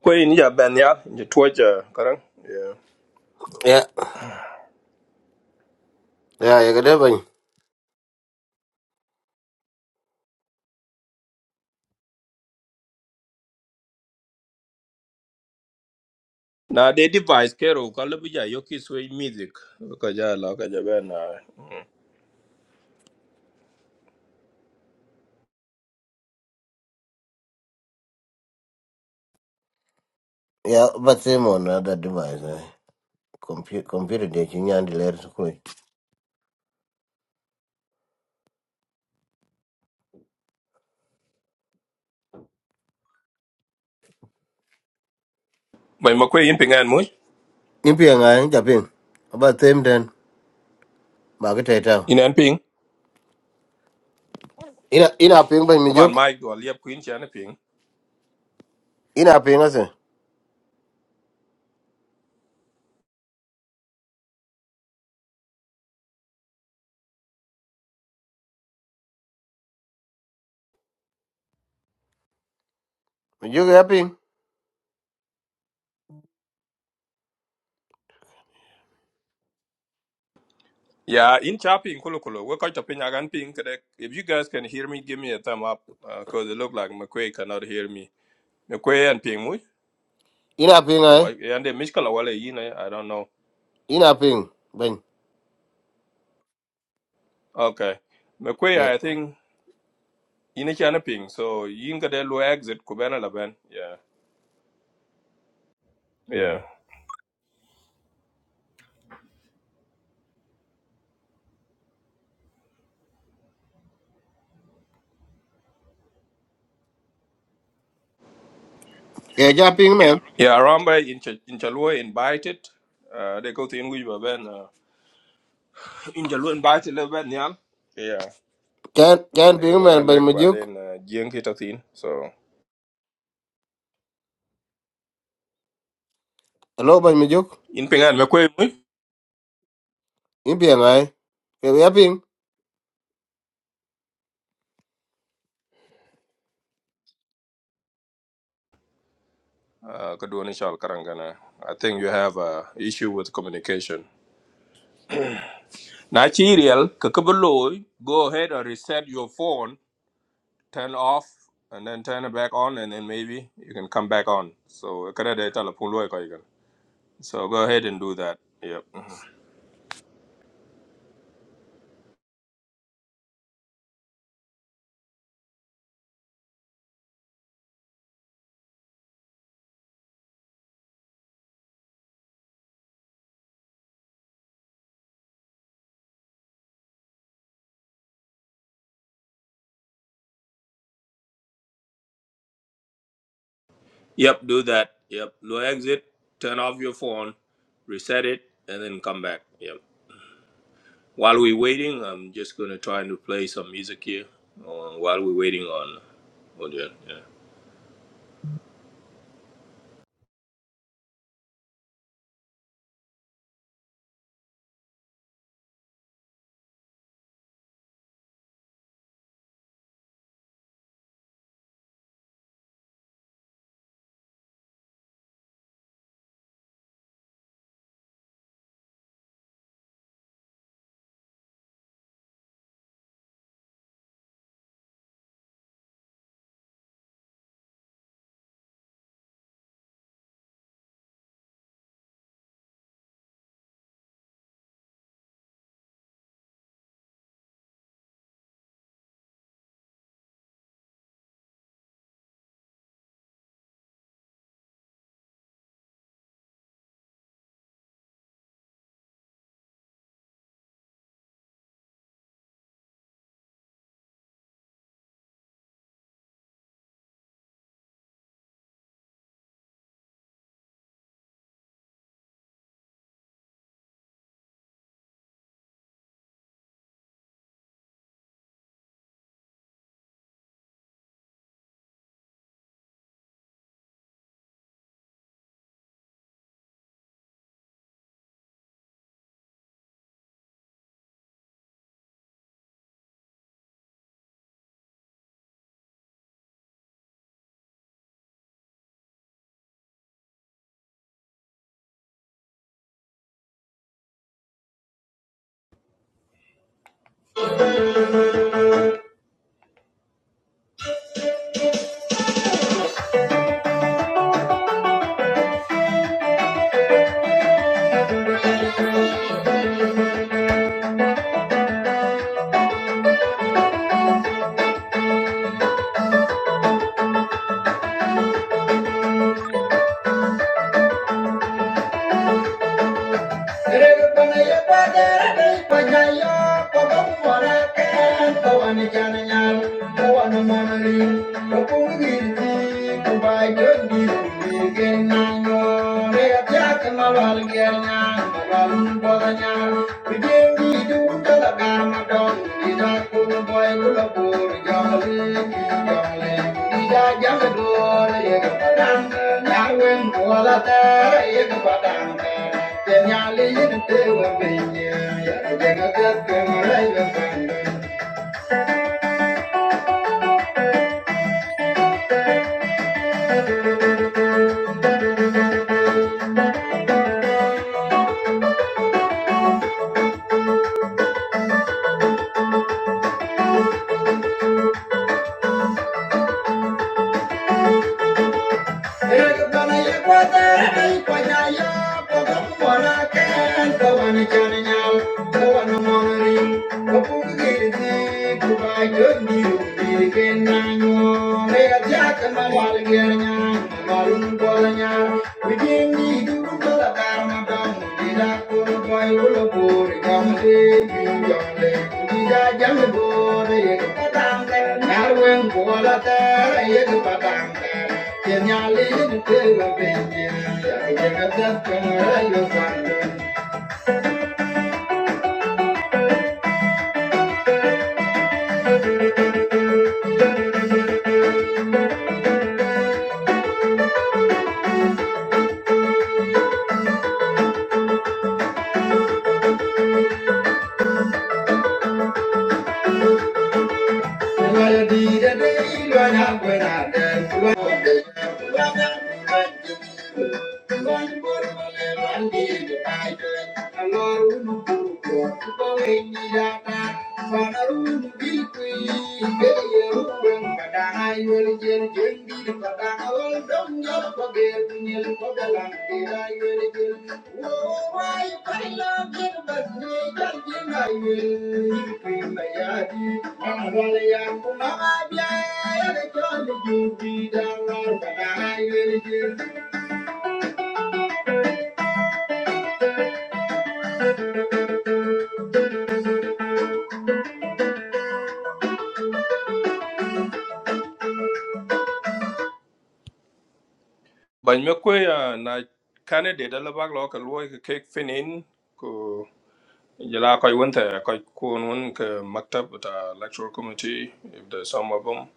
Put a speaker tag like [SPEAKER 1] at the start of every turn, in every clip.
[SPEAKER 1] Kwe ni ja ben ya, ni tuwaja karang. Yeah.
[SPEAKER 2] Yeah, yeah, you got it.
[SPEAKER 1] Na de device kero ka lebi ja yoki sway music. Ka ja la ka ja ben na.
[SPEAKER 2] Yeah, but same on other device eh. Compu- computer de chi the ler sukul
[SPEAKER 1] Bai ma kwe yin ping mu?
[SPEAKER 2] impia nga ja ping about same then ba ke
[SPEAKER 1] In an ping?
[SPEAKER 2] Ina ina ping ben mi
[SPEAKER 1] Taban
[SPEAKER 2] jok.
[SPEAKER 1] mic do liap kuin chan ping.
[SPEAKER 2] Ina ping ase. Mi jok ya ping.
[SPEAKER 1] Yeah, in cha ping kulo kulo. We ka cha ping agan ping kre. If you guys can hear me, give me a thumb up. Uh, Cause it look like McQuay cannot hear me. McQuay and ping mu?
[SPEAKER 2] Ina ping ay.
[SPEAKER 1] And the Mishkala wale yin, eh, I don't know.
[SPEAKER 2] Ina ping ben.
[SPEAKER 1] Okay. McQuay,
[SPEAKER 2] Yeah.
[SPEAKER 1] I think, yin chan ping. So yin ka de lo exit kubena la ben. Yeah. Yeah.
[SPEAKER 2] Yeah, ja ping man.
[SPEAKER 1] Yeah, Aramba in Ch- in Chalua invited. Uh, they go to in Wiba Ben. Uh, in Chalua invited Lil Ben Nyal. Yeah.
[SPEAKER 2] Can can
[SPEAKER 1] They
[SPEAKER 2] ping
[SPEAKER 1] go
[SPEAKER 2] man
[SPEAKER 1] Ben
[SPEAKER 2] ben
[SPEAKER 1] Leg,
[SPEAKER 2] mi
[SPEAKER 1] but
[SPEAKER 2] jok.
[SPEAKER 1] then Jiang hit a thin. So,
[SPEAKER 2] Hello ben mi jok.
[SPEAKER 1] in Pingan, Mekwe,
[SPEAKER 2] In ping ay. Yeah, ya ping.
[SPEAKER 1] uh, Kaduani Shal Karangana. I think you have a issue with communication. Nachirial, Kakabaloy, go ahead and reset your phone, turn off, and then turn it back on, and then maybe you can come back on. So, kada de telephone loy ka igan. So, go ahead and do that. Yep. Yep, do that. Yep, no exit. Turn off your phone, reset it, and then come back. Yep. While we're waiting, I'm just gonna try to play some music here. Uh, while we're waiting on, on the, yeah. Thank you. Thank you. Thank you. I'm Thank you. Bany me kwe na Canada, ala bak lo ka luoi ka kek finin ko jela koi wente koi kuon wun ka maktab with our electoral committee if there's some of them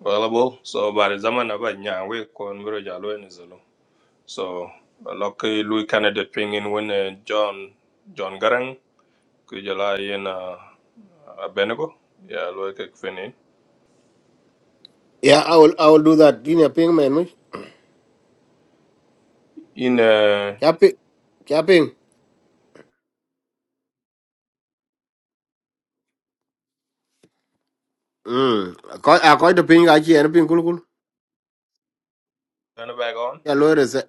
[SPEAKER 1] Well, bo, so by the zaman about we kon bro jalo ni zolo. So lucky Louis candidate pingin when uh, John John Garang ku jala yen uh, uh, Benego. Yeah, Louis ke fini.
[SPEAKER 2] Yeah, I will I will do that. Ina ping man. mi.
[SPEAKER 1] In uh
[SPEAKER 2] Ya ping. Ya ping. Hmm. Ako ako the ping ay chi. Ano ping cool cool.
[SPEAKER 1] turn it back on.
[SPEAKER 2] ya lo reset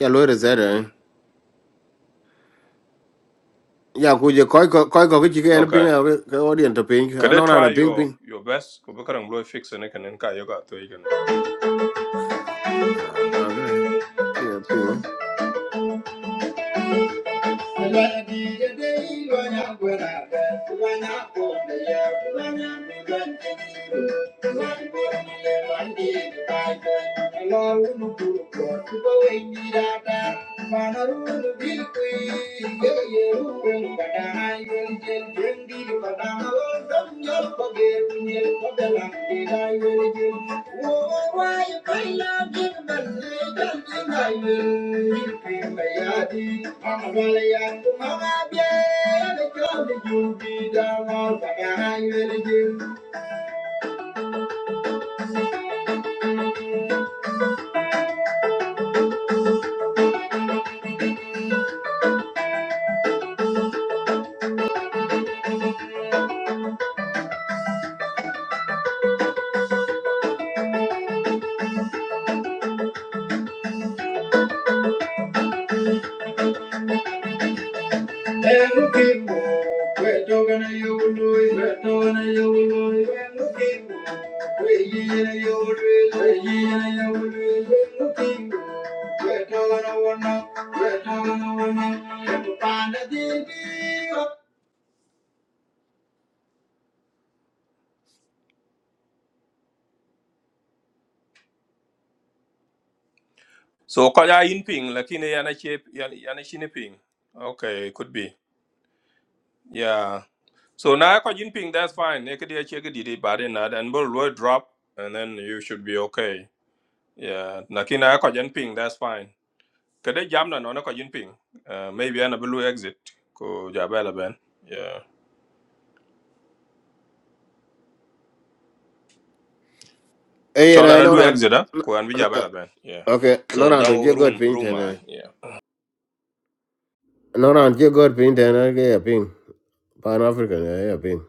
[SPEAKER 2] ya lo reset eh
[SPEAKER 1] Mm.
[SPEAKER 2] ya ku je koi ko koi ko ki ken ping
[SPEAKER 1] Okay.
[SPEAKER 2] ha ke odien to ping
[SPEAKER 1] Could they
[SPEAKER 2] ano na
[SPEAKER 1] try
[SPEAKER 2] na ping
[SPEAKER 1] your
[SPEAKER 2] ping
[SPEAKER 1] your best? Ku bukarang Louis fix ne kanen ka yoga to
[SPEAKER 2] ah ah, okay ki ping
[SPEAKER 1] Thank you. Thank you. Elukimu, wetogana yobuloi, wetogana yobuloi, elukimu, weyiyena yobuloi, weyiyena yobuloi, elukimu, wetogana So kaya in ping, lakini yana shape, yana yana shini ping. Okay, could be. Yeah. So now kaya in ping, that's fine. Ekadi acheki didi, but then and will drop, and then you should be okay. Yeah, nakina ko jen ping, that's fine. Kada jam na no na ko jen ping. Uh, maybe ana blue exit ko jabela ben. Yeah.
[SPEAKER 2] eh
[SPEAKER 1] Chola
[SPEAKER 2] na
[SPEAKER 1] na
[SPEAKER 2] no
[SPEAKER 1] blue
[SPEAKER 2] na
[SPEAKER 1] exit ah ko an bi jabela ben. Yeah.
[SPEAKER 2] okay no
[SPEAKER 1] So
[SPEAKER 2] na don
[SPEAKER 1] down
[SPEAKER 2] je god
[SPEAKER 1] room
[SPEAKER 2] ping
[SPEAKER 1] room
[SPEAKER 2] ten
[SPEAKER 1] ah.
[SPEAKER 2] eh
[SPEAKER 1] Yeah.
[SPEAKER 2] no na je god ping ten eh ke ping pan african eh ya ping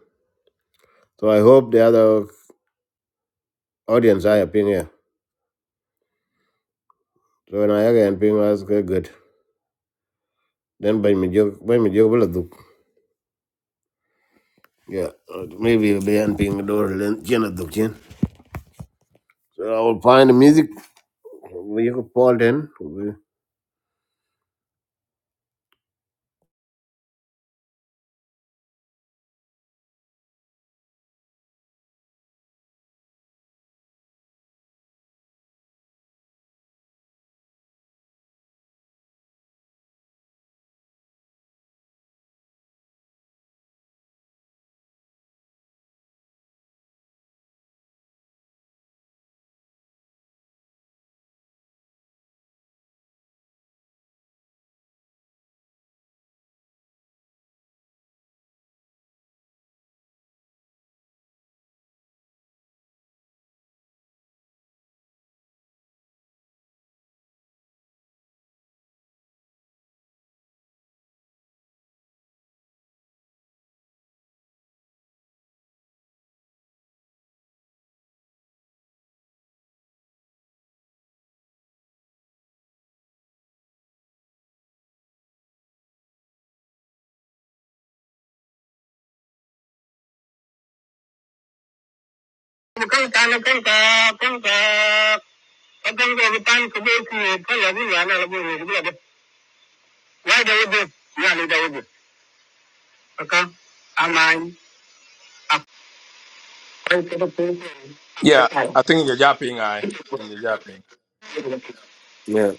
[SPEAKER 2] so i hope the other audience are yeah, ping yeah so when I ke ping was good good. then by me jog by me jog will do. yeah uh, maybe be an ping door len jena duk chen so i will find the music you could Paul then.
[SPEAKER 1] Yeah, I think you japping I. In the japping.
[SPEAKER 2] Yeah.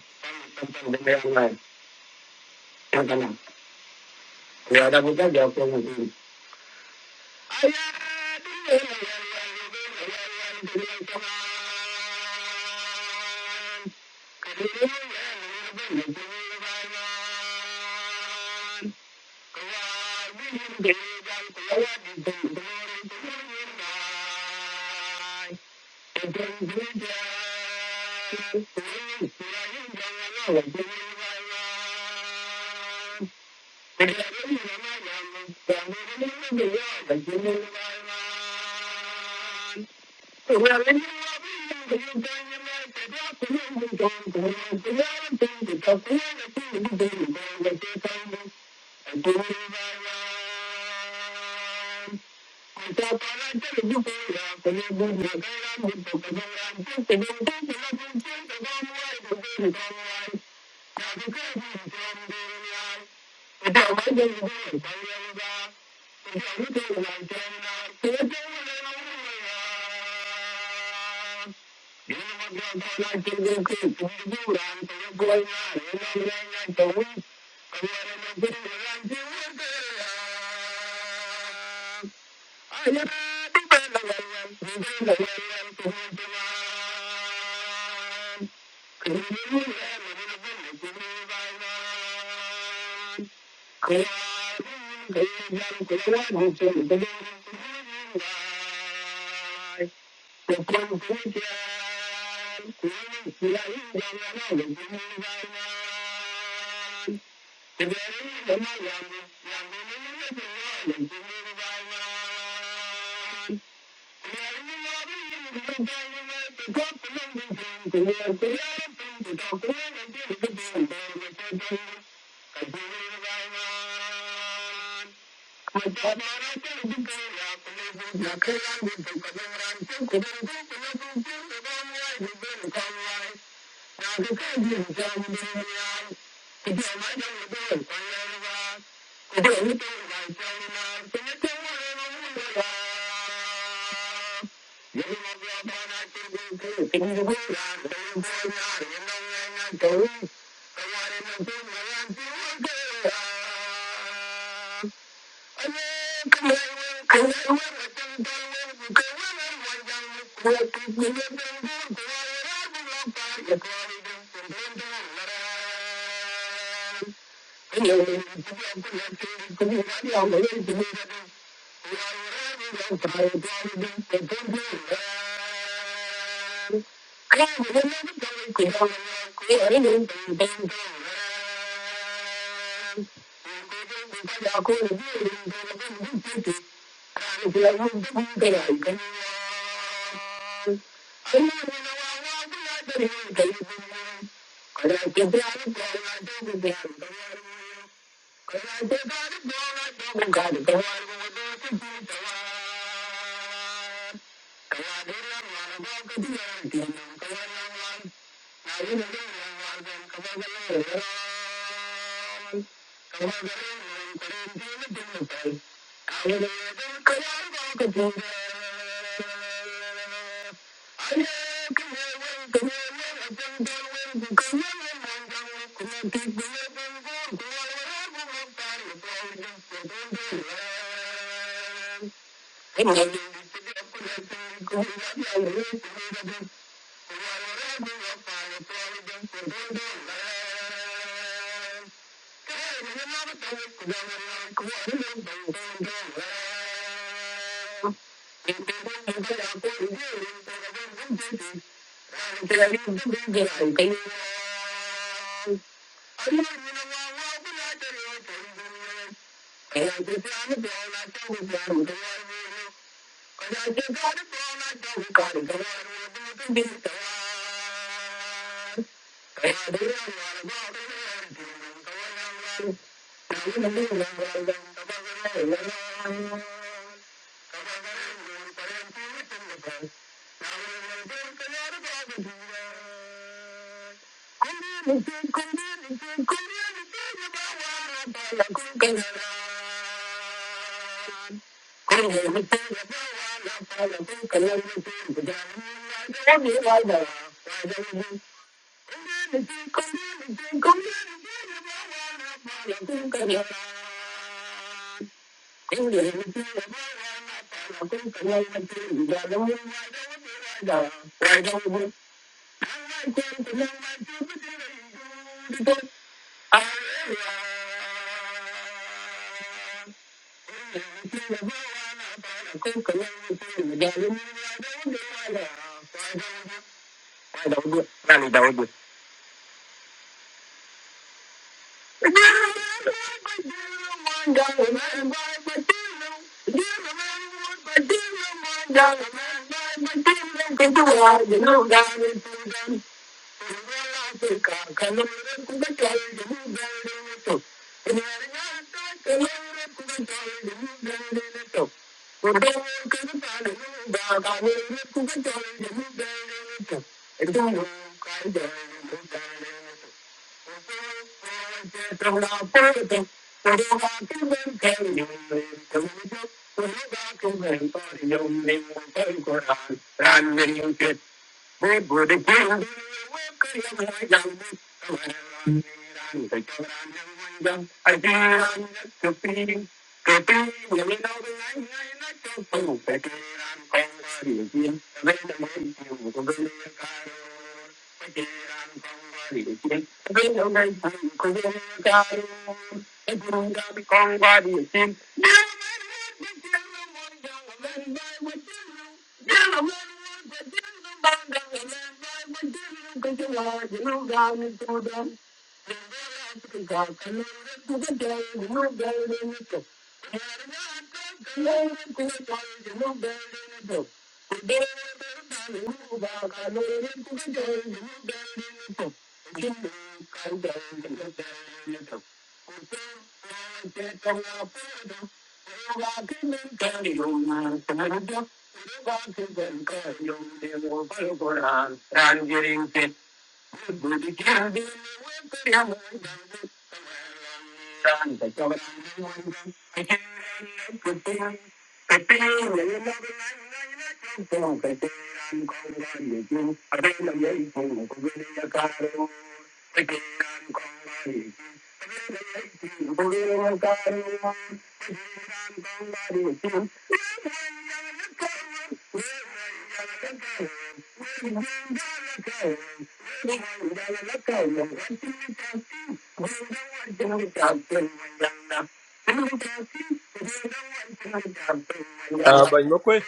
[SPEAKER 1] Uh but no kwe.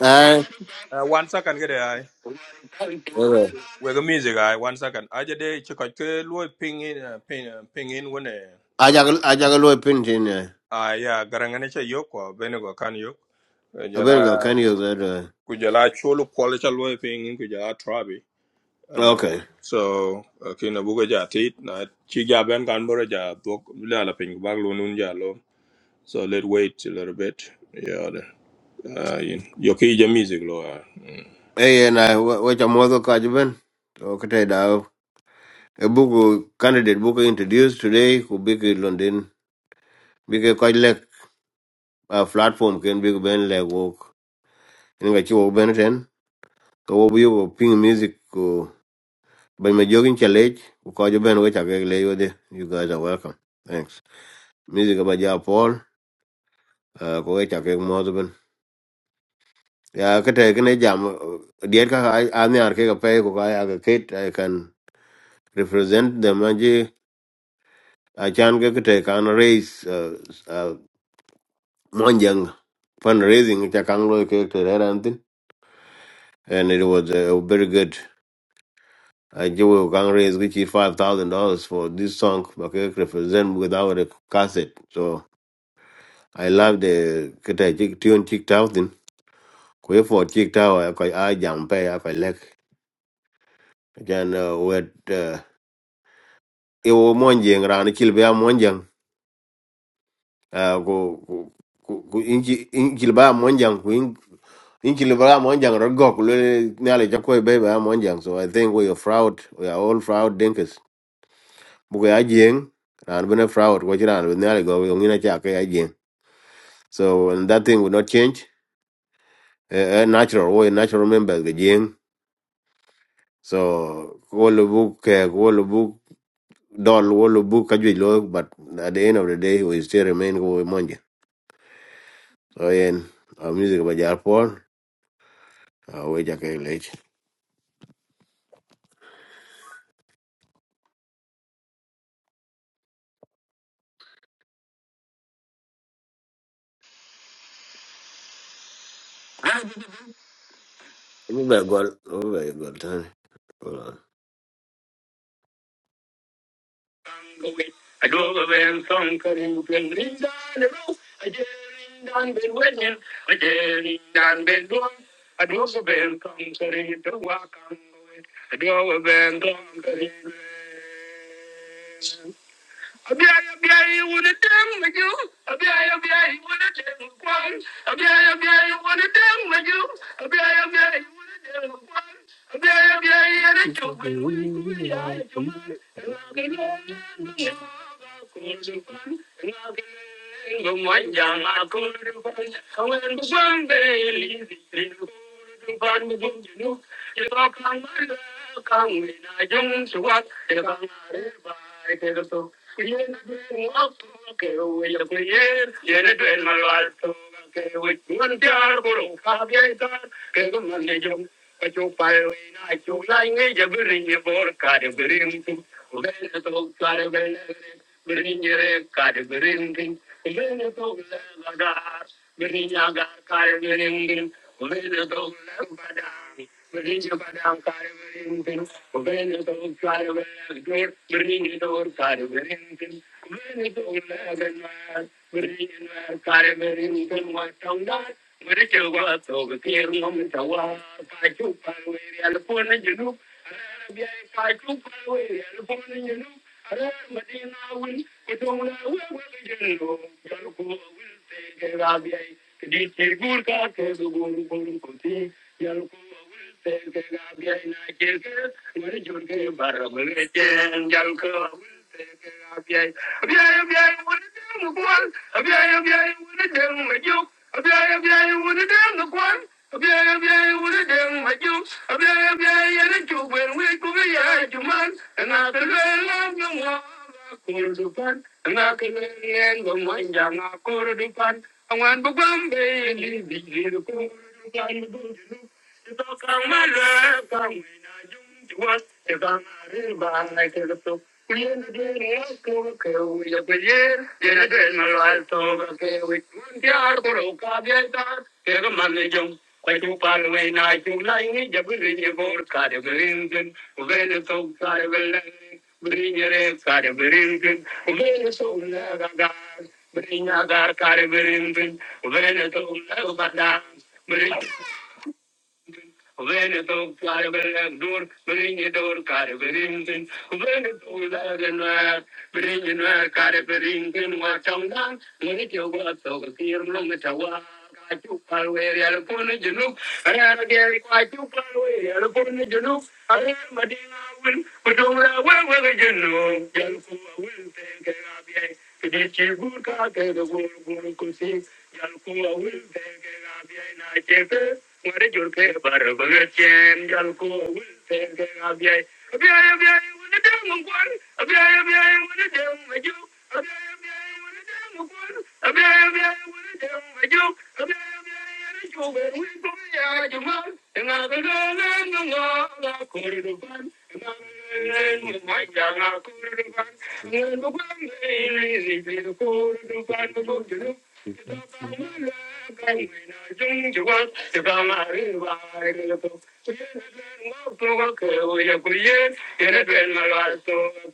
[SPEAKER 2] I
[SPEAKER 1] Uh, one second get I.
[SPEAKER 2] okay.
[SPEAKER 1] We go music I. One second. I just dey check out ke lu ping in uh, ping uh, ping in when eh
[SPEAKER 2] I
[SPEAKER 1] when eh.
[SPEAKER 2] jagal I jagal pin tin yeah.
[SPEAKER 1] Ah yeah, garangane che yoko benego kan yok.
[SPEAKER 2] I
[SPEAKER 1] Jala.
[SPEAKER 2] been go
[SPEAKER 1] Yeah.
[SPEAKER 2] can you that
[SPEAKER 1] kujala cholo kwala cha loe ping kujala trabi
[SPEAKER 2] uh,
[SPEAKER 1] uh,
[SPEAKER 2] okay.
[SPEAKER 1] so uh, kina buga ja tit na chi ja ben kan bora ja bok la la ping bag lo nun ja lo so let wait a little bit yeah the, uh, yin yo ja music lo uh, mm.
[SPEAKER 2] Hey and I what your mother catch ben? Okay da. A book candidate book introduced today could be in London. Big quite like a platform can be ben like walk. In a chiw ben ten. Go over you ping music go by my jogging challenge. Who call you which I lay with you. guys are welcome. Thanks. Music about your Paul. Uh, go which I can ya ka te kene jam diet ka an yar ke ka pe ko ka ya ka i can represent them and je a chan ke te kan raise uh, uh, monjang fundraising cha kan lo ke te ra and it was uh, very good I do can raise which is five thousand dollars for this song but it represent without a cassette. So I love the kata chick tune chick thousand. Kwe for chick tower I I jump pay I like. Then uh, what? e wo monjeng ran kil be monjang. ah, go go go go- in ki- in kil ba monjeng ku in in kil ba monjeng ro go ku le ne ale jako be ba monjang so i think we are fraud we are all fraud dinkers bu ga jeng ran bena fraud ko jiran ne ale go yo ngina cha ka jeng so and that thing will not change a, a natural way natural members the jeng so ko lu bu ke ko lu bu dol wo lu bu ka jui lo but at the end of the day we still remain go So yen a music by Jar Paul. I wait a cake late. I'm gonna go. I'm gonna Anglinayung suwad, kailangan na iba kaso. Hindi na dito ako kaya yung kliyer. Hindi tuwing malalago kaya it's man tiar pero kahabayan ka kung manilyum. Kacupay na ay kung laing yaburing yabur kalubring. O bento kalubeng beringre kalubringin. O bento labagat beringagat kalubringin. O bento laba Gurkha, keso ghoru ghoru kothi, jalku aul teke gapi ay na ke. Wale jorge bara wale jane, jalku aul teke gapi ay. Abia abia wale dem gwan, abia abia wale dem majuk, abia abia wale dem gwan, abia abia wale dem majuk, abia abia ye ne chuben wiku bia chuman ena telu elam yungwa kurdukan na kinen go manja na kurdukan awan bugam be ni bijir kurdukan bujulu to kamala kamina jum juat te kamari ban na kurdu Kuyen de ne ko ke u ya peyer ye de na lal to ke u un tiar ko ka ge ta ke man jung Kwajupan na chulai jabirin yabor kare birinkin ubele so kare belen birinyere kare birinkin ubele so lagagar birinyagar kare birinkin ubele so lagagar when it took Carabin, door, bring it over Carabin, when it was and where, bring in where Carabin, what on. Veneto Carabinadur, Brinidor Carabirinkin, Veneto Laganar, Brinidor Carabirinkin, Watangan, Munitio Watokir, Lumitawa. Thank you. look, and I gave quite too far away, I upon it you look, I am a dear will, but over a well, whether you know, young fool will take care of ye, to get you good car, the world could see, young fool will take care Ngare jur ke bar bagat chen jal ko wul ten ke abiyai abiyai abiyai wani deng mungkwan abiyai abiyai wani deng maju abiyai abiyai wani deng mungkwan abiyai abiyai wani deng ya juma nga ga ga ga nga nga ga kor du ban nga ga ga ga ma ja Kadu kala kala juna jung juan, kadu mari varto. Yeh ne tel magro ke hoy akul yeh ne tel magro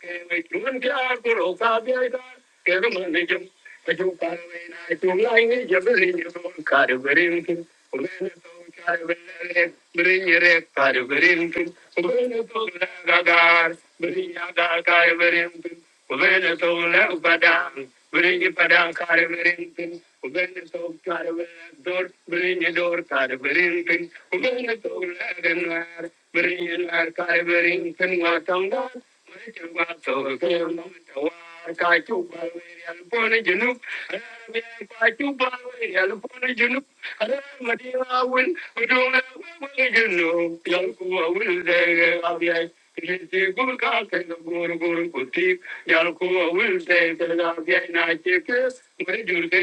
[SPEAKER 2] ke hoy juman kyaar kuro kab yada? Kadu manichum kaju kala juna juna hi jabhi ne bol karu berintu. Ome ne to karu berintu, berintu karu berintu. Ome ne to kala kara, berintu kara kara berintu. Ubenda so la upadang, biringi padang kare biringpin. Ubenda so kare bilang dor, biringi dor kare biringpin. Ubenda so la ganwar, biringi nwar kare biringpin watang dor. Mereka wato kem tawar kacu balwiri alpone jenuk. Arabi kacu balwiri alpone jenuk. Arabi madina awin, udung la jenuk. Yang kuwa wil dege abiyai. Jinti gul ka kai gur gur kuti ko awil te te da na che ke me jur ke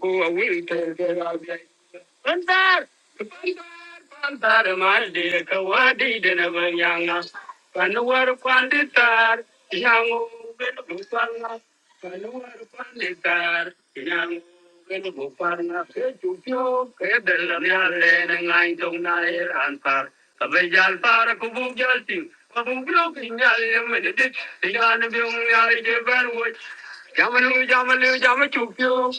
[SPEAKER 2] ko awil te te da bia Bandar bandar bandar mal de ka na panwar panditar yangu ben bukanga panwar panditar yangu Jamanu jamanu jamanu chupiu,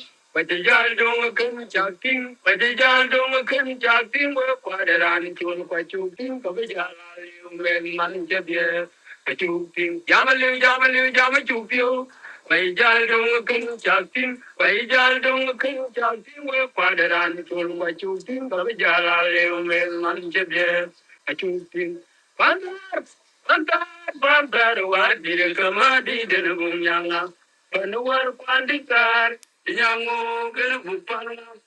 [SPEAKER 2] Panuar pandikar, yang mau kena bukan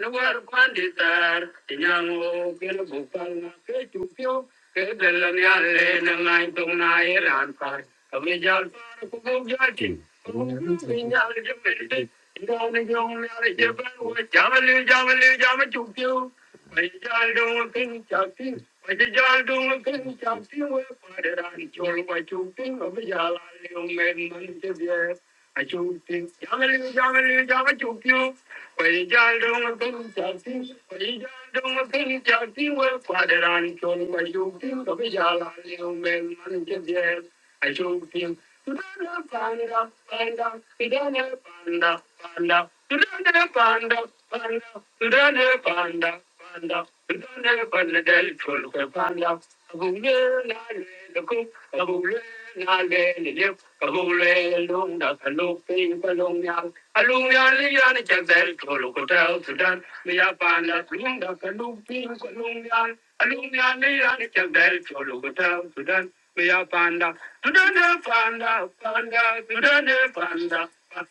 [SPEAKER 2] Nuwar panditar, tinyango kilo bukal na ke chupyo, ke belan ya le na ngai tong na e ran par. Kami jal par ku bu jati. Pinyal je mende, ina ni jong ni ale je par wa jamali jamali I jaldong kinn chati, I jaldong kinn chati. We paideraan choli bajooti, abhi jalalio mein manke dia bajooti. Jalebi jalebi jala chukiyo. I jaldong kinn chati, I jaldong kinn chati. We paideraan choli bajooti, abhi jalalio mein manke dia bajooti. Panda panda panda, panda panda panda, panda panda. Panda, we don't have a del full of panda. A bullet, I lay the cook, a bullet, I lay the lip, a bullet, long that a low paper, long yard. A long yard, the yarn is a del full of hotel to done. We are panda, long that a low paper, long yard. A long yard, the yarn is a del full of hotel to done. We are panda, to done, panda, panda, to done, panda.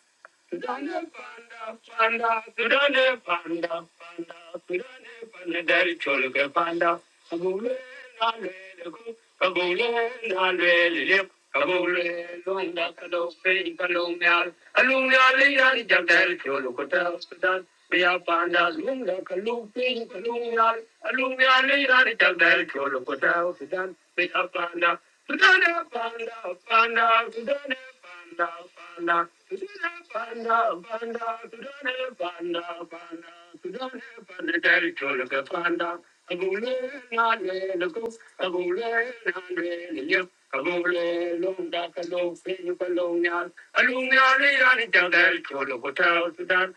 [SPEAKER 2] Panda, panda, panda, pidane, panda, panda, pidane, panda, dari choluke panda. Kabule na lele ku, kabule na lele lep, kabule londa kalo fe kalo meal, alu meal yal jag dari choluke ta sudan. Biya panda lunga kalu fe kalu meal, alu meal yal jag dari choluke ta sudan. a long yard, a yard, a daddy told a panda, pidane, panda, panda, pidane. Panda, panda, panda, panda, Alumni, I need a little girl, you're the hotel, Sudan.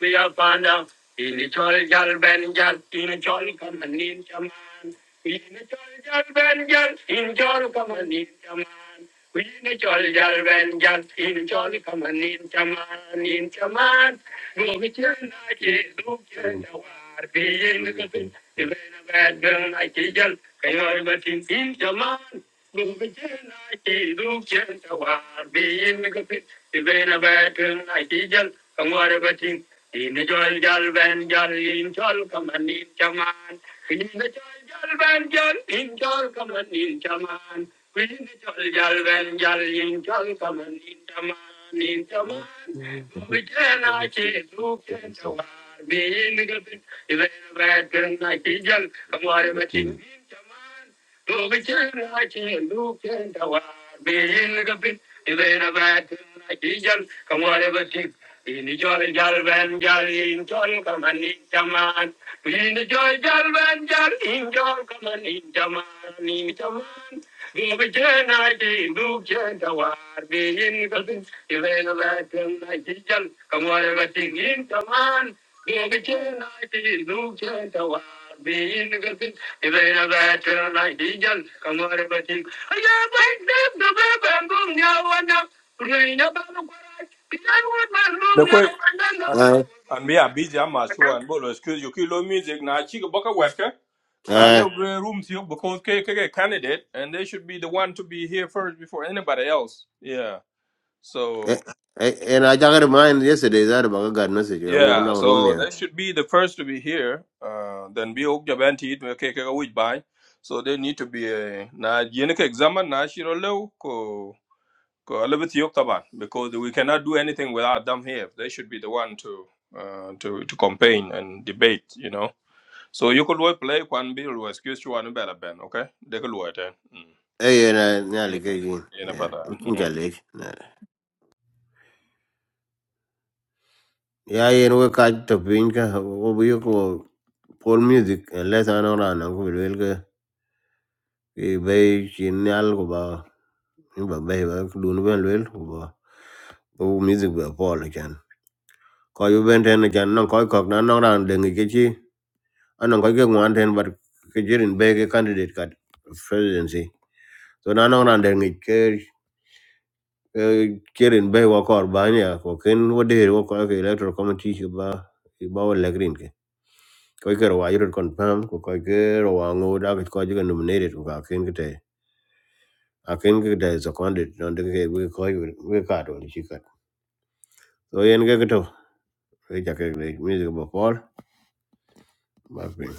[SPEAKER 2] We are found out. Ini chol jal ben jal, ini chol kamanin chaman. Ini chol jal ben jal, ini chol kamanin chaman. Ini chol jal ben jal, ini chol kamanin chaman, in chaman. Dugi chen na che, dugi chen jawar, biyin kapin. Ibena bad gun na che jal, kayo in chaman. Look at Jane, she looks just like Barbie. Never get bitten. She's a bad girl, a danger. Come on, let's sing. Queen of joy, galvan, galloping, all come on, in common. Queen of joy, galvan, galloping, all come on, in common. In common. Look at Jane, she looks just like Barbie. Never get bitten. She's a bad girl, a danger. Come on, let's sing. Do we change our skin? Do we devour the skin that we have turned into? Come on, let's drink in the joy, jump and jump in joy, come on, in the man. In the joy, jump and jump in joy, come on, in the man, in the man. Do we change our skin? Do we devour the skin that we have turned into? Come on, let's drink in the man. Do we change our skin? Being a good thing, if they have that turn like Dijan, come on, everything. I like and I want my
[SPEAKER 1] me
[SPEAKER 2] room
[SPEAKER 1] kwe an
[SPEAKER 2] now and
[SPEAKER 1] an be a busy am as you and bolo excuse you ki lo music na chi boka weka
[SPEAKER 2] then.
[SPEAKER 1] ka le
[SPEAKER 2] Eh,
[SPEAKER 1] gre room ti because ke ke ke candidate and they should be the one to be here first before anybody else yeah so
[SPEAKER 2] eh, eh, and I got a mind yesterday that about a God message. I woke
[SPEAKER 1] Yeah,
[SPEAKER 2] now room
[SPEAKER 1] so
[SPEAKER 2] here.
[SPEAKER 1] they should be the first to be here. Uh, then be ok jaban ti to ke ke which by. So they need to be uh, na yene ke examine na shiro lew ko ko alabit yok taban because we cannot do anything without them here. They should be the one to uh, to to campaign and debate, you know. So you could work play one bill was excuse you one better ben, okay? They could work then. Mm.
[SPEAKER 2] Eh, and I nearly
[SPEAKER 1] Yeah.
[SPEAKER 2] gave you.
[SPEAKER 1] Yeah,
[SPEAKER 2] Yeah,
[SPEAKER 1] but
[SPEAKER 2] We can
[SPEAKER 1] yeah.
[SPEAKER 2] get late. nah. Yeah, and we catch the pink over you call Paul music, and let's around Ki bay chin nyal ko ba in ba bay ba dun ben lel ko ba o music ba pol chan ko yu ben ten chan non ko ko na non ran de ngi ke chi anan ko ke ngwan ten but ke jirin bay ke candidate kat presidency so na non ran de ngi ke ke jirin bay wa kor ba nya ko ken wo de wo ko ke electoral committee ki ba ki ba wa le green ke ko ke ro wa yur confirm ko ko ke ro wa ngo da ko ke nominated ko ka ken ke akin ki da sa kwande non de ke we ko we ka to ni chikat so yen ge to we ja ke le music bo pol ba pin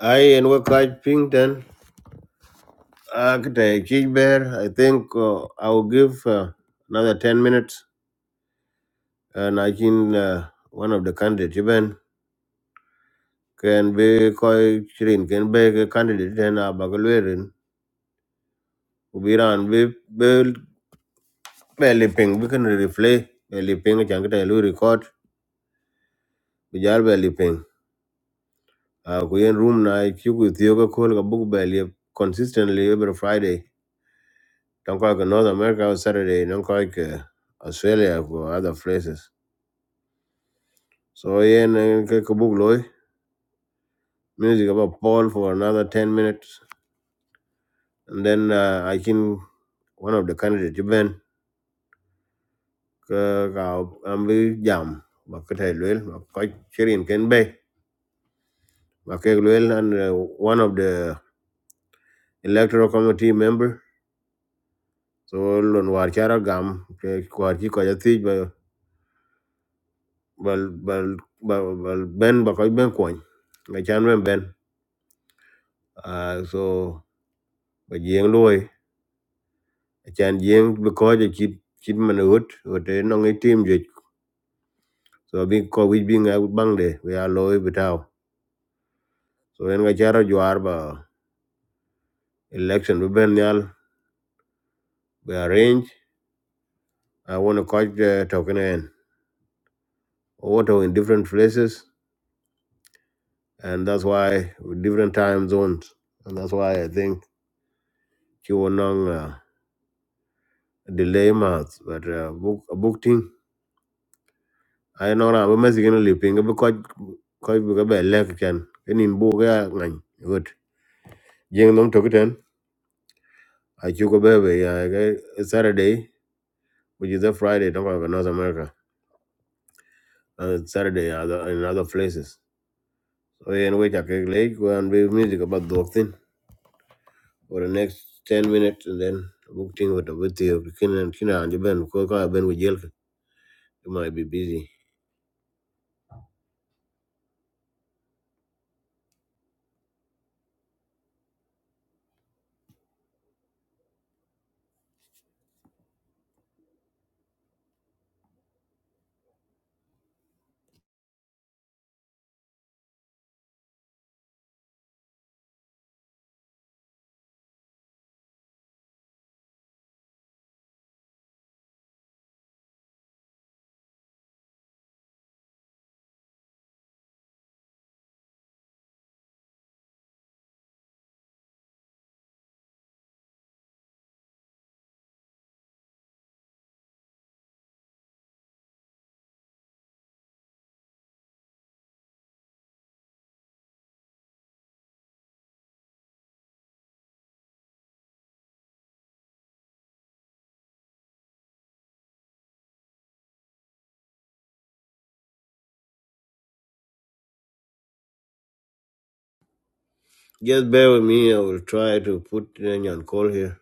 [SPEAKER 2] ai en we ka ping ten a ke te chi ber i think uh, i will give uh, another 10 minutes and i can uh, one of the candidates even can be ko chirin can be ke candidate Then, a ba ke lerin u bi ran bi be be li ping We can replay belly li ping chan ke te lu record bi belly be uh, ku yen room na chuku thioga kol ka book bell yep consistently every friday don ko ka north america on saturday don ko ka australia or other places so yen eh, ka ka book loy music about paul for another 10 minutes and then uh, i can one of the candidates you ben ka ka am bi jam ba ka tay loyal ba ko chirin ken bay ba ka loyal and uh, one of the electoral committee member so lon war chara gam ke war ki ko ya bal bal bal bal ben ba koy ben koñ nga chan ben ben ah so ba jeng loy chan jeng be ko je chip chip man hot hot no ngi tim je so bi ko wi bi nga bang de we are loy bitaw so en nga chara jwar ba election be ben yal we arrange i want to coach the token e en auto in different places and that's why with different time zones and that's why i think you won't uh, delay months but uh, book a book thing ai no ra ba ma sigin li pinga ko ko bu ga be le ken enin bu ga ngan gut jeng nom to kiten a chu ko be be ya ga saturday which is a friday don't go north america and saturday other in other places so in which i can like go and be music about the thing for the next 10 minutes and then book thing with the with you kin and kin and you ben ko ka ben with jail you might be busy just bear with me i will try to put in on call here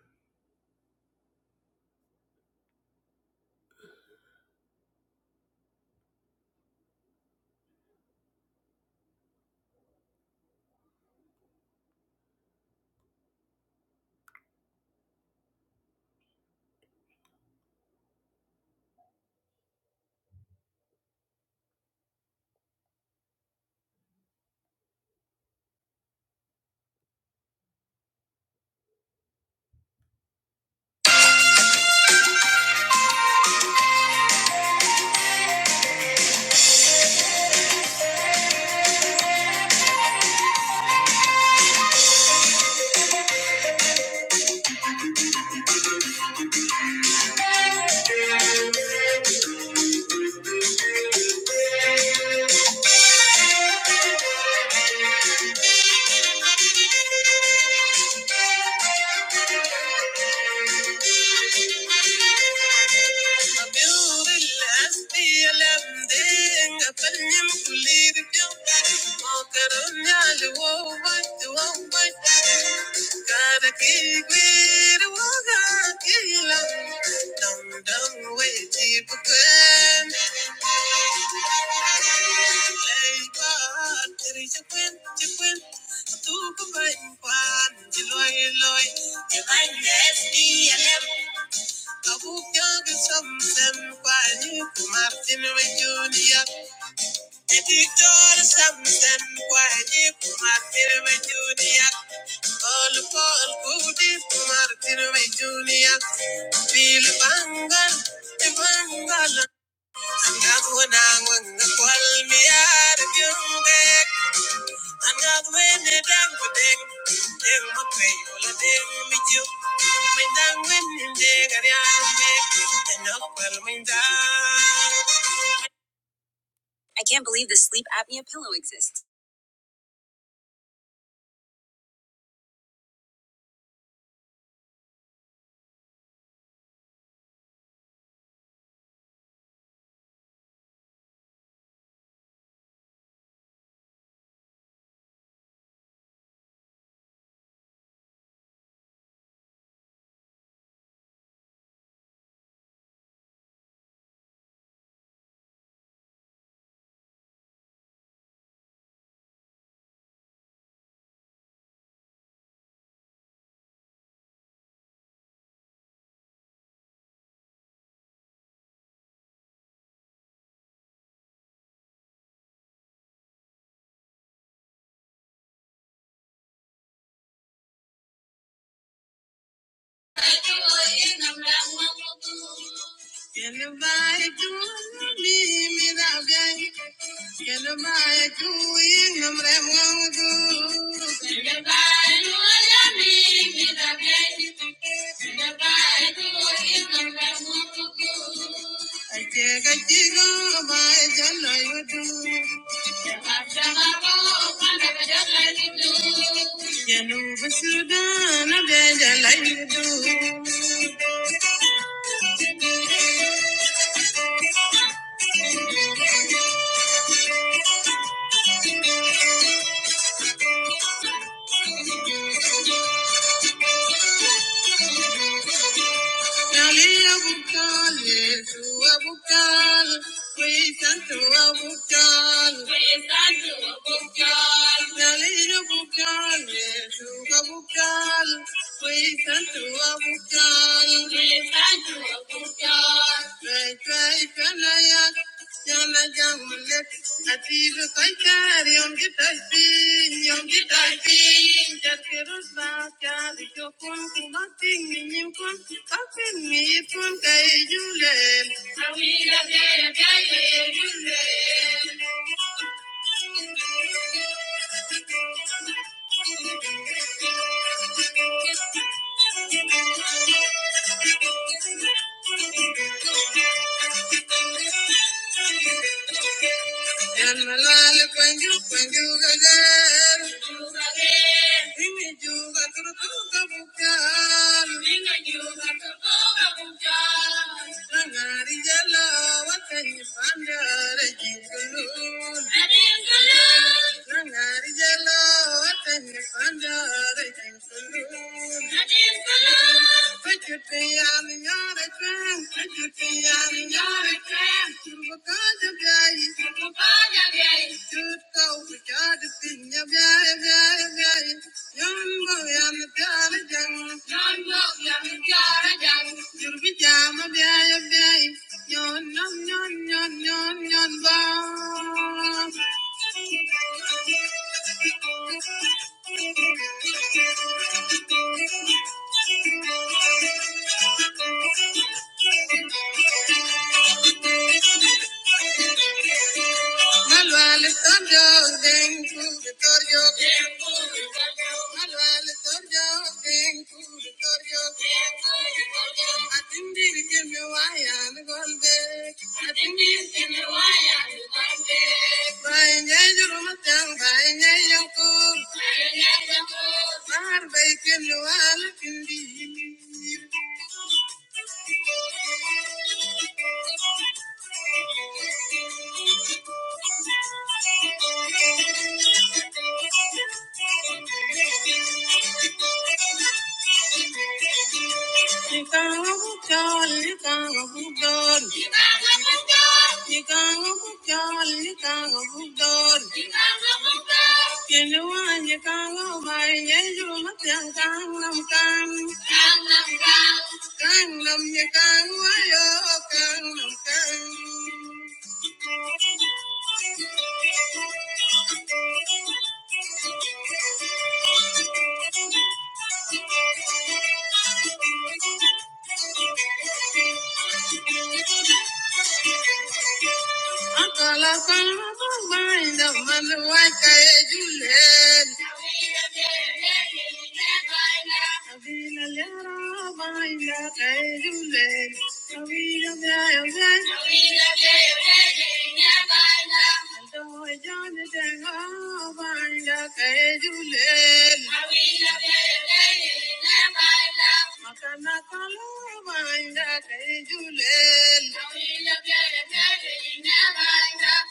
[SPEAKER 2] i can't believe this sleep apnea pillow exists Thank you. got the Never enough.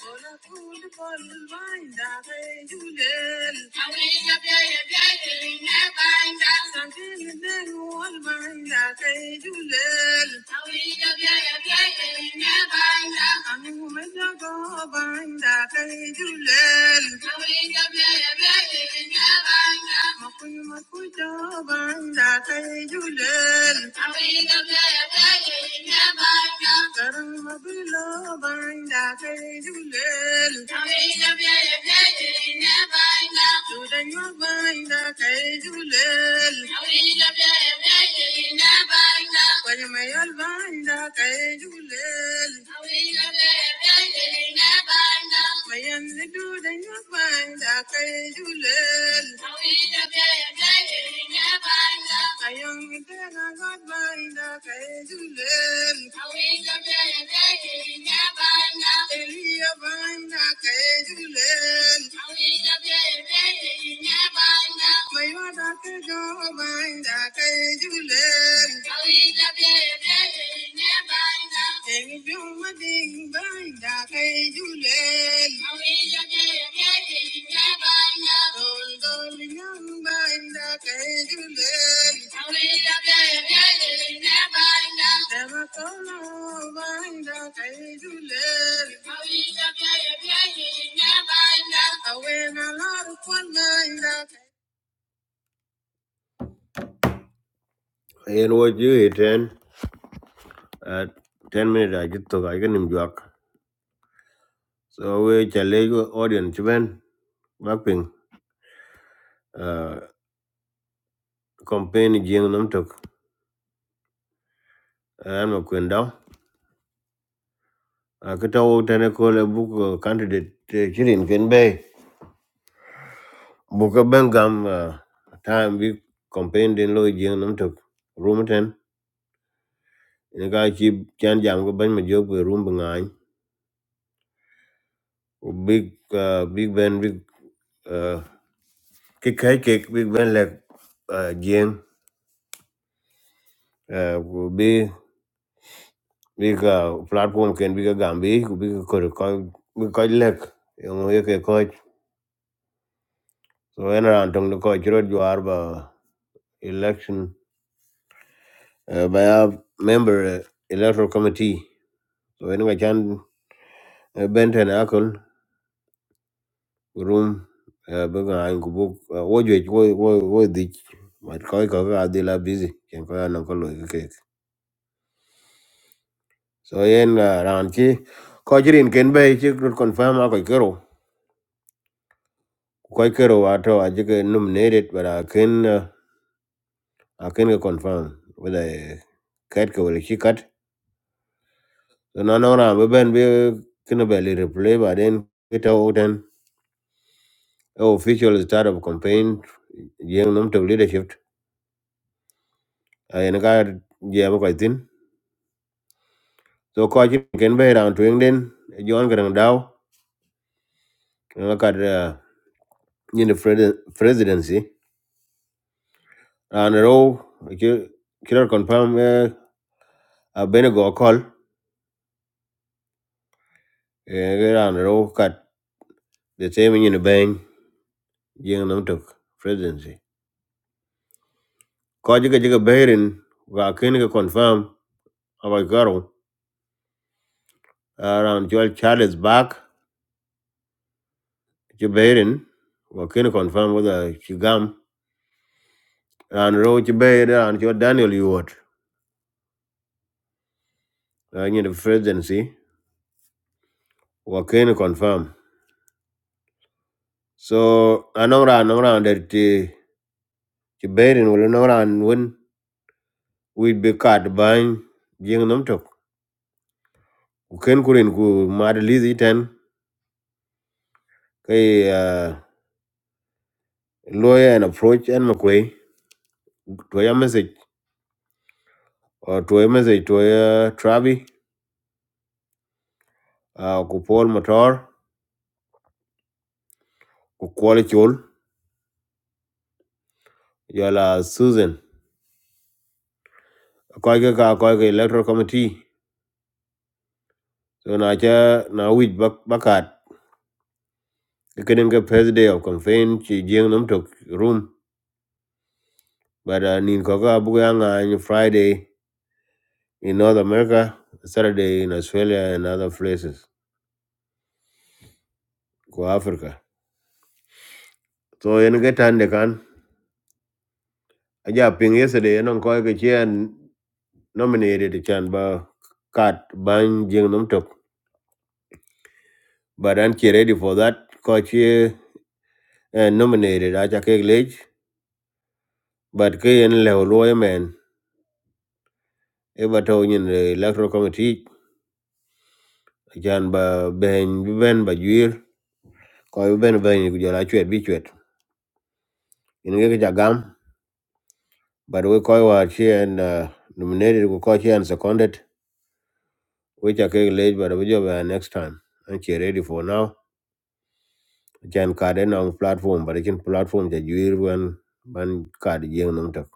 [SPEAKER 2] Now yen wo ju i ten uh, ten minute a jit to ka nim juak so we challenge audience ben bapping uh campaign jing nam tok an ma kwenda Uh, kita wo tene ko le book uh, candidate uh, chirin ken be buka ben gam uh, time bi campaign den loi jeng nam tok room ten ne ga chi chan jam ko ben ma jog be room bi ngai big uh, big ben big uh, ki kai ke big ben le uh, jeng uh, ko big bi ka platform ken bi ka gam bi ko bi ko ko bi ko lek yo mo so en ran tong ko chro jwar ba election uh, by a member uh, electoral committee so en ga chan uh, benten akol room uh, bega an kubuk uh, wojwe wo wo wo dich mat koy ko ga adila busy ken ko an ko lo ke so yen uh, ran chi ko jirin ken be chi rut confirm a ko kero ko kero ato a jige nominated but I ken uh, a ken ga confirm whether uh, kat ko wala chi kat so na no ran be ben be kina be le replay ba den Oh, official startup campaign jeng nom to leadership en ga je ba kai tin so ko ji ken be ran twing den jon gran daw en ga da ni presidency ran ro ki killer confirm eh, a benego call en ran ro kat the same in the ben jeng nom to presidency ko ji ga ji ga berin ga ken ga confirm aba garo ran jol charles back ci berin wa confirm whether ci and ran ro and your ran ci daniel yuot ran ni presidency wa ken confirm so anong ran anong ran der ti ci berin wala anong ran won we be card ban jing nom tok ken kurin ku mad lizi ten kay uh, lawyer and approach and mcquay to your message or to your message to your travi uh, ku paul motor ku kwal yala susan koy ga ka koy ga electoral committee so na cha na wit bak bakat kenen ga first day of campaign chi jeng nam tok room but uh, nin ko ga bu ga nga ni friday in north america saturday in australia and other places ko africa so yen ga tan de kan aja ping yesterday non koy ga chen nominated chan ba kat ban jeng nam tok but an chi ready for that ko chi eh, nominated aja ke lej but ke yen le lo man eba taw nyin eh, electoral committee ajan ba ben bi ben ba juir ko bi ben ben ku jara chwet bi chwet in ge ja gam but we ko wa chi and uh, nominated ku ko chi seconded we cha ke le but we job uh, next time and che ready for now ajan card en on platform but ajan platform ja juir wan ban card jeng nam tok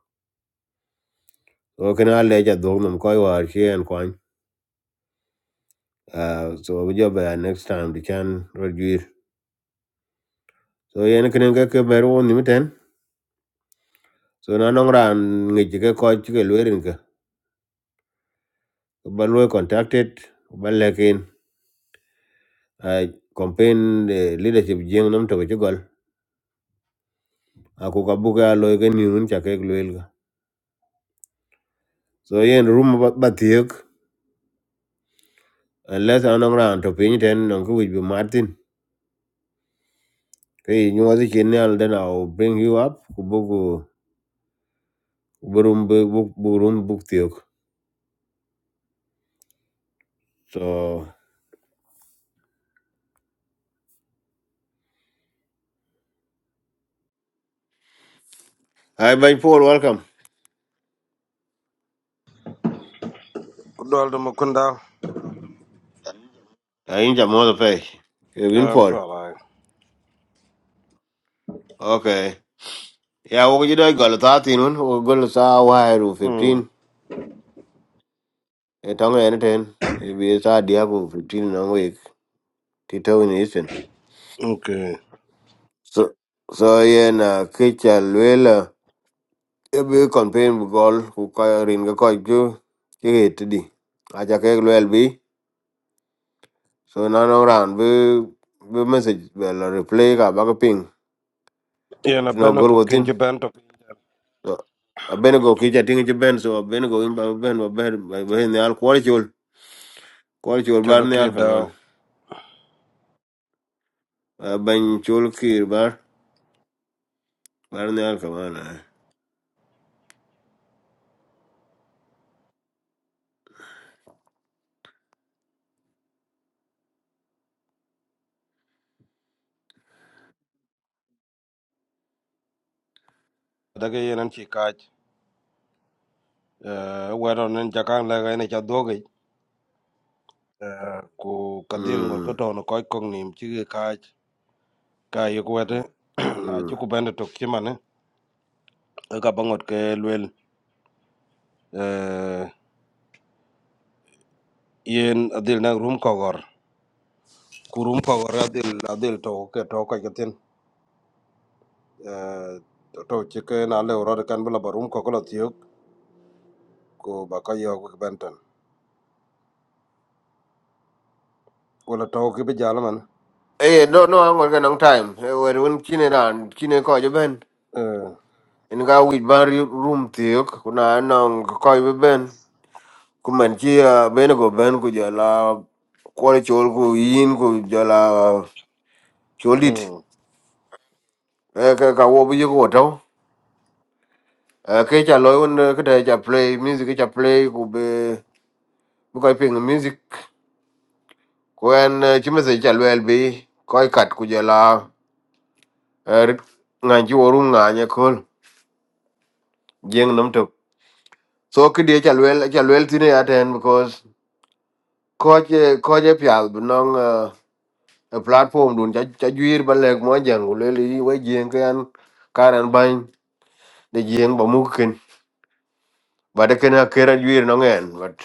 [SPEAKER 2] so kana le ja dog nam ko wa chi and kwan uh, so we job uh, next time the can reduce so yen kenen ke ke beru on nimiten so na nong ran ngi chi ke ko ti ke lwerin ke Ke ba lwe contacted ke ba lekin a campaign eh, leadership jeng nam to ke gol a ku ka bu ka lo ke ni un cha ke lwel ga so yen room ba ba tiek unless na nong ran to pin ten nong ku bi martin ke yi nyu ti ken al den i'll bring you up ku bu ku bu room bu bu- bu room bu tiek so hi bye paul welcome
[SPEAKER 3] Kudolda Mukunda.
[SPEAKER 2] ai ja mo da pe ke
[SPEAKER 3] I'm
[SPEAKER 2] paul
[SPEAKER 3] sorry.
[SPEAKER 2] okay Ya wo ji dai gal ta tinun wo gal sa wa ru
[SPEAKER 3] Hmm.
[SPEAKER 2] 15 e tong en ten e bi sa dia ku 15 na week ti to ni isen.
[SPEAKER 3] Okay.
[SPEAKER 2] So so ye na ke cha lela e bi kon pen bu gol ku ka rin ga ko ju ki het di. A ja ke lel bi so na no ran bi bi message be la replay ka ba ka ping.
[SPEAKER 3] Yana
[SPEAKER 2] Ti no gol
[SPEAKER 3] Benago
[SPEAKER 2] wotin.
[SPEAKER 3] Kinja Bento
[SPEAKER 2] So abenego kija tingi ci ben so abenego in ba ben ba ben ba ben ne al kwal chol kwal chol bar ne al
[SPEAKER 3] Choloki
[SPEAKER 2] kaman
[SPEAKER 3] Dow.
[SPEAKER 2] Uh, ban chol bar bar ne al kamana.
[SPEAKER 3] Dagayan and Chikaj. Uh, where on in Jakan Laga in Chadogi. Uh, ku Kadir
[SPEAKER 2] Mm.
[SPEAKER 3] Ngorkoto no Koi Kong Nim Chigi Kaj. Kayokwete. A
[SPEAKER 2] Mm.
[SPEAKER 3] Chuku Bento took Chimane. A Kabangot Kelwell. Uh, Yen Adil Nag Room Kogor. Kurum Kogor Adil Adil Toke Toka Yatin. Uh, to chike na le urode kan bula barum ko kolo ko ba ko yo ko ben tan ko la to ke be jala man
[SPEAKER 2] Eh, no, no, I'm working on time. Eh, well, when kine ran, kine ko je ben.
[SPEAKER 3] eh
[SPEAKER 2] In ga wit ban ri- room tiok, kuna nong ko je ben. Kuman ki ah, ben go ben ku jala kwore chol ku yin ku jala cholit.
[SPEAKER 3] mm
[SPEAKER 2] Eh, ka ka wo bi ko to. Eh, ke cha loy un eh, ke ta cha play music ke cha play ku be bu ko ping music. Ku en chimese cha lwel bi ko kat ku jala. erit ngan ci worum ngan ye kol jeng nam tok so ki de cha lwel cha lwel tine ya because ko je ko je pyal binong a platform dun cha cha juir ba lek mo jang ko yi we jeng kan karan ban de jeng ba mu ken ba de ken akera juir no ngen but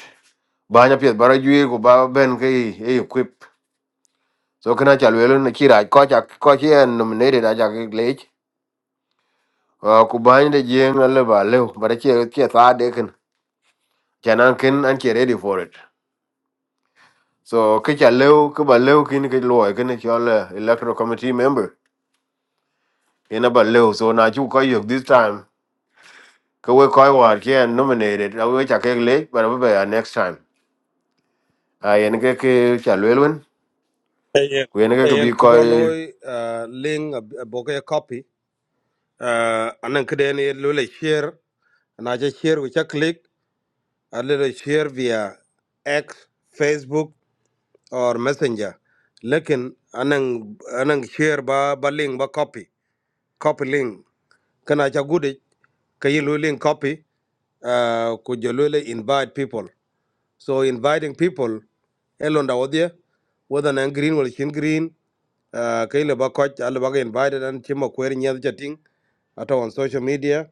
[SPEAKER 2] ba nya pyet bara juir ko ba ben ke e equip so kana cha lwel na kira ko cha ko che en nominated a cha lech ko ba de jeng le ba le ba de che che sa de ken Chanan kin and she ready for it. So kicha leo kuba leo kin ke loy kin chola electoral committee member. In about leo so na chu koy yok this time. Ko we koy war ke nominated. I we chake late but we be next time. I en ke ke chalwelwen.
[SPEAKER 3] ayen
[SPEAKER 2] Ku en ke ke
[SPEAKER 3] ayen
[SPEAKER 2] bi
[SPEAKER 3] ke bro
[SPEAKER 2] koy
[SPEAKER 3] loy ling a bo ke copy eh anan ke den ye lo le share na je share ko cha click a le share via x facebook or messenger lekin anan anan share ba ba link ba copy copy link kana cha gude ke ye lo link copy uh, could you really invite people? So inviting people elon dawodia whether na green wala chin green uh, kayle ba coach alle ba invited and chimo kweri nyadhi chatting ata on social media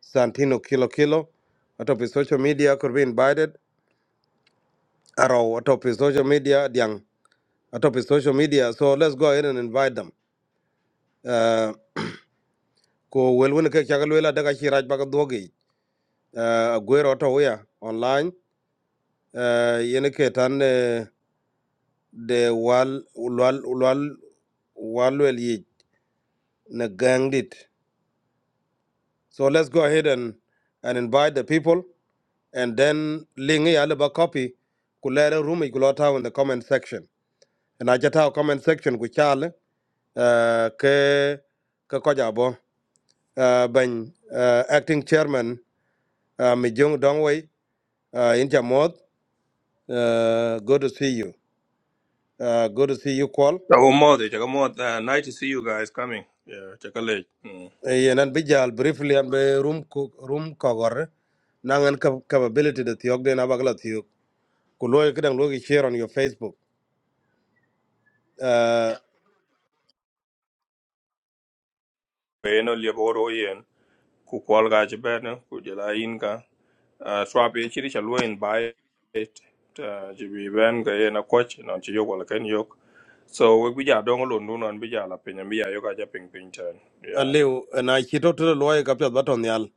[SPEAKER 3] santino kilo kilo ata pi social media could be invited aro ata pi social media diang ata pi social media so let's go ahead and invite them uh, ko welwen ke chagal wela daga shiraj baga dwogi uh, gwero ata uya online uh, yene ke tan uh, the wal wal wal wal wel so let's go ahead and and invite the people and then link ya le ba copy kulere room ikulota in the comment section and I ajata comment section ku chale uh, ke ke kojabo uh, ben uh, acting chairman uh, Mijung Dongwei uh, in Jamod uh, good to see you uh, good to see you Kwal
[SPEAKER 1] So more, they more. Uh, Nice to see you guys coming. Yeah, Check a leg. Mm.
[SPEAKER 3] yenan bi jal briefly an be room cook room kogor nangan cap- capability de tiok de na bagla tiok ku loy kedang logi share on your facebook uh
[SPEAKER 1] Well, you know, you're here. ku kwal ga ci ben ku jela yin ka Ah, swab ye chiri cha luen bai ta ji bi ben ga ye na coach non ci yok wala ken yok so we bi ja dong lo nu non bi ja la pin mi ya ja ping ping ten yeah
[SPEAKER 3] aliu na chito to loy kapya baton yal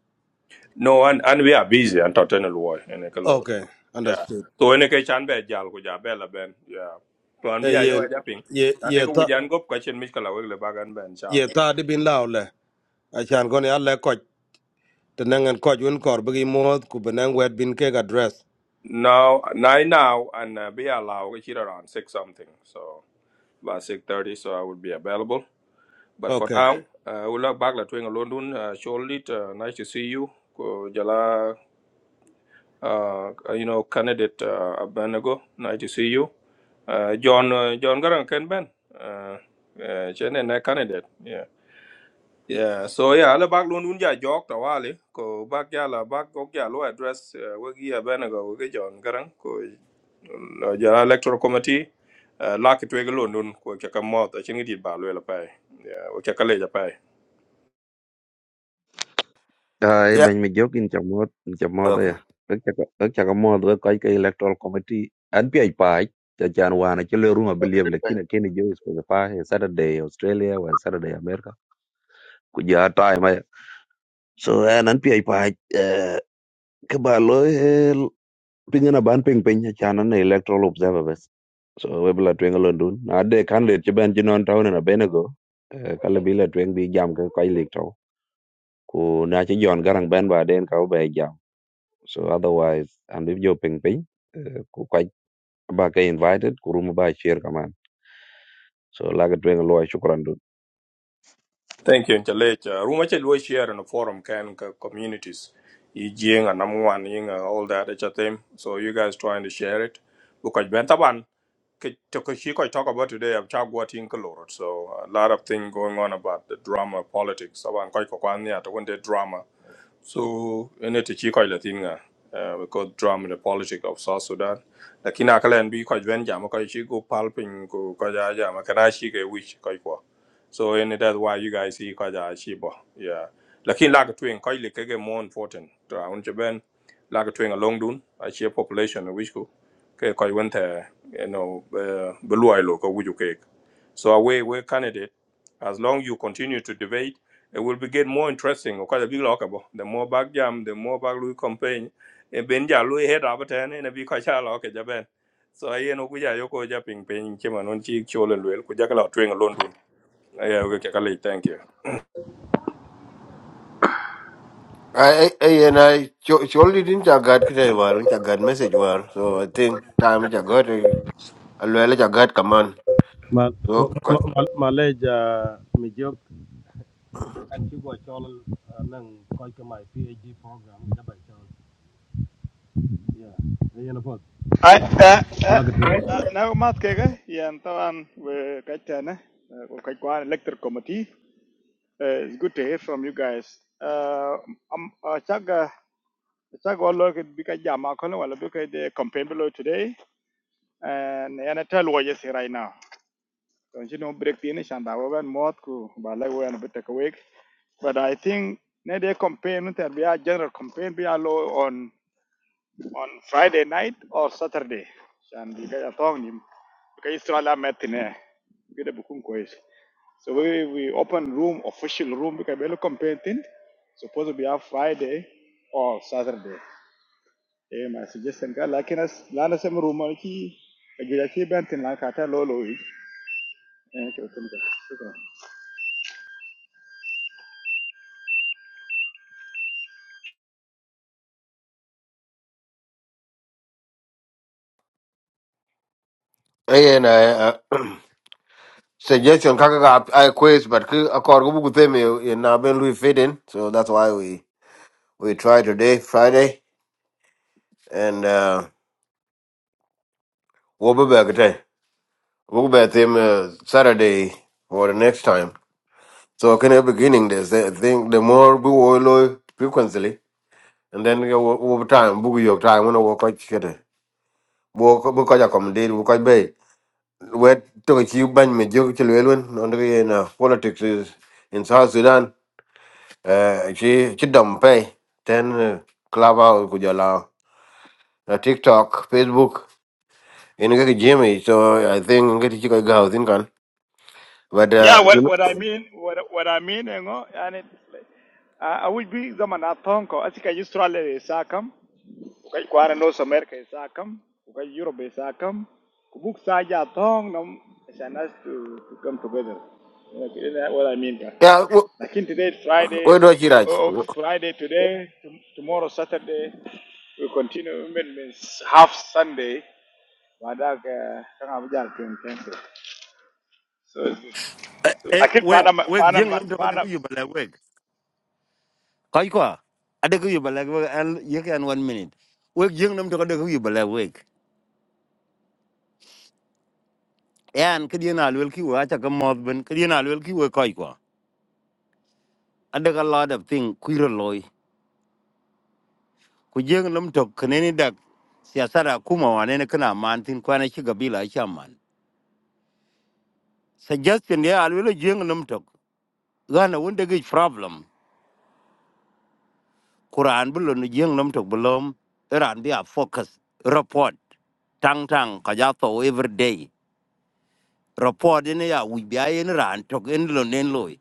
[SPEAKER 1] no and and we are busy and totten lo wa ene ka lo
[SPEAKER 3] okay
[SPEAKER 1] yeah
[SPEAKER 3] understood
[SPEAKER 1] so ene ke chan be jal ku ja be la ben yeah to an bi
[SPEAKER 3] Eh,
[SPEAKER 1] ya yo ga
[SPEAKER 3] yen
[SPEAKER 1] ja ping
[SPEAKER 3] ye
[SPEAKER 1] na
[SPEAKER 3] ye
[SPEAKER 1] de ko wi
[SPEAKER 3] ta
[SPEAKER 1] jan gop ka chen mi ka la we le bagan ben cha
[SPEAKER 3] ye ta de bin laule achan gon yal le koch te nangan koch un kor bi mod ku benang wet bin ke address
[SPEAKER 1] now nine now and uh, be allow ga around six something so by 6.30, so I will be available. But for
[SPEAKER 3] okay
[SPEAKER 1] now, uh, we'll look back at Twing London. Uh, surely, uh, nice to see you. Ko Jala, uh, you know, candidate uh, Abednego, nice to see you. Uh, John, uh, John Garang Ken Ben, uh, uh, Chen and candidate. Yeah. Yeah, so yeah, ala bag lo nun ja jok ta wale ko bag ya la bag ko ya lo address uh, wagi ya bena go wagi jon garang ko no ja electoral committee uh, la ki twege lo nun ko ka ka mot a chingi dit ba lo la pai yeah wo ka ka le ja pai
[SPEAKER 4] Ay
[SPEAKER 2] yeah.
[SPEAKER 4] ben mi jokin chamot chamot
[SPEAKER 2] Okay.
[SPEAKER 4] ya. Ek chaka ek chaka mod we kai kai electoral committee an pi ai pai cha chan wana chile ruma believe
[SPEAKER 5] ben
[SPEAKER 4] lakini kini jo is specify a Saturday Australia or Saturday America. Kuja time ya. So an an pi ai pai eh, ke ba lo eh, pingana ban ping ping cha chan an electoral observer bes. So we bla twenga londun. Na de kan le chiban jinon town na benego. Kala bila tweng bi jam ke kai electoral ku na ci jon garang ben ba den ka be jam so otherwise an bi jo ping ping eh, ku ka ba ka invited ku room ba share kaman so la ga twen lo shukran dun
[SPEAKER 1] thank you chale cha ruma che lo share no forum can ka communities yi jing and am wan all that at them so you guys trying to share it because ben taban Ke- to ke- she could talk about today I'm Chagwatin Kalorot. So a lot of things going on about the drama politics. So I'm quite to one day drama. So ene te chi ko la tinga we got drum in the politics of South Sudan. Lakini akala en bi ko ven jam ko chi go palping ko ko ja ja ma kana chi ke wich ko ko. So ene that's why you guys see ko ja chi bo. Yeah. Lakini la ko twin ko ile ke more important. Tra un che ben la ko twin along dun a chi population which ko ke ko went you know belu ai lo ko wuju ke. So away we candidate as long you continue to debate it will be get more interesting. Of course, big lockable. the more back jam, the more back Louis campaign. A Benja Louis head up at ten and a big Kacha lock at Japan. So I know we are Yoko Japping, paying Chiman on Chi Chol and Will, Kujakala train alone. I will get a thank you.
[SPEAKER 2] I I and I surely didn't chagat kite war, chagat message war. So I think time chagat alwele chagat kaman.
[SPEAKER 3] Mal,
[SPEAKER 2] So
[SPEAKER 3] mal, mal, maleja Anh chú gọi cho nâng coi cái máy PhD program đã bài cho. Yeah. Đây là phật.
[SPEAKER 6] أ- أ-
[SPEAKER 3] Lagat.
[SPEAKER 6] أ- نعم ما تكيغا يعني طبعا وكتانا وكتوان electric committee Uh, it's good to hear from you guys uh, um, uh, chaga chaga wallo ke bika jama kono wala bika the campaign below today and yana tell what you say right now don't you know break the nation that wogan mod ku ba la wen bit take away but i think na the campaign no ter be a general campaign be a law on on Friday night or Saturday عشان بيبقى يعطوني بقى يسرع لا متنا كده بكون كويس so we we open room official room because we بيلو campaign supposed to be on Friday or Saturday eh my suggestion قال لكن أس لا نسمي room كي أجل كي بنتين لا كاتا لولو إيه كده تمام شكرا
[SPEAKER 2] I and I. suggestion kaka ga I quiz but ki akor go bugu them in na ben lui fit in so that's why we we try today Friday and uh we'll be back today we'll be back them uh, Saturday for the next time so can the beginning there's I think the more we will low frequently and then uh, o- over time bugu your time when work like shit work bugu ja accommodate bugu bay wet to you ban me jog chilwelun on the uh, politics is in South Sudan eh ci ci dom pay ten eh, clubhouse ku jola na tiktok facebook in ga jimmy so i think ga ci ko ga tin kan but
[SPEAKER 6] yeah
[SPEAKER 2] uh,
[SPEAKER 6] what what I mean what what I mean you know and it, uh, I would be zaman atonko asika yisra le sakam Kukai kwara no America is Akam, Kukai Europe is Akam, Kubuk Saja Tong Nam is to, to come together. Okay, is that what I mean? ka?
[SPEAKER 2] yeah
[SPEAKER 6] Like in today, Friday,
[SPEAKER 2] we do ci raj
[SPEAKER 6] oh, Friday today, tomorrow Saturday, we continue means half Sunday. Baada ya kama vijana tuendeleze. So,
[SPEAKER 7] Eh, eh,
[SPEAKER 6] lakini
[SPEAKER 7] wek,
[SPEAKER 6] pana
[SPEAKER 7] wek, jeng
[SPEAKER 6] Panama,
[SPEAKER 7] nam toko deko
[SPEAKER 6] Panama.
[SPEAKER 7] yu balak wek. Koi kwa, adeko yu balak wek, an, yek an one minute. Wek, jeng nam toko deko yu balak wek. Yan, kedi na alwel ki wek, achaka moth ben, kedi na alwel ki wek koi kwa. Adeka lot of thing, kuiro loy. Ku jeng nam toko kaneni dak, siyasara kuma wanene kana man tin kwana shiga bila acha man. Suggestion ya alwel jeng nam toko. Gana wundegi problem. Quran bu lunu jeng nom tok belum Iran bi a focus report tang tang ka ja to every day report ne ya wi bi ayen ran tok en lo nen loy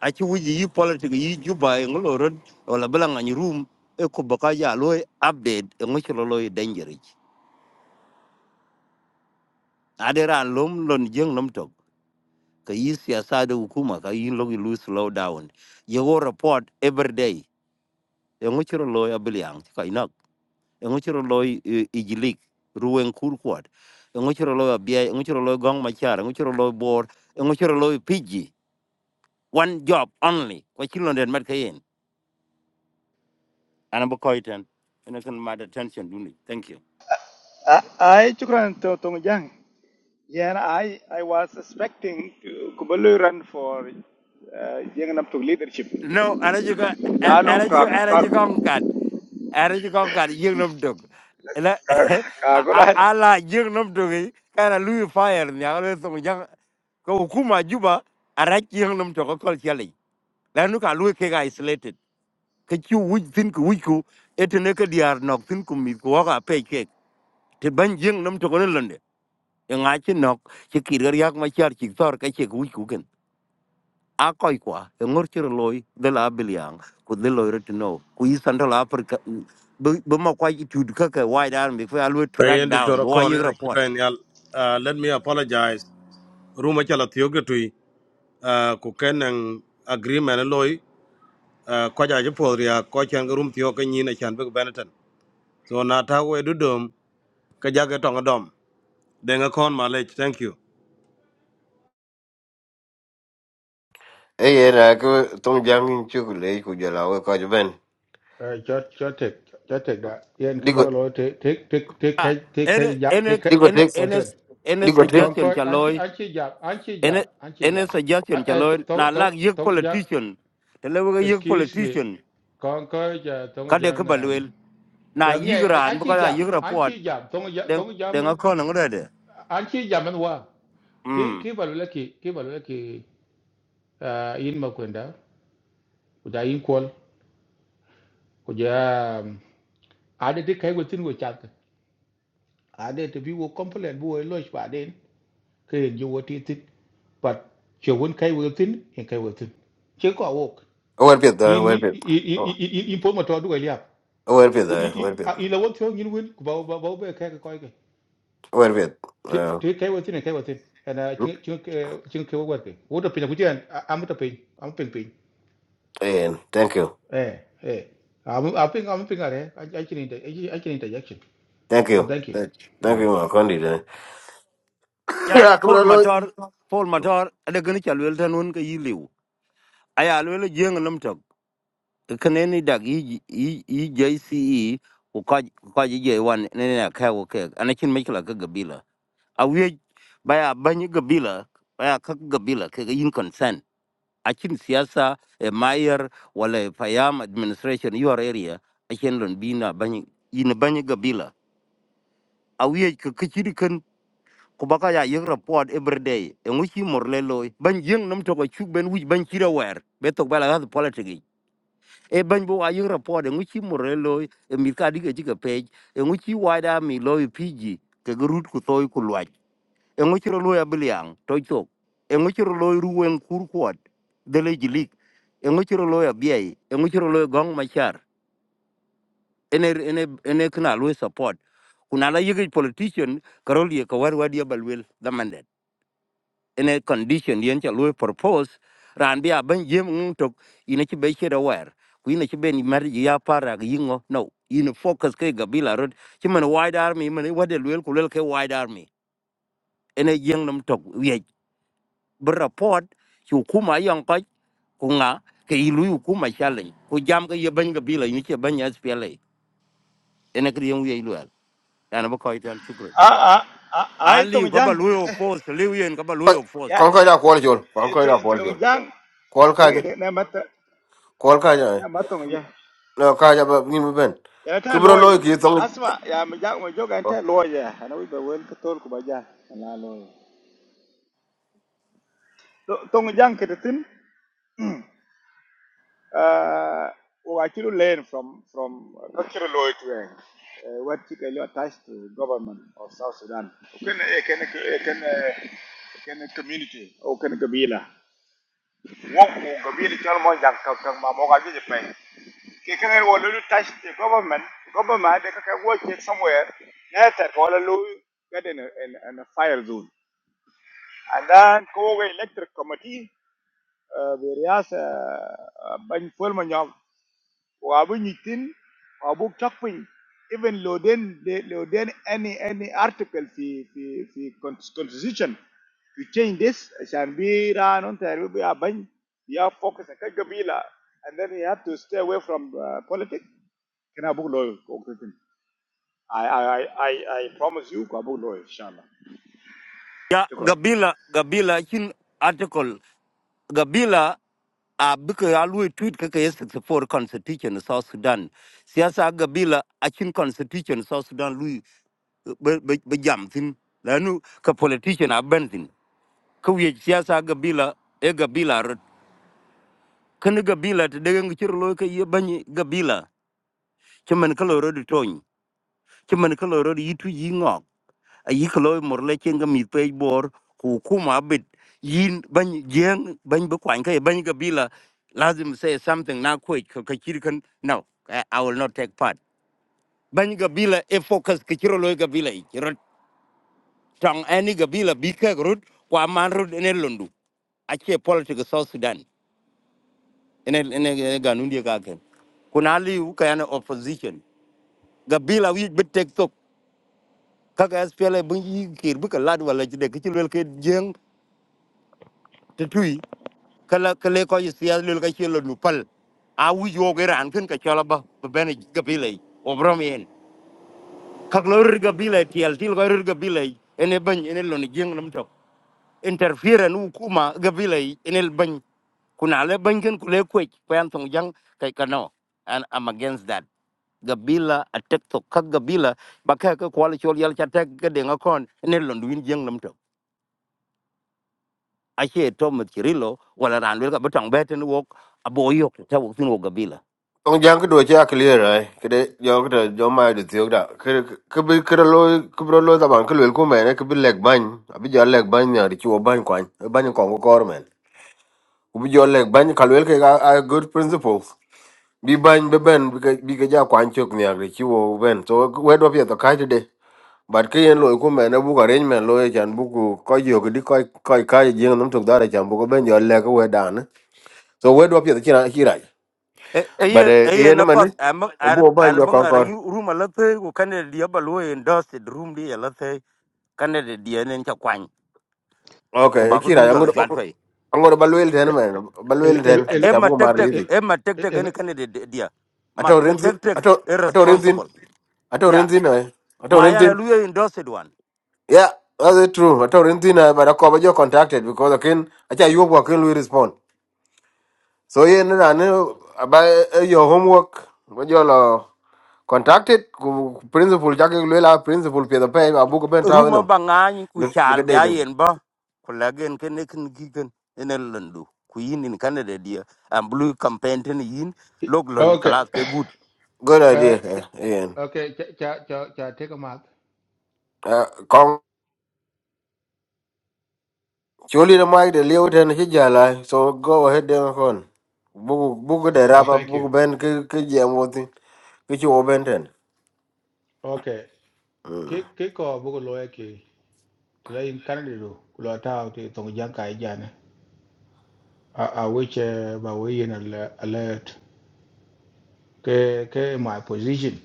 [SPEAKER 7] a chi wi yi politic yi ju ba en lo ro wala bla ngani room e ko ba ka ya loy update en mo chro loy danger ade ran lom lon jeng nom tok ka yi siyasa da hukuma ka yi lo slow down ye go report every day en mo chro loy abliang ka ina ngochiro loy ijilik ruwen kurkwat ngochiro loy abia ngochiro loy gong machar ngochiro loy bor ngochiro loy piji one job only kwa chilo den mat kayen ana bo koiten ina kan mad attention duni thank you
[SPEAKER 6] Ah, ah, chukran to to mjang. Yeah, and I, I was expecting to Kubalu run for uh, Yanganam to leadership.
[SPEAKER 7] no ana juga
[SPEAKER 6] Lano
[SPEAKER 7] ana
[SPEAKER 6] ka
[SPEAKER 7] juga ana
[SPEAKER 6] ka
[SPEAKER 7] juga ngad ana juga ngad yeng nom dog la
[SPEAKER 6] ka kagulan.
[SPEAKER 7] ala yeng nom dog yi, kana lui fire ni ala so jang ko hukuma juba arach yeng nom to ko kol chali lanu ka lui ke ga isolated cái chú chu wuj thin ku wuj ku etene cái diar nóc thin ku mit ku waka pe kek te ban jeng nam to lần đấy, nhưng ai chi nóc, chỉ kir gar yak ma char chi tor ka che wuj ku ken a koi kwa e ngor chir loy de la biliang ku de loy ret no ku yi central africa bu ma kwa quay chụp cái cái wide army ku alwe track
[SPEAKER 3] Andy
[SPEAKER 7] down bo wa
[SPEAKER 3] Torokon and
[SPEAKER 7] report
[SPEAKER 3] Kiben Yal. Uh, let me apologize. Ruma chala thioketui uh, ku kenang agreement loy uh, ko jaje podria ko chan rum thio ka nyina chan be benetton. So na ta we du dom ka jage tong dom. Denga kon malech. Thank you.
[SPEAKER 2] e ye na ko tong jang in ci le ku jola we ko ben
[SPEAKER 8] Ờ, cho cho thiệt cho thiệt đã yên
[SPEAKER 2] di
[SPEAKER 8] cái bác
[SPEAKER 2] ko
[SPEAKER 8] lỗi thế thế thế thế cái thế
[SPEAKER 7] ene
[SPEAKER 8] cái giảm
[SPEAKER 7] ene
[SPEAKER 8] thế cái
[SPEAKER 7] ene
[SPEAKER 8] one
[SPEAKER 7] ene
[SPEAKER 8] second
[SPEAKER 7] ene
[SPEAKER 8] con con
[SPEAKER 7] suggestion
[SPEAKER 8] coi
[SPEAKER 7] cha
[SPEAKER 8] anh chị
[SPEAKER 7] loy
[SPEAKER 8] anh chị giảm anh chị giảm
[SPEAKER 7] ene
[SPEAKER 8] anh chị
[SPEAKER 7] ene
[SPEAKER 8] giảm à
[SPEAKER 7] suggestion cha
[SPEAKER 8] ê
[SPEAKER 7] loy na
[SPEAKER 8] tổng
[SPEAKER 7] lag
[SPEAKER 8] tổng
[SPEAKER 7] yig
[SPEAKER 8] tổng giảm
[SPEAKER 7] politician thì lewe ga yig
[SPEAKER 8] excuse me
[SPEAKER 7] politician
[SPEAKER 8] con coi giờ tổng
[SPEAKER 7] cái đấy de ka
[SPEAKER 8] giảm à
[SPEAKER 7] balwel na
[SPEAKER 8] dạ nghe anh
[SPEAKER 7] yigran bu
[SPEAKER 8] chị
[SPEAKER 7] ka
[SPEAKER 8] giảm
[SPEAKER 7] yigra
[SPEAKER 8] anh
[SPEAKER 7] pot
[SPEAKER 8] chị giảm tổng giảm
[SPEAKER 7] den
[SPEAKER 8] tổng giảm
[SPEAKER 7] den a kon ngre de
[SPEAKER 8] anh chị giảm anh hoa khi
[SPEAKER 7] mm
[SPEAKER 8] khi vào lúc khi khi vào lúc khi à yên mà quên đó của gia yên quên của Dạ, à để cái cái của tin của chặt à để thì bị vô complain vô lỗi và đến ke en yo ti tin but che won kai wo tin en kai wo tin che ko wok
[SPEAKER 2] wer pet da
[SPEAKER 8] in
[SPEAKER 2] wer pet oh
[SPEAKER 8] in in po ma to du ya
[SPEAKER 2] wer pet da wer pet
[SPEAKER 8] in la won thong in win ku ba ba ba be kai ka koi ke
[SPEAKER 2] wer pet eh
[SPEAKER 8] te kai wo tin en kai wo tin ana chin chin chin ke wo wa ke wo to pe na ku jen am to pe am pe pe
[SPEAKER 2] eh, thank you
[SPEAKER 8] eh eh am am pe am pe are i can inter i can interjection
[SPEAKER 2] thank
[SPEAKER 8] and
[SPEAKER 2] you
[SPEAKER 8] thank you
[SPEAKER 2] thank
[SPEAKER 8] mm.
[SPEAKER 2] you ma kondi da
[SPEAKER 7] ya
[SPEAKER 2] ya ko
[SPEAKER 7] pol
[SPEAKER 2] lo
[SPEAKER 7] motor pol motor de gni chalwel tanun ka yiliu aya lwel jeng nam tok kaneni dag yi yi JCE ko ka ka je wan ne ne ka wo ke anakin me kala ka gabila a wi baya banyi gabila baya ka gabila ke yin consent akin siyasa e mayor wala e payam administration your area akin lon bina banyi yin banyi gabila awiye ke kichiri ken ku baka ya yek report every day e ngu chi mor le loy ban yeng nam to ko chuk ben wij ban chira wer be to bala ga politics e ban bo wa yek report e ngu chi mor le loy e mi ka dige chi ke page e ngu chi mi loy pg ke grut ku toy ku lwaj e ngu chi ro loy abliang to chok e ngu ro loy ruwen kur kwat de le jilik e ngu chi ro loy abiei e ngu ro loy gong machar ene ene ene kana lo support kuna la yigi politician karol ye kawar wadi balwel the mandate ene condition yen cha lo propose ran bia ban yem ngun tok ine chi be chere war ku ine chi ben mar ya para yingo no ine focus ke gabila rod chi man wide army man wadi lwel ku lel ke wide army ene yeng nam tok ye br report chu kuma yang ka ku nga ke ilu ku ma challenge ku jam ke ye ban gabila ine chi ban ya spele ene kriyen ye yani ba koy tan shukran
[SPEAKER 6] Ah ah ah ay
[SPEAKER 7] ali
[SPEAKER 6] tong
[SPEAKER 7] ka ba
[SPEAKER 6] jang.
[SPEAKER 7] luyo force liwen ka ba luyo force
[SPEAKER 6] Ya
[SPEAKER 2] kon ko da ko jol kon ko
[SPEAKER 6] ito
[SPEAKER 2] da ko
[SPEAKER 6] tong
[SPEAKER 2] jol
[SPEAKER 6] jang.
[SPEAKER 2] ko
[SPEAKER 6] Dagi
[SPEAKER 2] ka
[SPEAKER 6] de na mata
[SPEAKER 2] kwal ka ja
[SPEAKER 6] na matong ya.
[SPEAKER 2] no ka ja ba ngi ben
[SPEAKER 6] Ya
[SPEAKER 2] ke
[SPEAKER 6] ta
[SPEAKER 2] bro lo
[SPEAKER 6] loy
[SPEAKER 2] ki tong
[SPEAKER 6] asma ya mi jang mo joga ta loy ya. Ana wi ba wel ka tol ku ba ja. Na loy. Tong jang kedetin. Uh, oh, I should learn from from Dr. Lloyd Wang, uh, what he attached to the government of South Sudan. Can can can can community or can Gabila? What Gabila tell me that can can my mother just pay. Can can you will touch the government? Government they can work it somewhere. Later, all you get in a, in, in a fire zone. And then go away electric committee. Uh, various uh, uh, Ben Fulman wabu nyitin wabu chakpin even loden de- loden any any article fi fi fi cons- constitution to change this shan be ran on there will be a ban you have focus on kabila and then you have to stay away from uh, politics can I abu loy I, I i i I promise you I book lawyer. inshallah
[SPEAKER 7] ya
[SPEAKER 6] shukran
[SPEAKER 7] gabila gabila kin article gabila a bika ya luyo tweet kaka ya 64 constitution na south sudan siyasa gabila a constitution na south sudan luyo be be be jam tin lanu ka politician a ban tin ka wiye siyasa gabila e gabila rot kan gabila ta daga ngi cir loy ka ye banyi gabila ci man ka loro di tony ci man ka loro di yitu yi ngok yi kilo morle chen ga mit pe bor ku kuma bit yin ban yen ban bu kwan kai ban ga bila lazim say something na ko ka ka kir kan no i I will not take part ban ga bila e focus ka kiro loi ga bila i kiro tang ani ga bila bi ka rut kwa man rut ne londu ake politics South Sudan ene ene ga nundi ga ken kuna liu ka yana opposition ga bila wi bit tek tok kaga SPLA bun yi kir bu ka lad wala jide ka chilwel ke jeng te tui kala kale ko yisiya lul ka chelo nu pal a wi yo ge ran kin ka chala ba be ben ga bile o brom yen ka lo rir ga bile tiel til ga rir ga bile ene ban ene lo ni jeng nam to interfere nu kuma ga bile ene ban kuna le ban kin kule kwech pan tong jang kai kano and i'm against that gabila attack to ka gabila ba ka ka kwal chol yal cha tek ga de ngakon ene lo ndwin jeng nam to a che to mit kirilo wala ran wel ka betang beten wok aboyok ta wok tin wok gabila
[SPEAKER 2] tong jang ke do cha clear ai ke de yo ke de jo ma de tiok da ke ke bi ke lo ke bro lo da ban ke lo ku me ne ke bi leg ban abi jo leg ban ne ri chu ban kwan ban ko ko kor men ku bi jo leg ban ka lo ke ga a good principles bi ban be ben bi ke bi ke ja kwan chok ne ri chu ben so we do pye to ka de but ke yen lo ku me ne bu ka ren men lo e chan bu ku ko yo ke di ko ko ka je ngam tok da re chan bu ko ben jo leg we dan so where do I appear the kira? but
[SPEAKER 7] Ayen
[SPEAKER 2] eh
[SPEAKER 7] ayen
[SPEAKER 2] ene man
[SPEAKER 7] apat am am
[SPEAKER 2] obo banjo
[SPEAKER 7] am banga
[SPEAKER 2] konkor
[SPEAKER 7] yu room alathe ko Canada dia balu endorsed room dia alathe Canada dia nen cha kwany ko
[SPEAKER 2] okay
[SPEAKER 7] ba ko dun
[SPEAKER 2] am going
[SPEAKER 7] jola chat fay
[SPEAKER 2] to balwel ten
[SPEAKER 8] Ke-
[SPEAKER 2] man
[SPEAKER 8] el
[SPEAKER 2] balwel
[SPEAKER 8] el el
[SPEAKER 2] ten
[SPEAKER 7] e e
[SPEAKER 8] el-
[SPEAKER 7] ma
[SPEAKER 2] chabu mar
[SPEAKER 7] tek tek
[SPEAKER 2] lizi
[SPEAKER 8] el-
[SPEAKER 7] e ma tek tek
[SPEAKER 8] el-
[SPEAKER 7] en Canada dia ma
[SPEAKER 2] ato
[SPEAKER 7] ka
[SPEAKER 2] renzi
[SPEAKER 7] tek tek
[SPEAKER 2] ato ato renzin
[SPEAKER 7] irresponsible
[SPEAKER 2] ato
[SPEAKER 7] ya
[SPEAKER 2] renzin eh ato
[SPEAKER 7] ma yana
[SPEAKER 2] renzin
[SPEAKER 7] lu endorsed one
[SPEAKER 2] yeah that's it true ato renzin but akoba jo contacted because okay, I akin acha yugo can lui respond so yen na ne about your homework when you lo contacted ku- ku principal jake lwela principal Pay the pay abugo ben
[SPEAKER 7] room
[SPEAKER 2] tawenum
[SPEAKER 7] banga ni ku
[SPEAKER 2] Look look
[SPEAKER 7] chal
[SPEAKER 2] at that.
[SPEAKER 7] ba
[SPEAKER 2] eh?
[SPEAKER 7] yen ba ko lagen ken ne kin gigen en landu ku yin in Canada dia am blue campaign ten yin log
[SPEAKER 8] el-
[SPEAKER 7] lon
[SPEAKER 8] okay
[SPEAKER 7] kala ke
[SPEAKER 2] Good idea,
[SPEAKER 8] Uh,
[SPEAKER 2] eh, Ian.
[SPEAKER 8] Okay, cha cha cha cha take a mark.
[SPEAKER 2] Uh, Kong, surely the mic, the Leo Ten Hijala, so go ahead and con. Book, book the
[SPEAKER 8] Oh,
[SPEAKER 2] rubber,
[SPEAKER 8] thank you.
[SPEAKER 2] book Ben Kijam, what thing, which you open ten.
[SPEAKER 8] Okay. Ki ki ko bu ko loye ki. Tla in Canada do. Kulo ta ti tong jang kai jana. A a which uh, ba we in alert. alert. Ke ke my position.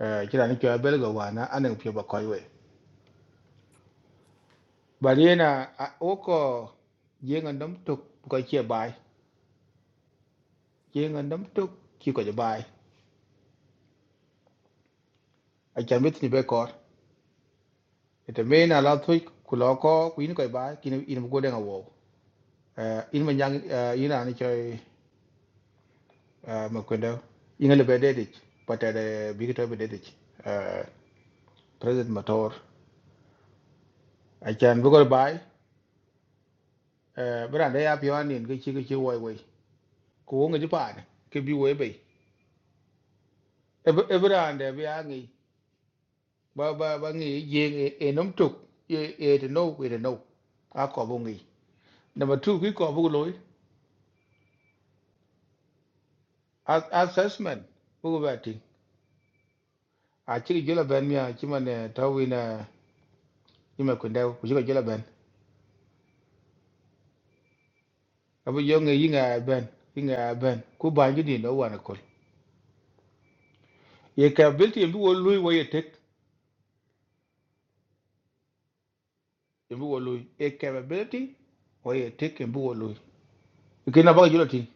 [SPEAKER 8] Eh kira ni kwa belga wana anan pyo ba koi we. Ba ni na o ko jeng andam tuk ko che bai. Jeng andam tuk ki ko je bai. A chan bit ni be ko. Ite me na la thuik kulo ko kuin ko bai kin in bu ko denga wo. Ờ, in uh, in ma jang uh, in an choy uh, makwendo in le bededich but at a big to bededich uh, president motor anh chàng vừa có bài, bữa nay go by uh, brand they up yon in gichi gichi wai wai ko ngi pan ke bi wai bữa nay brand e bi angi ba ba ba ngi yeng e nom tuk e e to know we to know a ko bo ngi number 2 ki ko bo loy assessment bu ba ti a chi jola ben mi a chi man tawina ni makwendo ku chi jola ben abu yo nge yinga ben yinga ben ku banji ni no wana kol ye capability mbi wo lui wo ye tek mbi wo lui ye capability wo ye tek mbi wo lui ikina ba julo ti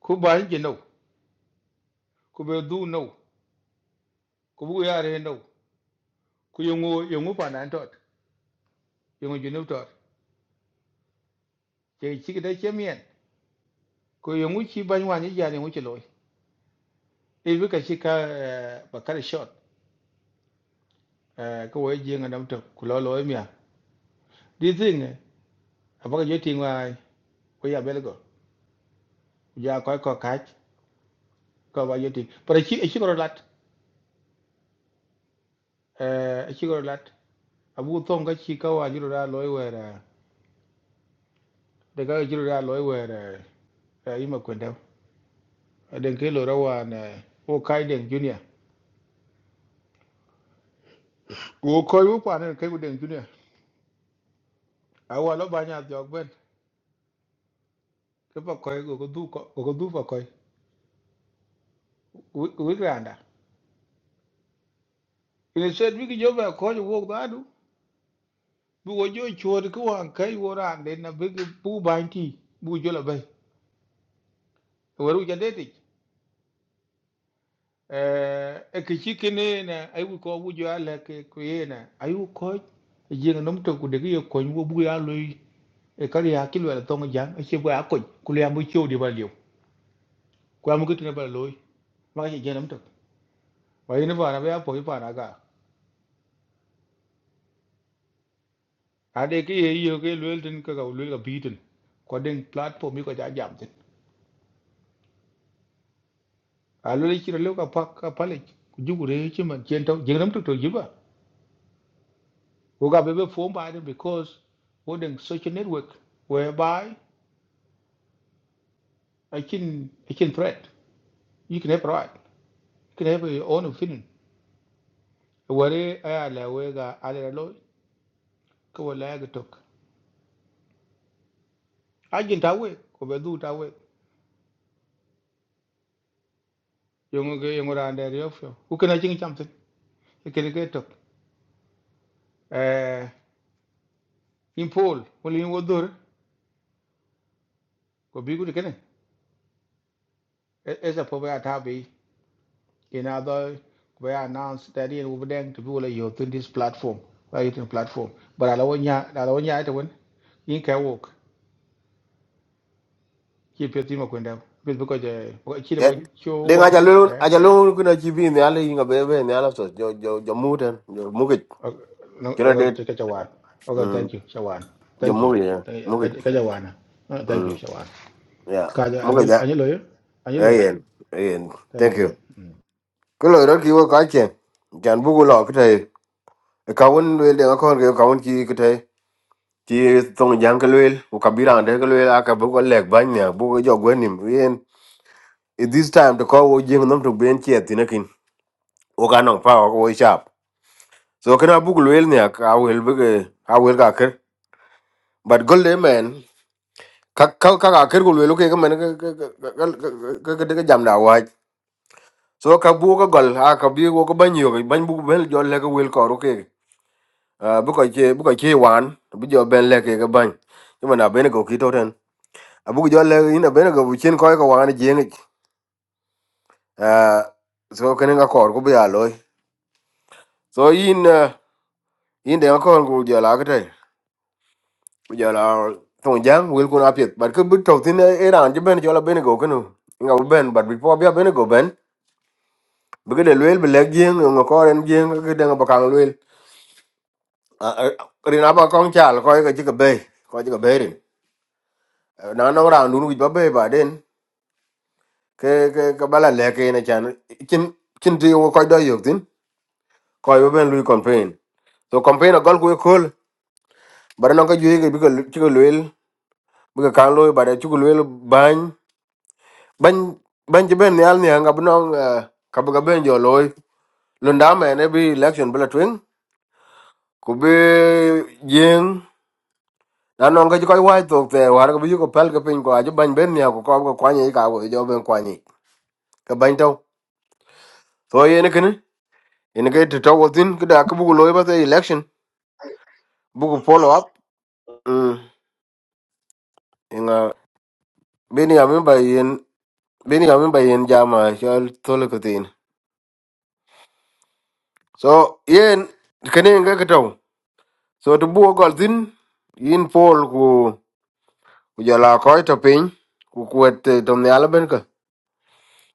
[SPEAKER 8] ku banji no ku be du no ku bu yare no ku yongo yongo pa nan tot yongo jinu tot ye chiki da chemien ku yongo chi ban wani ja ni wuce loy e bi ka shi ka bakar shot ko wo je nga nam to ku lo lo miya di thing abaga jeti ngwa ko ya belgo ja ko ko kach ka ba yeti pero chi chi ko lat eh chi ko lat abu thong ka chi ka wa jiro da loy were de ka jiro da loy were e ima kwenda den ke lo ra wa na o kai den junior go koi wo pa ne ke go den junior a wa lo ba nya jog ben ke pa koi go go du ko go du pa koi wi granda ile sed wi ki jo ba ko wo ba du bu wo jo chor ko wa kai wo ran den na bi bu ba ti bu jo la bai waru ja eh e ke chi kene na ai wu ko wu jo ala ke ku ye na ai wu ko je na nom to ku de ye ko nyu bu ya lo e ka ya ki lo to ngja e che bu ya ko ku le ambu chu di ba liu ku amu ke tne ba lo ma ke je nom to wa ye ne ba na ba po pa na ga a de ke ye yo ke lo tin ka ga lo ga bi tin ko den platform yi ko ja jam tin a lo le chi lo ka pa ka pa le ku ju re chi man chen to je nom to to ji ba ku ga be be fo ba de because wo den social network whereby I can I can threat. You can have right. You can have your own opinion. Wari aya la wega ale lo ko wala ga tok. Agin ta we ko be du ta we. Yongo ge yongo ra ande ryo fyo. U kana ching cham tin. E kene ge tok. Eh in pol wala in wodur ko bi gu kene. Esa po ba ta bi in other we announce that in over them to be wala yo tin this platform. Why it in platform. But ala wonya ala wonya ita won. In ka work. chi pio timo kwenda pio pio koje chi lo
[SPEAKER 2] Yet,
[SPEAKER 8] chu
[SPEAKER 2] then
[SPEAKER 8] wa
[SPEAKER 2] I alone,
[SPEAKER 8] eh
[SPEAKER 2] I alone could achieve in the alley in a baby and the other stuff, your Mutan, your Mugit,
[SPEAKER 8] no o
[SPEAKER 2] Kennedy,
[SPEAKER 8] te ka chawan o ga
[SPEAKER 2] your
[SPEAKER 8] thank you chawan thank you
[SPEAKER 2] Mugit, yeah,
[SPEAKER 8] Thank- ka
[SPEAKER 2] Mugit.
[SPEAKER 8] ka chawana Ah, thank you
[SPEAKER 2] Mm,
[SPEAKER 8] chawan
[SPEAKER 2] Yeah,
[SPEAKER 8] ka ja
[SPEAKER 2] Mugit,
[SPEAKER 8] anil
[SPEAKER 2] yeah,
[SPEAKER 8] aniloy
[SPEAKER 2] Yeah,
[SPEAKER 8] aniloy
[SPEAKER 2] Ian, Ian,
[SPEAKER 8] thank
[SPEAKER 2] thank
[SPEAKER 8] you
[SPEAKER 2] you.
[SPEAKER 8] mm.
[SPEAKER 2] Kulo, Rocky, what I can. Jan Bugula, Kitay. A cowun will the account, a cowan key, ti tong jang ke lwel ku kabira ande ke lwel aka bu ko lek ban ne bu ko jog wenim yen it this time to ko wo jing nom to ben chet ne kin wo ka nong pa wo sharp so kana bu ko lwel ne ka wel bu ke ka wel ka ker but gol de men ka ka ka ka ker ko lwel ke men ke ke ke ke jam da wa so ka bu ko gol aka bi wo ko ban yo ban bu ben jo le ko wel ko ro ke bu ko che bu ko che wan bu jo ben le ke ke ban nhưng mà bên này có kỹ abu jo le ina bene go buchen ko ko wan jeng eh so ken ga kor ku bia loy so in eh, in de ko ku jo la ka te ku ton jang wil ku na pet but ku bu to tin e ran je ben jo la bene go kenu nga bu ben but bi po bia bene go ben bu ge de lwel bi le jeng ngo ko ren jeng ge de ba kang lwel rina ba kong chal ko ga ji ga be ko ji ga be rin Eh, na no ran dun wi ba be ba den ke ke ka bala le ke na chan chin chin ti ko do yok tin ko yo ben lui campaign so campaign a gol ko kol bar no ka juye ke bi ko ci ko lel bi ka kan loy bare ci ko lel bañ bañ bañ ci ben yal ni nga bu no ka bu ga ben jo loy lu nda me ne bi election bla twin ku be jeng na no ka ci ko wa to te war ko bi ko pel ka pin ko aje bañ ben ya ko ko kwanye ka go jo ben kwanye ka bañ taw so yene kene ene ke to to tin ka da ka bu loy ba te election bu ko follow up mm inga bini ya member yen. bini ka min ba yen jama chol tole ko tin so yen kene nga kato so to buo gol tin yin pol ku ku jala koy to pin ku kuet eh, to ne ala ben ka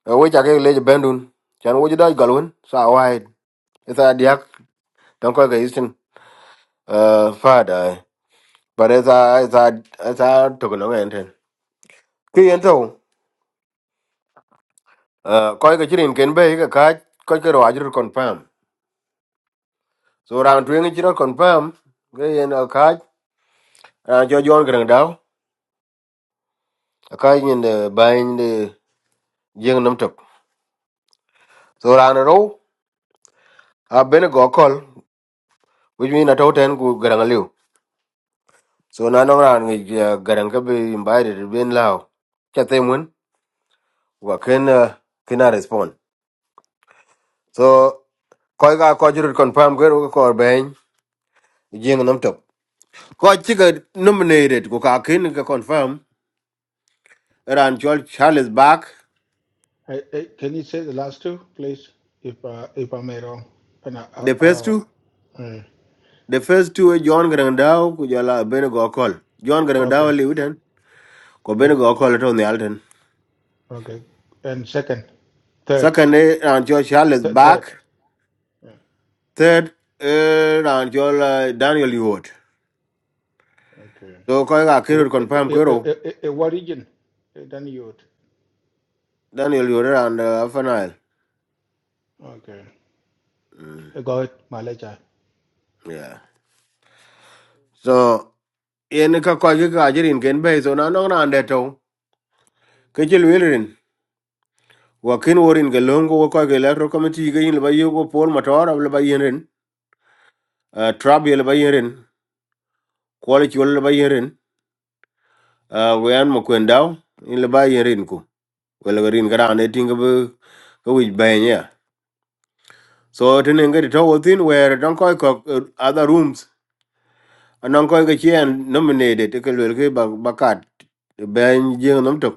[SPEAKER 2] Eh, we jage le bendun chan wo jidai galwen sa wide. esa diak don koy ka isin uh fada but esa esa esa to ko ngen ten ki yen to uh koy ka chirin ken be ka ka koy ka ro ajur confirm so ran tu ngi chiro confirm ge yen ka à cho John gần đó cái nhìn để bay để riêng nắm chụp so ra nó đâu à bên gõ call which mean là thâu ten của gần liu so nó nó ra người gần cái bị invited bên lao cho thêm muốn và khen ờ, khen là respond so coi cái coi chữ confirm cái rồi coi bên riêng nắm chụp coi chỉ cái nominated của cả khen cái confirm ran cho Charles back
[SPEAKER 8] hey, hey, can you say the last two please if uh, if i am wrong and uh, uh,
[SPEAKER 2] the first
[SPEAKER 8] uh,
[SPEAKER 2] two
[SPEAKER 8] mm,
[SPEAKER 2] the first two eh, John gần đó của giờ là bên gõ call John gần đó
[SPEAKER 8] okay
[SPEAKER 2] liu den ko bene
[SPEAKER 8] yep
[SPEAKER 2] go ko leto ne alten
[SPEAKER 8] okay and second third
[SPEAKER 2] second eh, ran jo charles
[SPEAKER 8] th- third
[SPEAKER 2] back
[SPEAKER 8] yeah.
[SPEAKER 2] third eh, ran jo eh, daniel yot
[SPEAKER 8] okay
[SPEAKER 2] so ko ga
[SPEAKER 8] Eh,
[SPEAKER 2] kiro
[SPEAKER 8] wh- eh,
[SPEAKER 2] confirm
[SPEAKER 8] eh,
[SPEAKER 2] kiro
[SPEAKER 8] eh, eh, eh, what region Eh, then you would.
[SPEAKER 2] daniel yot ran uh, final
[SPEAKER 8] Okay.
[SPEAKER 2] mm,
[SPEAKER 8] Cậu mà lựa chọn.
[SPEAKER 2] yeah so yen ka ko ga ga jirin ken be so na no ran de to ke jil wirin wa kin worin ga longo wo ko ga electro committee ga yin ba yugo pol motor ab ba yin uh, trab yel ba yin quality wal ba yin uh, wayan mo kwendaw in ba yin ku Well, garin gara ne tinga bu ko wij banya so tenen ga to within where don koy ko uh, other rooms anan koy ga chien nominated ke lel ke ba bakat ben jeng nom tok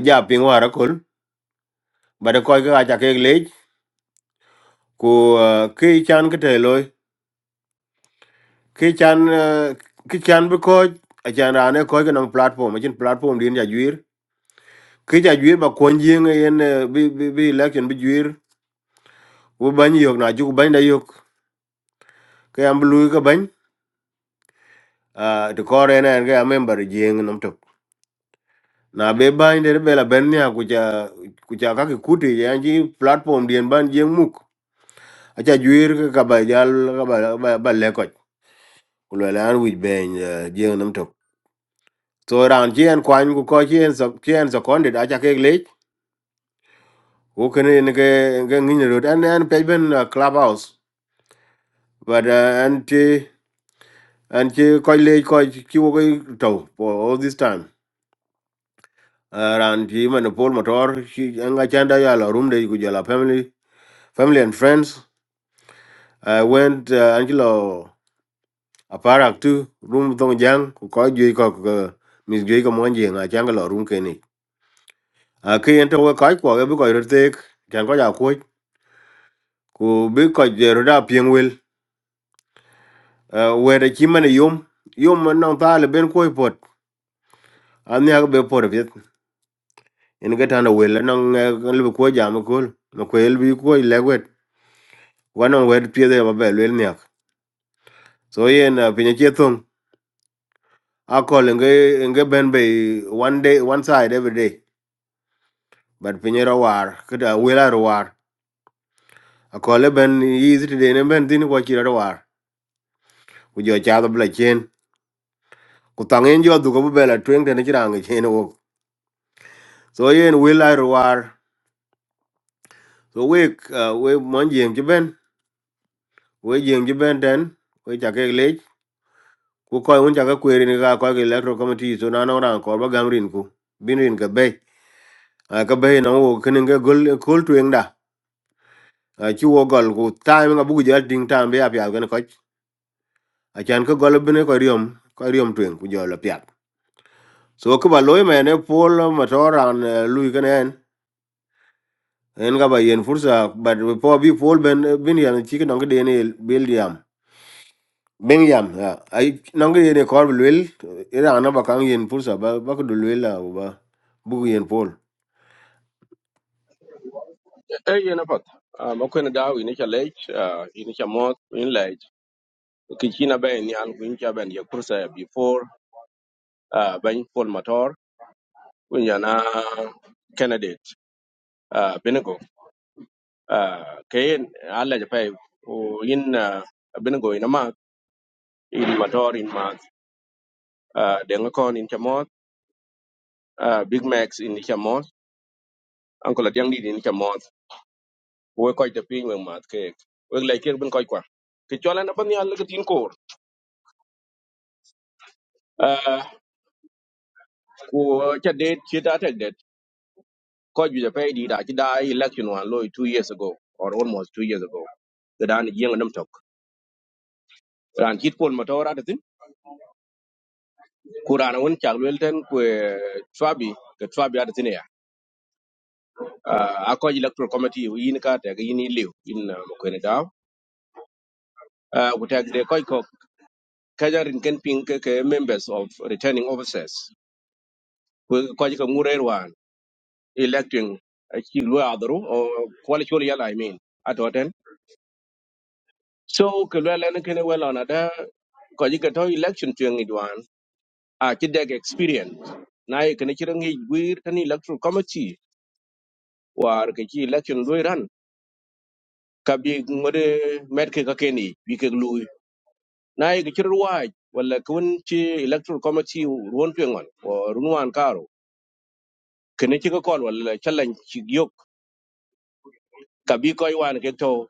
[SPEAKER 2] aja ping wara kol bada koy ga aja ke lej ko uh, ke chan ke te loy ke chan uh, ke chan bu ko ajan rane koy ga nang platform ajin platform din ja juir ke ja juir ba kon jeng yen uh, bi bi bi election bi juir wo ban yok na ju ban da yok ke am lu ka uh, to kore na en ga member jeng nom tok na be ban de be la ben ya kucha kucha ka ki kuti ya ji platform dien ban jeng muk acha juir ka ka ba jal ka ba ba, ba le ko kulo la an wi ben eh, jeng nom tok so ran ji en kwan ku ko ji en so ji en so kon de acha ke le ku ken nge nge ke ngin ro an an pe ben uh, clubhouse but uh, an ti an ti ko le ko ki wo ko to for all this time Uh, ran ti man Paul Motor, she anga chanda ya la room de kujala family, family and friends. I went uh, Angelo Aparak too, room dong jang, ko ju ko ko Miss Jay ko monje nga changa la room keni. A ke ento we kai ko be ko rtek, chan ko ya ko ja ku be ko je roda pieng wel. Uh, we de chi man yum, yum man nong ta le ben ko pot. An ya be por viet. En ga tan wel nong uh, le ko jam ko, no ko el bi ko le wet. Wa nong wet pie de ba be wel So yen uh, pinye chetung akol nge nge ben be one day one side every day. But pinye ra war kada wela ra war. Akol ben easy today ne ben tin kwa chira ra war. Ujo cha da bla chen. Ku tangen jo du ko bela tweng tene chira nge chen wo. So yen wela ra war. So we uh, we mon jeng ji ben we jeng ji ben den we cha ke lech. Ku koy un cha ka kweri ni ka koy ke electoral committee so na no ran ko ba gam rin ku. Bin rin ka bay. Ka bay na wo kene nge gol kol tweng da. a ci wo gol ku time nga bugu jël ding time be apia gën ko a chan ko gol bene ko riom ko riom twen ku jolo pia so ko ba loy mene pol motora an uh, lui gën en en ga ba yen fursa but po bi pol ben eh, bin yan ci ko ngade ne bil yam ben yam Yeah. ay nangade ne ko lwel eh, ira na ba kan yen fursa ba ba ko lwel la ba bugu yen pol
[SPEAKER 9] e yena pat a ma kwene daw ini cha lech ah, ini cha mot in lech ki china be ni al kun cha ben ye kursa ya before ah, ben pol motor kun yana candidate ah, binigo Ah, kayen alla ja pay o in ah, binigo ina ma in motor in ma ah, denga kon in cha mot ah, big max in cha mot ankola diang di in cha mot we koy te pin we mat ke we lay ker bin koy kwa ki chola na ban ya le tin kor Ko cha date chi ta tek det. Ko ju ja pay di da chi da election one loy 2 years ago or almost 2 years ago. The dan yeng nam tok. Ran chit pol motora da tin. Ku ran won chak wel ten ku trabi ke trabi da tin ya. Ah, A ko electoral committee yin ka te yin i liu in mo ko ne da. Ku tek de ko ko kajarin ken ping ke ke members of returning officers. Ku ko ji ka ngure wan electing a chi lo adru or quality yala i mean. Ato So kelwe lene kene well on ada ko ji kato election tuang idwan a ci deg experience. Na ye kene chira ngi gwir tani electoral committee war ke ci election loy ran ka bi ngode met ke ka keni bi ke lui. Na ye ke chira waj wala kun ci electoral committee won tuang on o runwan karo kene ci ka kon wala challenge ci yok ka bi ko wan ke to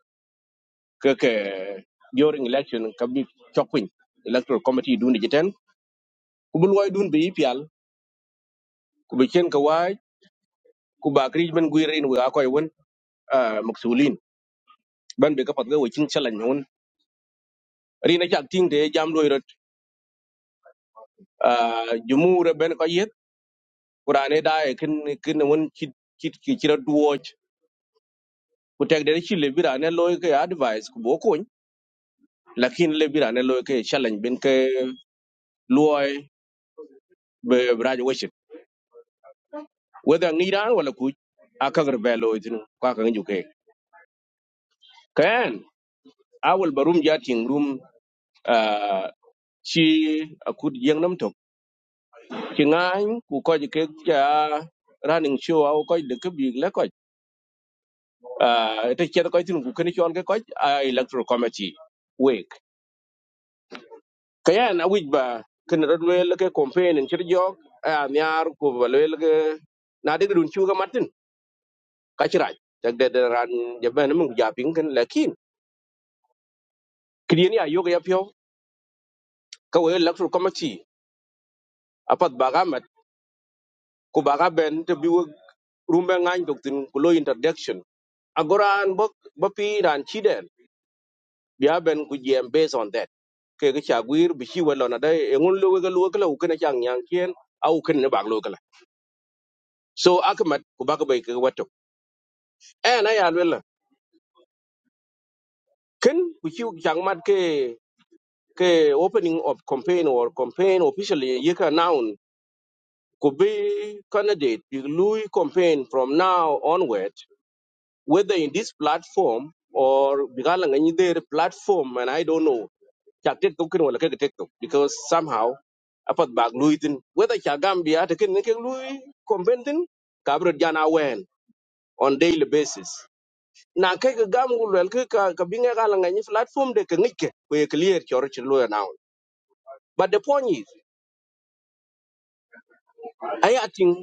[SPEAKER 9] ke ke during election ka bi chokwin electoral committee dun jiten kubul way dun bi pial ku be chen ka wai ku ba kri ben gwi rin wa ko yun maksulin ban be ka pat ga wo chin chalan yun ri na chak ting de jam do rot jumur ben ko yet qur'ane da e kin kin won chit chit ki chira duoch ku tek de chi le bira ne loy ke advice ku bo ko lakin le bira ne loy ke chalan ben ke loy be braj wo chit whether ngiran wala ku akagr be loy tin ka ka ngi ke kan awal barum jating room ah, chi akut yang nam ci ngany ku ko ke ja running show au ko de ke big le ko ah te ke ko tin ku ken chon ke ko electoral committee week kaya na wij ba ken ro là cái campaign en ci jog a nyar ku ba le cái na cái dun chu cái matin ka cái raj tak de de ran je ben mu ja pin cái lakin kidien cái này ai yoga ya pyo ka cái electoral committee apat ba ga mat ku ba ga ben te bi rumbe ngany dok tin ku lo introduction agoran bok bapi ran chiden They haven't ku GM based on that. Ke ga chagwir bi shi wala na dai engun lu ga lu kala u kana chang yang kien au kan ne bag lu kala. So akamat ku baka bai ka wato. Eh na ya wala. Ken ku shi chang mat ke ke opening of campaign or campaign officially ye ka noun could be candidate the Louis campaign from now onward, whether in this platform or Bigalanganyider platform, and I don't know chak tet ko kin wala kek tek tok because somehow apat bag lui tin whether cha gambia te kin ke lui conventin kabro jana wen on daily basis na ke ga gam gul wel ke ka ka binga ga langa ni platform de ke ngike ko ye clear chor chin lo now but the point is i think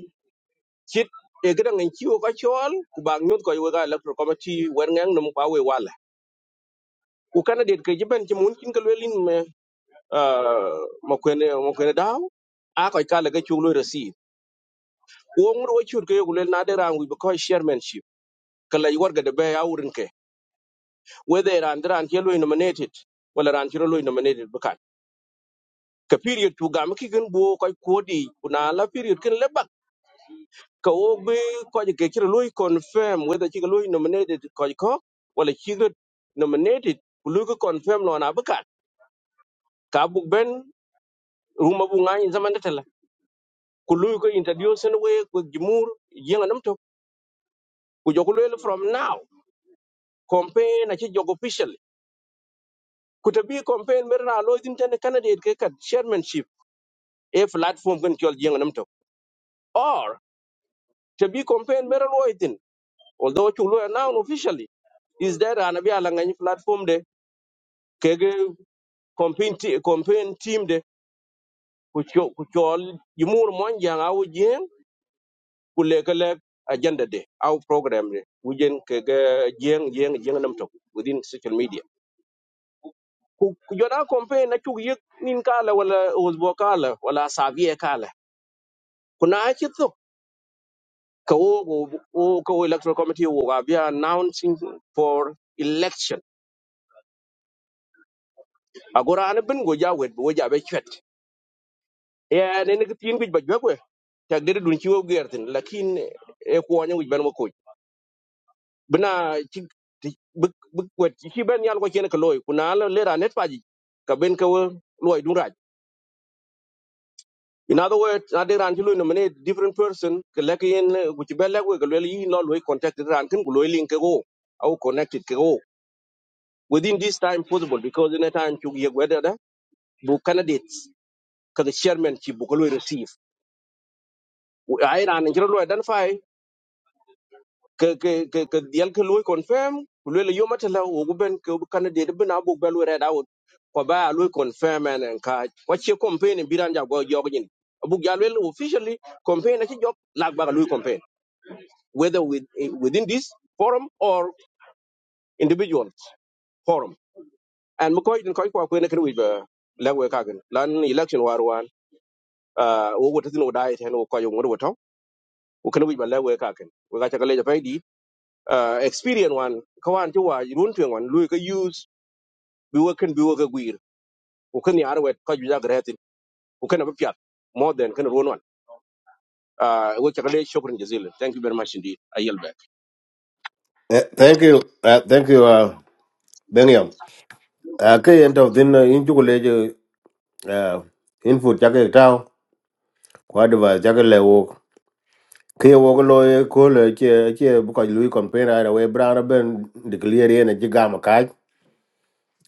[SPEAKER 9] chit e ga ngan chiwo ka chol ku bag nyot ko yo ga electoral committee wer ngang num kwa we wala ku kana det ke jiben ti mun kin ka lwelin me ah, ma kwene ma kwene daw a ko ka le ga chulo receive wo ngur wo chur ke yogulel na de rangu because chairmanship kala yi warga de be ya wurin ke whether ran ran ke loy nominated wala ran chiro loy nominated bukan ka period tu ga miki gen bo ko kodi kuna la period ken lebak ka wo be ko ke chiro loy confirm whether chiro loy nominated ko ko wala chiro nominated kulu ko confirm lo na bukan ka bu ben ruma bu ngai zaman de tala kulu ko interview sen we ko jimur yenga namto ku jokulel from now campaign na ci jogo official kuta bi campaign mer na lo tin tan candidate ke kat chairmanship e platform kan kyol jeng nam to or to be campaign mer lo tin although chu lo now officially is there an abi ala ngani platform de ke ge campaign te- campaign team de ku cho- ku chol yimur mon jang awu jeng ku le ke le agenda de aw program de wujen ke ge jeng jeng jeng nam to within social media ku ku jona campaign na chu yek nin kala wala uzbo kala wala savie kala kuna achi ka wo wo ka wo electoral committee wo ga be announcing for election agora an bin go ja wet bo ja be chet ya ne ne tin bi ba jwe kwe tak de dun ci wo gertin lakin e ko nyu ben mo ko bina ci bu bu wet ci ben yal ko ken ka loy kuna la lera net faji ka ben ka wo loy dun raj in other words na de ran ci loy no mane different person ka lakin ku ci be lek we ka loy yi no loy contact ran kin ku loy link ko au connected ko within this time possible because in a time you get whether the book candidates because the chairman she book will receive I ran and you identify ke ke ke ke the alcohol will confirm will you matter who ben ke candidate but now book bel read out ko ba will confirm and encourage what your campaign in biranja go jogin abu galwel officially campaign a job lag ba campaign whether with, within this forum or individual forum and mko in ko ko ko ne kan wi ba lagwe kagan lan election war uh, wo wota tin wo tatino dai ten wo koyo ngoro woto wo kana wi balle we ka ken we ga ta kale fai di uh, experience wan ka wan ti wa run twen wan lu ka use bi wo ken bi wo ka gwir wo kan yar wet ka ju ja gretin wo kana ba piat more than kana ron wan uh, wo ta kale shukran jazilan thank you very much indeed i yield back
[SPEAKER 2] Eh, thank you, uh, thank you, uh, Bengiam. Uh, cái end of thin uh, in chú lệ uh, input chắc cái tao. kwa deva jagal le wo ke wo lo ye ko le che che bu ka lui kon pe ra we bra ben de clear ye ne jiga ma ka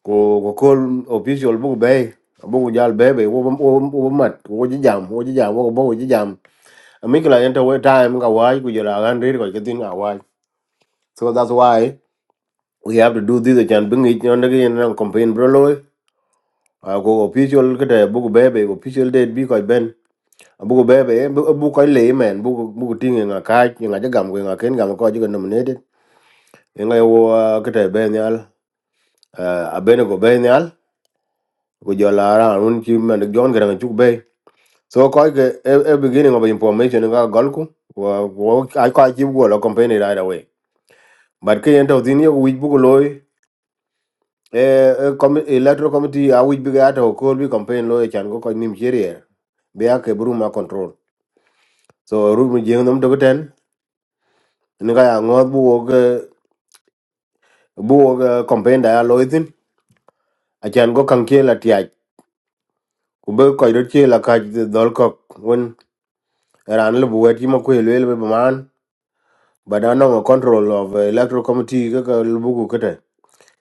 [SPEAKER 2] ko ko ko official bu be bu jal be be wo wo wo mat wo ji jam wo ji jam wo bo ji jam mi kla enter we time ka wa ku jela gan ri ko ke tin ka wa so that's why we have to do this and bring it on the campaign bro lo ko official ke de bu be be official date bi ko ben buku bebe buku ko le men buku buku tinge nga ka nga ja gam ko nga ken gam ko jiga nominated nga yo uh, kete be nyal a bene go be nyal go jola ran un ki men jon gran chu be so ko ke e e beginning of information nga gol ku wo wo ai ko ji go lo company right away but ke ento din yo wi buku loy e electoral committee a wi biga to ko bi campaign loy chan go ko nim cherier be ake bruma control so ru mu jeng nom dogo ten ni ga ya ngot bu wo bu uh, campaign da loitin achan go kan ke la tiaj ku be ko ro ke la ka dol ko won ran lu bu ti ma ku le be man ba da no control of uh, electoral committee ka ka lu bu ku te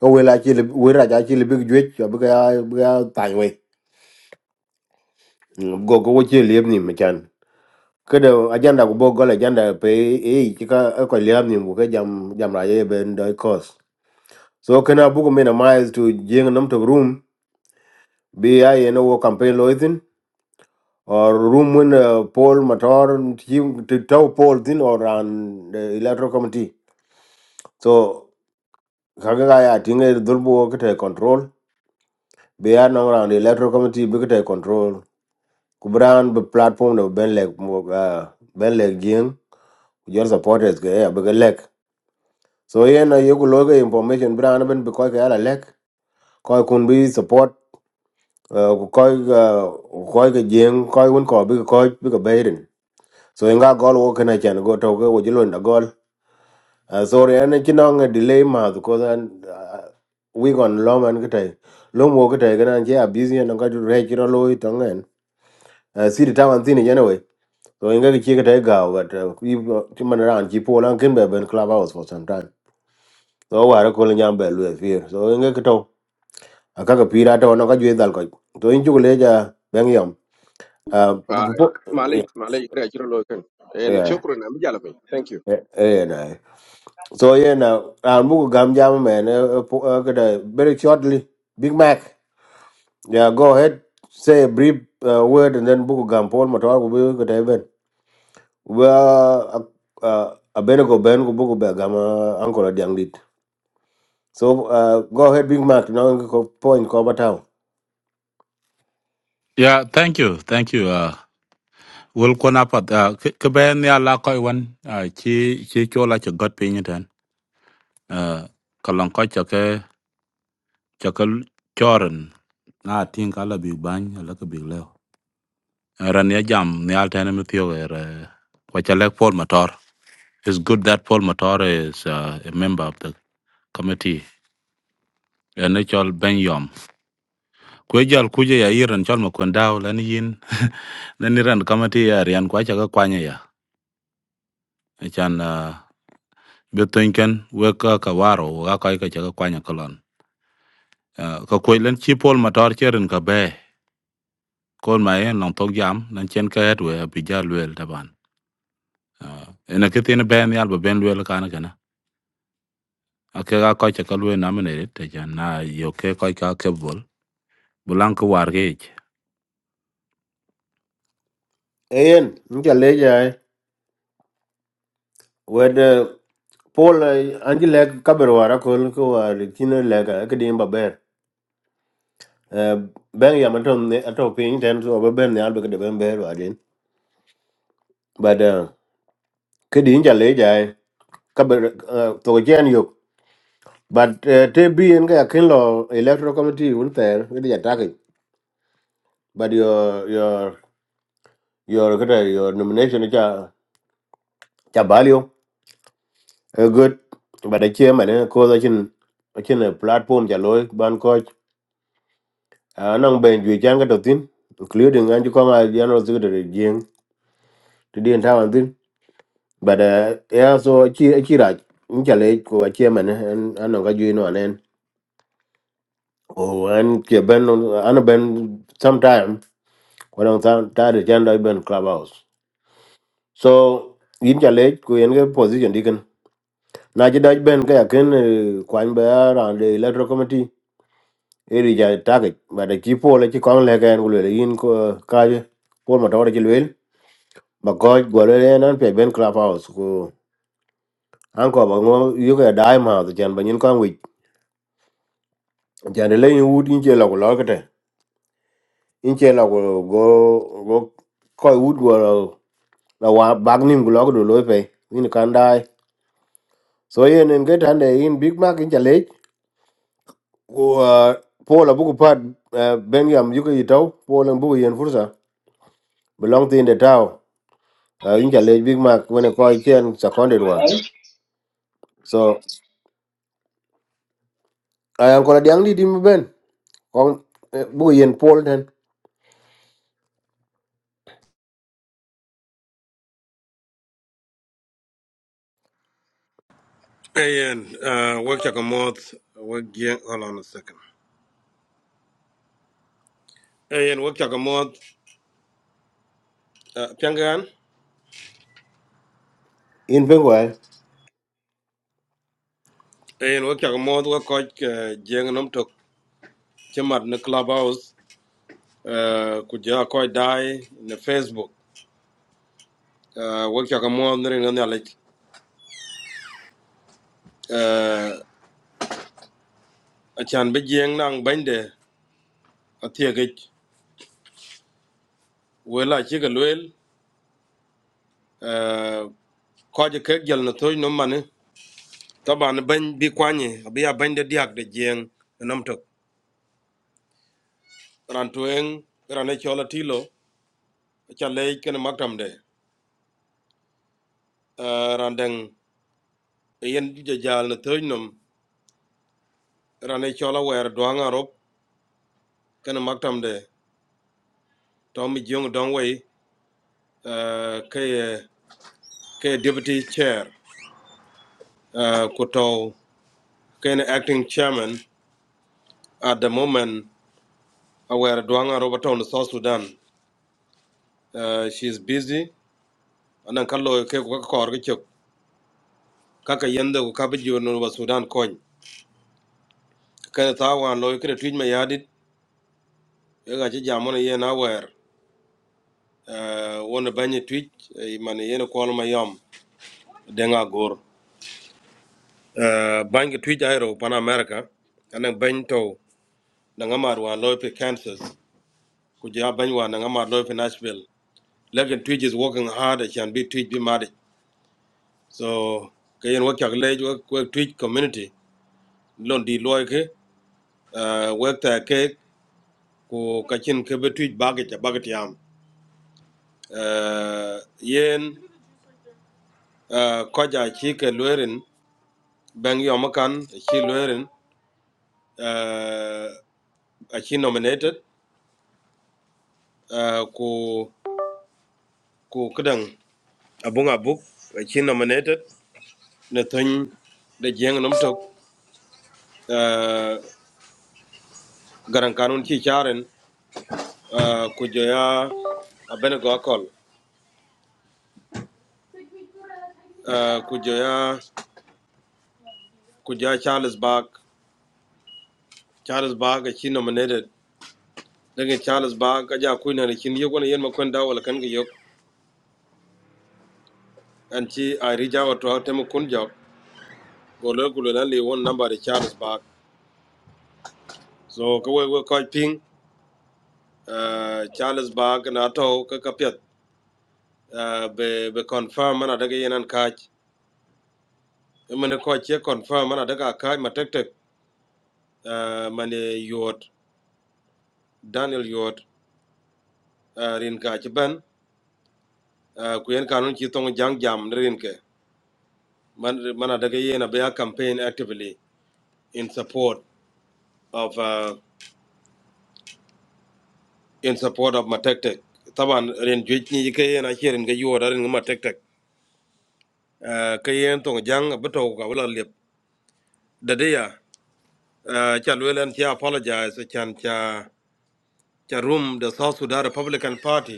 [SPEAKER 2] ko we la ke we ra ja ke le big jwe ko be ga be ga tan we go go ke le ni me chan ke de ajanda ku bo go la ajanda pe e ki ka e ko le ni bu ke jam jam ra ye ben do cause so kana bu ko me na miles to jing nam to room bi ya ye no wo campaign loitin or room when uh, Paul Matar and him to tell Paul thin or an the electoral committee. So Kagaya Tinga Dulbu Okata control. Bea no around the electoral committee Bikata control. Kubran the platform of Ben Leg uh Ben Leg Jing. Your supporters Gaya Big Leg. So yeah na yoku loga information Bran Ben Bikoy Kayala Leg. Koi kun be support uh koi uh koi ka jing koi wun ko big koi big a baden. So inga gol wo kana chan go toke wo jilo na Uh, sorry, ana chinong a delay ma because an uh, we gon long an kitai. Long wo kitai kana che a busy and ka re chiro loy tongen. Uh, see the time and thin anyway. So inga ki chika tai ga but uh, we chiman around chi po lan kin be ben clubhouse for some time. So wa ra ko nyam be lu fear. So inga kito aka ka pira to no ka jwe dal ko. So in chukule ja bang yam. Uh, bu-
[SPEAKER 9] uh,
[SPEAKER 2] bu- bu-
[SPEAKER 9] malay
[SPEAKER 2] yeah,
[SPEAKER 9] malay kra jiro lo ken en
[SPEAKER 2] yeah,
[SPEAKER 9] shukran am jala pe thank you
[SPEAKER 2] yeah, yeah. này. So yeah, now I'm gonna jam man. Uh, uh, po- uh, kada- very shortly. Big Mac. Yeah, go ahead. Say a brief uh, word and then buku gam Paul Matar will be good even. Well, uh, a benego ben go buku begama uncle at young lead. So uh, go ahead, Big Mac. Now go point cover town.
[SPEAKER 10] Yeah, thank you, thank you. Uh, will kon apat uh, ke ben ya la koi wan uh, chi chi cho la cho got pin ten. Uh, kalong koi cho ke cho ke choren na tin kala big bang la ke big leo. Uh, Ran ya jam ni al ten e mi tio er uh, Paul Matar. It's good that Paul Matar is uh, a member of the committee. Ene chol ben yom. Kwe jal kuje ya iran chol ma kwendaw lani yin. Lani ran committee ya rian kwa cha ke kwanya ya. E Chan uh, be thinken we ka ka waro ga ka ka ka kwanya kolon Eh, ka kwe len chi pol motor cheren ka be kon ma en nong tok jam nan chen ka et we bi ja lwel taban Eh, ena ke tin ben yal be ben lwel kana kana ake ga ka ka lwel na mene te jan na yo ke ka ka ke bol bulan ka war ge ich.
[SPEAKER 2] Ayen, nja leja where Paul uh, anji leg call wara ko ko wari kino leg ka dim ba ber. Uh, ben ya matom ne ato pin ten so ba ben ne albe ka de ben ber wa din. But uh, kedi nja leja kabero to gen But uh, te bi en ga kin lo electoral committee un ter with the attack. But your your your kata your nomination cha cha value a good. But the chairman eh ko da chin chin a platform cha loy ban coach. Anang ben ju chan ga tin including anju ko ma general secretary jing to the entire thing. But uh, yeah so chi chi raj un cha le ko a chairman en anang ga ju no anen. Oh, and ke ben an ben sometime. ko nang tan ta de chan doj ben clubhouse so in cha lech in yen position diken na ji doj ben ka yakin kwan be the electoral committee eri ja target But the ki pole ki kon le gen ku le yin ko ka je pol ma tawre ki lwel ba goj go le nan pe ben clubhouse ku uncle, ko ba ngo yu ka dai ma de chan ba yin kon wi chan de le yin wut yin go go ko wood? go la wa bag nim ku lo ko do lo pe yin kan dai So yen en get hande in Big Mac in challenge ko uh, Paul abuku pat uh, Benjam yuko itau Paul abuku yen fursa belong to in the town uh, in challenge Big Mac when a call chen seconded one. So I am kola diang di dim ben kong uh, buku yen Paul ten
[SPEAKER 3] Ayen uh, work chakamoth work gen hold on a second. Ayen work chakamoth uh, piangan.
[SPEAKER 2] in Bengal.
[SPEAKER 3] en wo kyak moth we koc jieŋ nom tok ci mat ni clubhouse eh, ku ja koc dai ni facebook Eh, wo kyak moth ni riŋa nyalic Eh, acan bi jieŋ naŋ banyde athiekic wel aci ke lueel eh, koc kek jel ni thoc nom mani taban bany bi kuanyi abi a banyde diak de jieŋ nom tok ran tueŋ ran e col atilo aca leec kene maktamde Eh, ran deŋ yen jajal ni thoc nom rane chola wer duang arop ken maktam de Tommy Jung Dongwei uh, ke ke deputy chair uh, kuto ken acting chairman at the moment aware duang arop town South Sudan uh, she is busy anan kallo ke ko ka kor ke chok kaka yende ko kabi jono wa Sudan kony ken ta wan lo ke tuj me yadit e ga ci jamon ye na wer uh, wona banye tuj man ye ne kol ma yom denga gor uh, bangi tuja hero pan america anan ban to da ngamar wa lope kansas ku ja ban wa na ngamar lope nashville lekin tuja is working hard and can be tuja be mad so kayen work your leg work, work tuja community lon di loy ke uh, work ta ke ku kachin ke be tuja bagit bagit yam uh, yen uh, koja chi ke lwerin bangi yomakan chi lwerin uh, a chi nominated uh, ku ku kidan abung abuk ci nominated ne tun da jeng num tok uh, garan kanun ci charen uh, ku joya abene go akol uh, ku joya ku joya charles bag charles Bark ci nominated daga charles bag aja ku ne kin yugo ne yen makon dawol kan ga yok an ci a rija wato ha tem kun jo go le ku le le won number da charles Bark so ko we we ko ping uh, charles Bark na to ka ka pet uh, be be confirm mana daga yenan ka mane ko che confirm mana daga kai ma tek tek ah, mane yot daniel yot ah, rin ka che ban ah, ku yen kanun chi tong jang jam ne rin ke man mana daga yena be a campaign actively in support of uh, in support of ma tek tek taban rin juj ni ke yena che rin ga yot rin ma tek tek Ah, ke yen tong jang beto ka wala lep dadeya ah, cha lwelen cha apologize chan cha cha room the south sudan republican party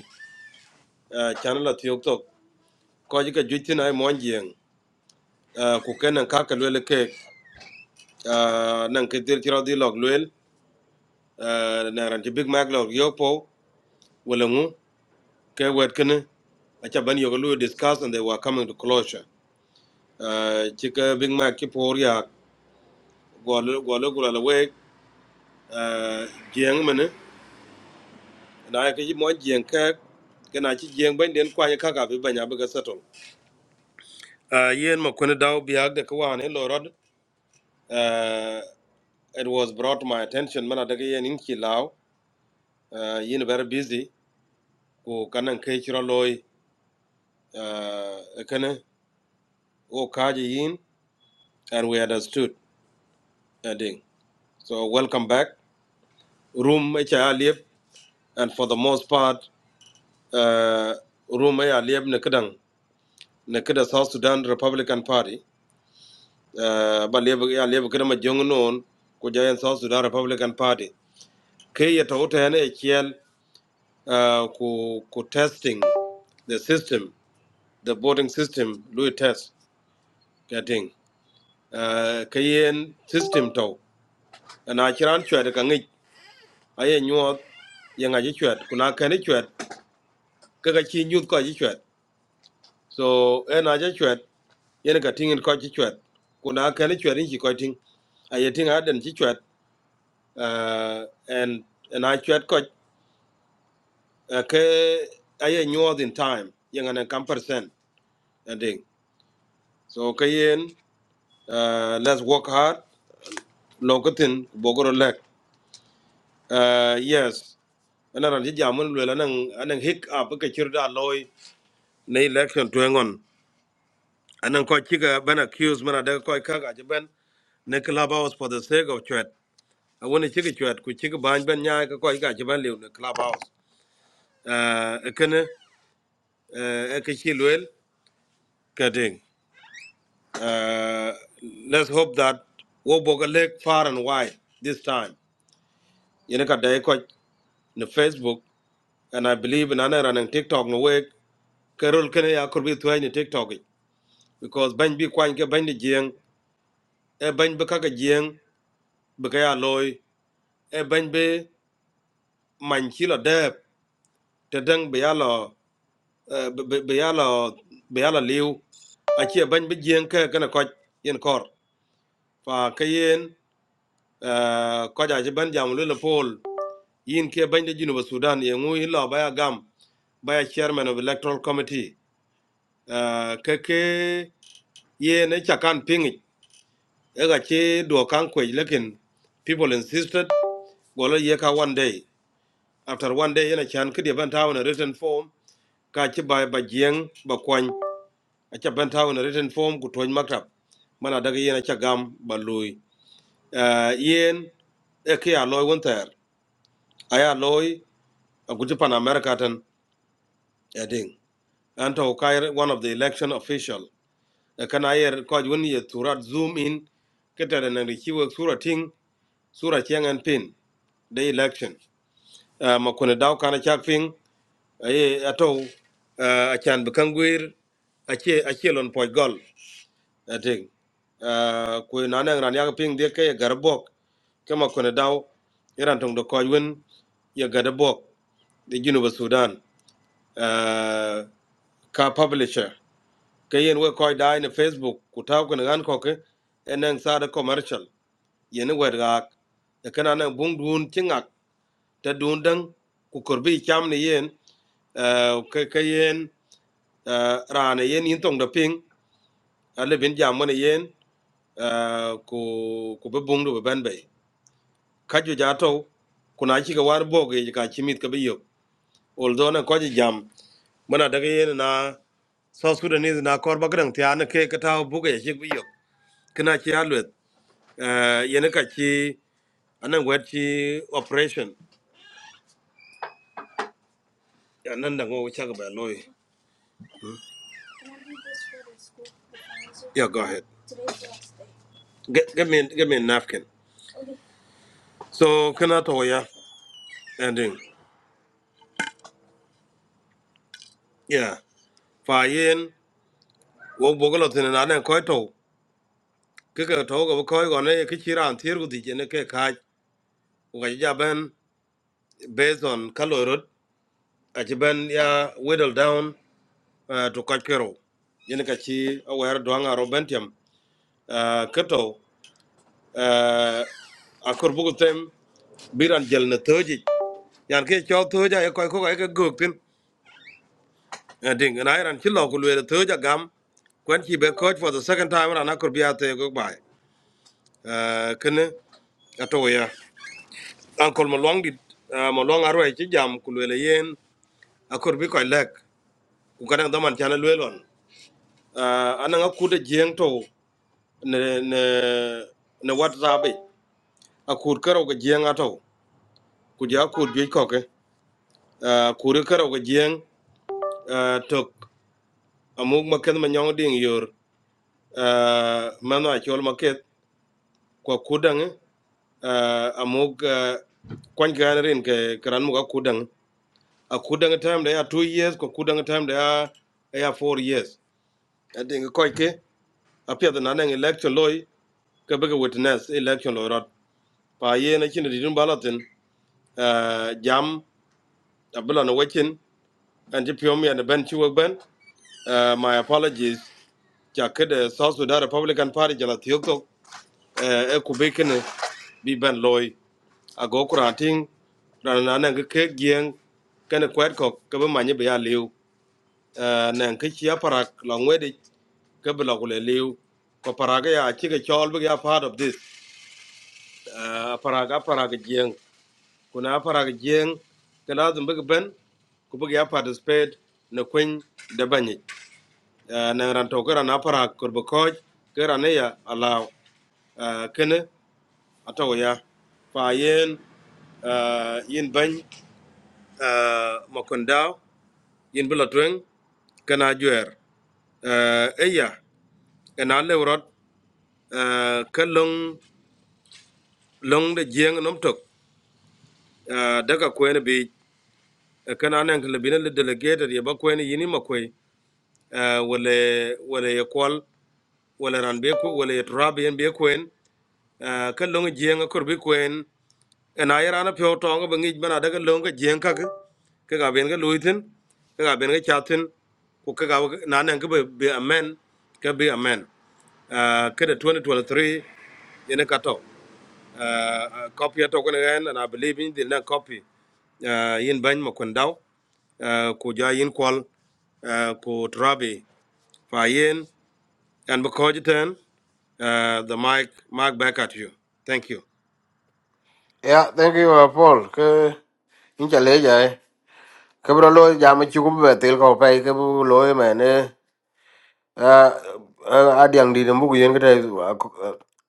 [SPEAKER 3] ah, chan la thiok ko ji ka juti na mon jeng ku kenan ka ka lele ke nan ke dir tiro di log lel na ran ti big mac log yo po wala ngu ke wet kene a cha ban yo lu discuss and they were coming to closure ti ka big mac ki por ya gol gol gol la we jeng mene na ke ji mon jeng ka kana ci jeng ban den kwa ka ka bi banya bi ga settle Eh, yen ma kone daw biag de ko wane lorod it was brought my attention mana daga yen inki law uh, yin very busy ko kanan kai kira loy uh, kana o kaji yin and we understood a ding so welcome back room mai cha live and for the most part uh, room mai live ne kadang ne kada South Sudan Republican Party uh, ba live ya live kada ma jongnon ko jayen South Sudan Republican Party kai ya tawta yana kiel uh, ko ko testing the system the voting system lui test getting uh, kayen system to ana kiran chwet ka ngi aye nyuot ye nga ji chwet kuna ka ni chwet ka ka chi nyut ko ji chwet so ena ji chwet yen ka tingin ko ji chwet kuna ka ni chwet ni ko ting aye ting aden ji chwet uh, and and I chwet ko uh, ke aye nyuot in time ye nga kam percent and so kayen uh, let's work hard lokatin bogoro lek Uh, yes, ana ran hija mun lwe anan anan hick up ka kirda loy na election to ngon. Anan ko kiga ban accuse mana daga ko kaga je ban na clubhouse for the sake of chat. I want A wani kiga chat ku kiga ban ban nya ka ko kiga je ban lew na clubhouse. Uh, kana uh, ka shi lwe ka ding. Uh, let's hope that wo boga leg far and wide this time. Yana ka dai ko na Facebook and I believe in ana ran TikTok no way. karol kene ya korbi tuhay ni tiktok i. because bany bi kwany ke bany ni jieng e bany bi kaka jieng bi ka ya loy e bany bi many chi lo dep te deng bi ya lo eh, bi bi- bi ya lo bi ya lo liu achi e bany bi jieng ke kene koch yen kor fa ke yen eh, koch achi ban jam lu le pol yin ke bany de junuba sudan ye ngui lo baya gam baya chairman of electoral committee uh, ke ke yen e chakan pingi Ega che do kan kwej lekin people insisted gola ye ka one day. After one day yana chan kidi ban tawo na written form ka chi ba ba jieng ba kwany acha bantao in a cha ban tawo na written form ku tony maktab mana daga yana cha gam ba loy. Uh, yen e ke a loy wonter. Aya loy a guti pan America tan eding. Anto kai one of the election official. E Kana yer ko jwani ye turat zoom in kete da nan rikiwe sura ting sura chiang and pin the election uh, ma kuna daw kana chak ping ay ato uh, achan bkangwir ache ache lon poj gol ating uh, ku nanang ran yak ping de kay garbok kama kuna daw iran tong do koj wen ya gadabok the University of Sudan uh, ka publisher kayen we koy da ne Facebook ku taw ko ngan ko ke enen sada commercial yene wer ga e kana nan bung dun tingak ta dundan ku kurbi cham ni yen ah, ka ka yen eh, ra rana yen yin tong da ping ale bin jam ni yen ah, ku ku be bung du ban bay ka ju ja to ku na chi ka war bo ge ka chi mit ka be yo oldo na ko ji jam mana daga yen na South Sudanese na kor bagrang ti an ke ka taw buga ye shik bi yo kina chi alwet eh yene ka chi anan wet chi operation anan da ngo chak ba loy yeah go ahead Get, get me, get me a napkin. So kana to ya, ending. Yeah. Fa yin, wo bogolo tene na ne koi to. Kika to ga koi go ne kichira an thir gudi jene ke kaj. Uga jija ben based on kalorot. Achi ben ya whittle down uh, to kaj kero. Jene ka chi aware duanga robentiam. Uh, kato, uh, akur bugu tem biran jel na toji. Yan ke cho toja ya koi koka eka guk And thing, and I ran chilo kulu the third gam. When he be coach for the second time, and I could be at the go by. Uh, can atoya. Uncle Malong did uh, Malong Arway Chijam kulu le yen. I could be quite lack. Ukadang daman channel well on. Uh, anang akuda jeng to ne ne ne WhatsApp. Akur karo ke jeng ato. Kuja akur jui koke. Uh, kuru karo ke jeng. Uh, tok amug maket manyong ding yor. Uh, mano achol maket kwa kudang uh, amug uh, kwan gan rin ke karan muga kudang a kudang time da ya two years ko kudang time da ya ya 4 years adin ko ke a pia da nan election loy ke bega witness election loy rot pa ye na chin di dun balatin uh, jam abula na wakin and ji pio mi and ben chi wak ben uh, my apologies ja ke the south sudan republican party jala tiok tok uh, e ku be kene bi ben loy ago kuranting rana nan ga ke gien kana kwet ko ka ba manye ba ya lew nan ka chiya parak longwe de ka ba lagule lew ko paraga ya chi ga chol ba ya part of this Ah, paraga paraga gien kuna paraga gien ka lazim ba ban ku ba ya participate na kwen da banye nan ran to ka rana parak ko ba ko ka rana ya alaw kana atawa ya fa yen ah, yin bany uh, Makondao, yin bila tueng, kana juer. Uh, eya, ena le urot, uh, long, long de jieng nom tok, uh, daga kwen bi, uh, kana neng lebina le delegated ya ba kwen yini makwe, uh, wale, wale ya kwal, ran be ko wale ya turabi yen be kwen, uh, ka long kwen, ena irana pyo tonga ba ngij bana daga longa jeng kake ke ga ben ga luitin ke ga ben ga chatin ku ke ga na nan ang ke ba be amen ke be amen uh, ke da 2023 yene kato uh, copy to ko ngan and i believe in the na copy uh, yin ban ma kon daw uh, ku ja yin kwal uh, ku trabi fa yin and because ten uh, the mic mic back at you thank you
[SPEAKER 2] Yeah, thank you uh, Paul. Ke in challenge ay. Ke bro lo jam chuku be ko pai ke bu lo men Ah, ah, adiang di mbu yen kata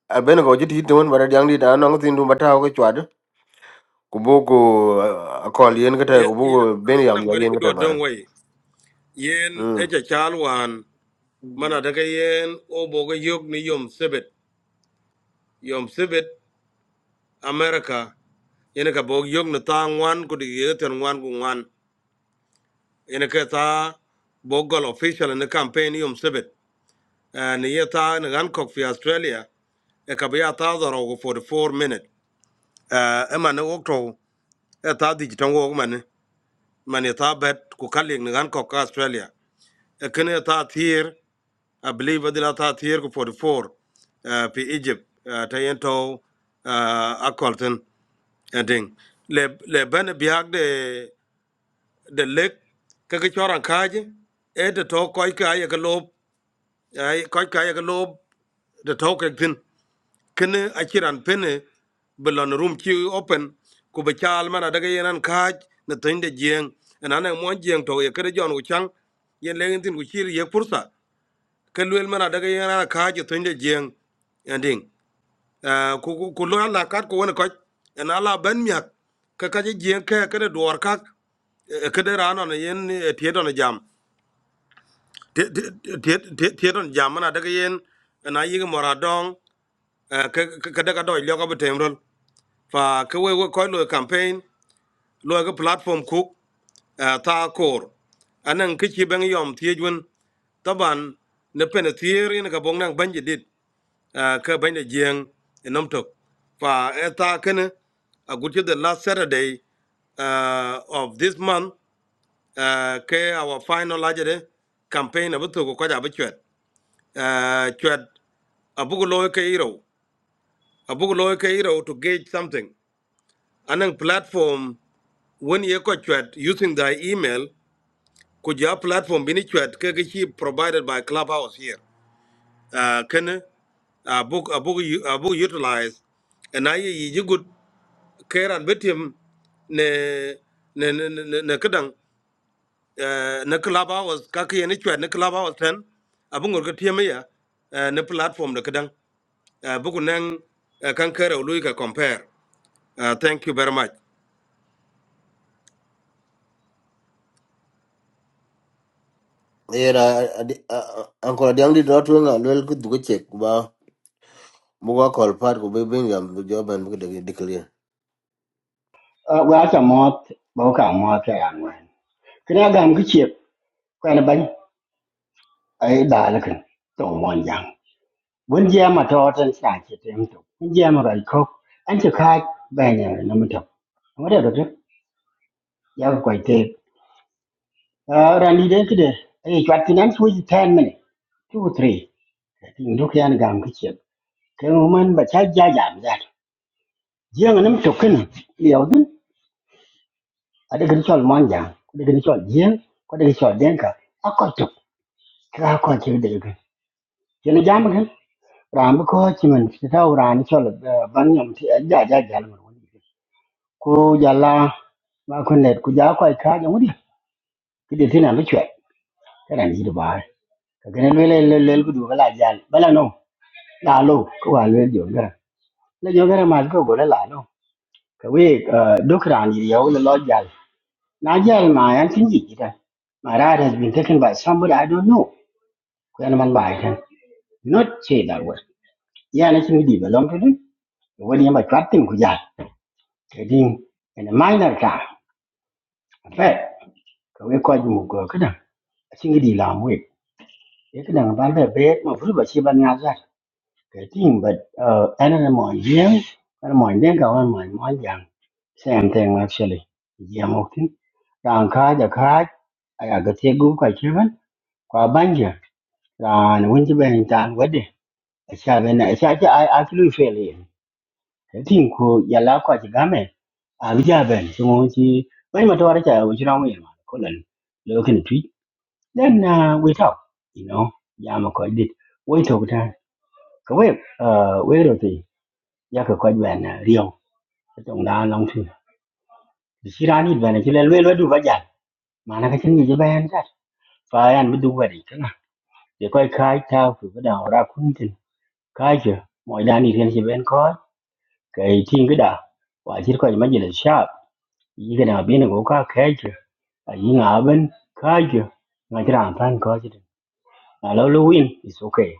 [SPEAKER 2] albene ko jiti hit won bara adiang di da no ngi ndu bata ko chwad ku bu ku akol yen kata
[SPEAKER 3] Ye,
[SPEAKER 2] ku bu
[SPEAKER 3] ye,
[SPEAKER 2] ku ben yam
[SPEAKER 3] anan
[SPEAKER 2] ya
[SPEAKER 3] gwada
[SPEAKER 2] yen
[SPEAKER 3] ki
[SPEAKER 2] kata
[SPEAKER 3] do
[SPEAKER 2] bara
[SPEAKER 3] don wai. Yen
[SPEAKER 2] mm
[SPEAKER 3] eja chalwan mana daga yen o boga yok ni yom sibit. Yom sibit America y a n ka b o g yok ni ta ngwan ku di yega ten ngwan ku ngwan. y a n ka ta bogal official ni campaign yom sibit. Ah, Ni ye ta ni Hancock fi Australia. E ka bi ya ta zaro ku 4 minute. Ah, E man i o to e ta di jitan w o man Man e ta bet ku kalyek ni Hancock a u s t r a l i a E k i n e ta tir. I believe adila ta tiyer ko 44 uh, pi Egypt uh, ta yento uh, akolten ending le le ben biag de de lek ka ka choran kaje e de to koy ka ye ka lob ay koy ka ye ka lob de to ke tin kene akiran pene belon room ki open ku be chal mana daga yenan kaj na tin de jeng na na mon jeng to ye kere jon ku chang yen le tin ku chir ye pursa ke luel mana daga yana ka ji tun da jiyan yandin ku ku lo Allah kat ko wani k o a j yana Allah ban miya ka ka ji jiyan ka ka da d u r ka eh, ka d e rana na yen t i e don jam t i e don jam mana daga yen na yi ga moradon ka daga doi liya ka bata m r o l fa ka wai wai koi lo campaign lo ga platform ku eh, ta kor anan kiki ban yom tiye jun taban na pene t i e rin ka bong nang banji dit uh, ka banya jiang enam tok fa eta kana a good the last saturday uh, of this month uh, ke our final ajade campaign abuto ko kaja abuchet uh, chet abugo loy ke iro abugo loy ke iro to gauge something anang platform when you ko chet using the email could your platform bini chet ke ki provided by clubhouse here uh, kana a book a book you book utilize and I you good keran betium ne ne ne ne ne kedang eh, ne club hours ka ke ne chwa ne club hours ten abungor ke tiam ya eh, ne platform de kedang Eh, buku nang kan kera ului ka compare Uh, thank you very much
[SPEAKER 2] era anko adiang di dot won alwel ku du che ku ba bu ko kol pat ku be ben yam jo ban bu de declare
[SPEAKER 11] Uh, we are mot bo ka mot ya ngwan kna gam ki chep kwa na ban ai da la kan to mon yang wen je ma to tan sa che tem to wen je ma ran ko an che kha ba ne na ma to ma da do ya ko te ran ni de de ai chat tin an su ji tan mane two three tin do kyan gam ki chep ke mo man ba cha ja ja ja je ngam nam to kan liao din ada kan chol mon yang ada kan chol je ko ada kan chol den ka akot ra có chữ điều cái, ka ko ci de ga yana chỉ kan ram ko ci man ci taw ran ci la ban yam ti ja ja ja la woni ko jalla ma ko net ku ja ko ka ja woni ki de tina mi chwe kana ni do ba ka lên lên le le le ku du la ja bala no la lo ko wa le jo cái le jo cái ma ko go le la no ka we duk ran yi yo là lo ja na ja ma yan tin ji ta my dad has been taken by somebody I don't know. Kuyana man by him. Not say that word. Yeah, let me develop. 원이 막 잡든 그자 대딩 ene minor ka fe ko we ko mu ko kada singi di la mu e kada ba le be ma furu ba chi ba nya za ke tin but uh ana na mo yen ana mo yen ka wan mo mo yang same thing actually ya mo tin ran ka ja ka aya ga te gu ka chi ban kwa ban ja ran wun ji ben tan wade a sha ben a sha ji ai a feel it. tin ko yalla ko ci game a bi ja ben so mo ci mai ma to ara ta wo ci ramu ma ko lan lo kin twi then uh, we talk you know ya ma ko dit we talk ta ko we uh we ro ti ya ko ko ben na riyo tong da long tu bi ci rani ben ci le le lo du ba ja ma na ka cin ni je bayan ta fa yan bi du ba di kana de ko kai ta ku ba da ra kun tin kai je mo da ni ken ci ben ko kai tin ga da wa ci ko ma ji da sha yigana bina go ka kaje a yinga aben kaje ngajira amfan kaje a lolo win is okay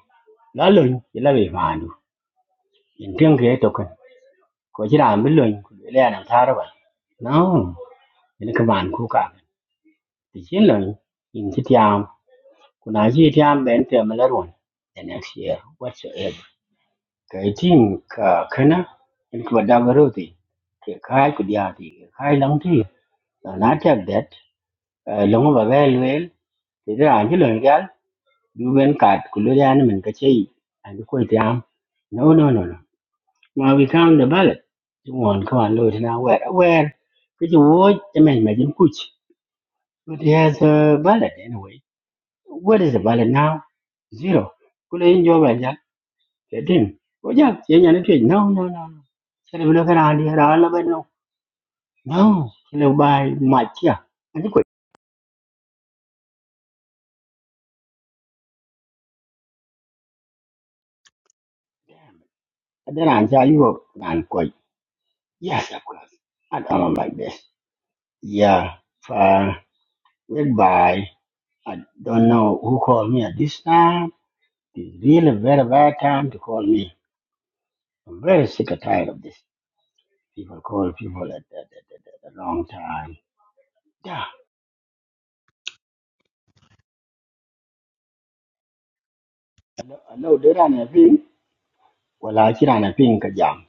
[SPEAKER 11] lalo yila be mandu intin ke token ko jira ambin loin ku le ya nan tarba no ina ka man ku ka ti chin loin in ti tiam ku na ji tiam ben te malarun the next year whatsoever ka tin ka kana in ku da baro ti ke kai ku dia ti kai lang ti na na ta that Eh, long ba ga lwel ti da an jilon gal du ben kat ku lu ya ni men ka chei an ko ti am no no no no ma we count the ballot ju won ko an lo ti na wer wer ki ju wo ti men ma jin kuch but he has a ballot anyway what is the ballot now zero ku le in jo ba ja ke din ko ja ye nya ni ti no no no no se le lo ka ran di ra la ben no no ki le bai ma chi an ko da ran ja yu ran ko Yes, I could have. I come on like this. Yeah, fine. Goodbye. I don't know who called me at this time. It's really very bad time to call me. I'm very sick and tired of this. People call people at the, the, the, the, the wrong time. Yeah, I know, I know they don't have ping. Well, I can't have ping, Kajam.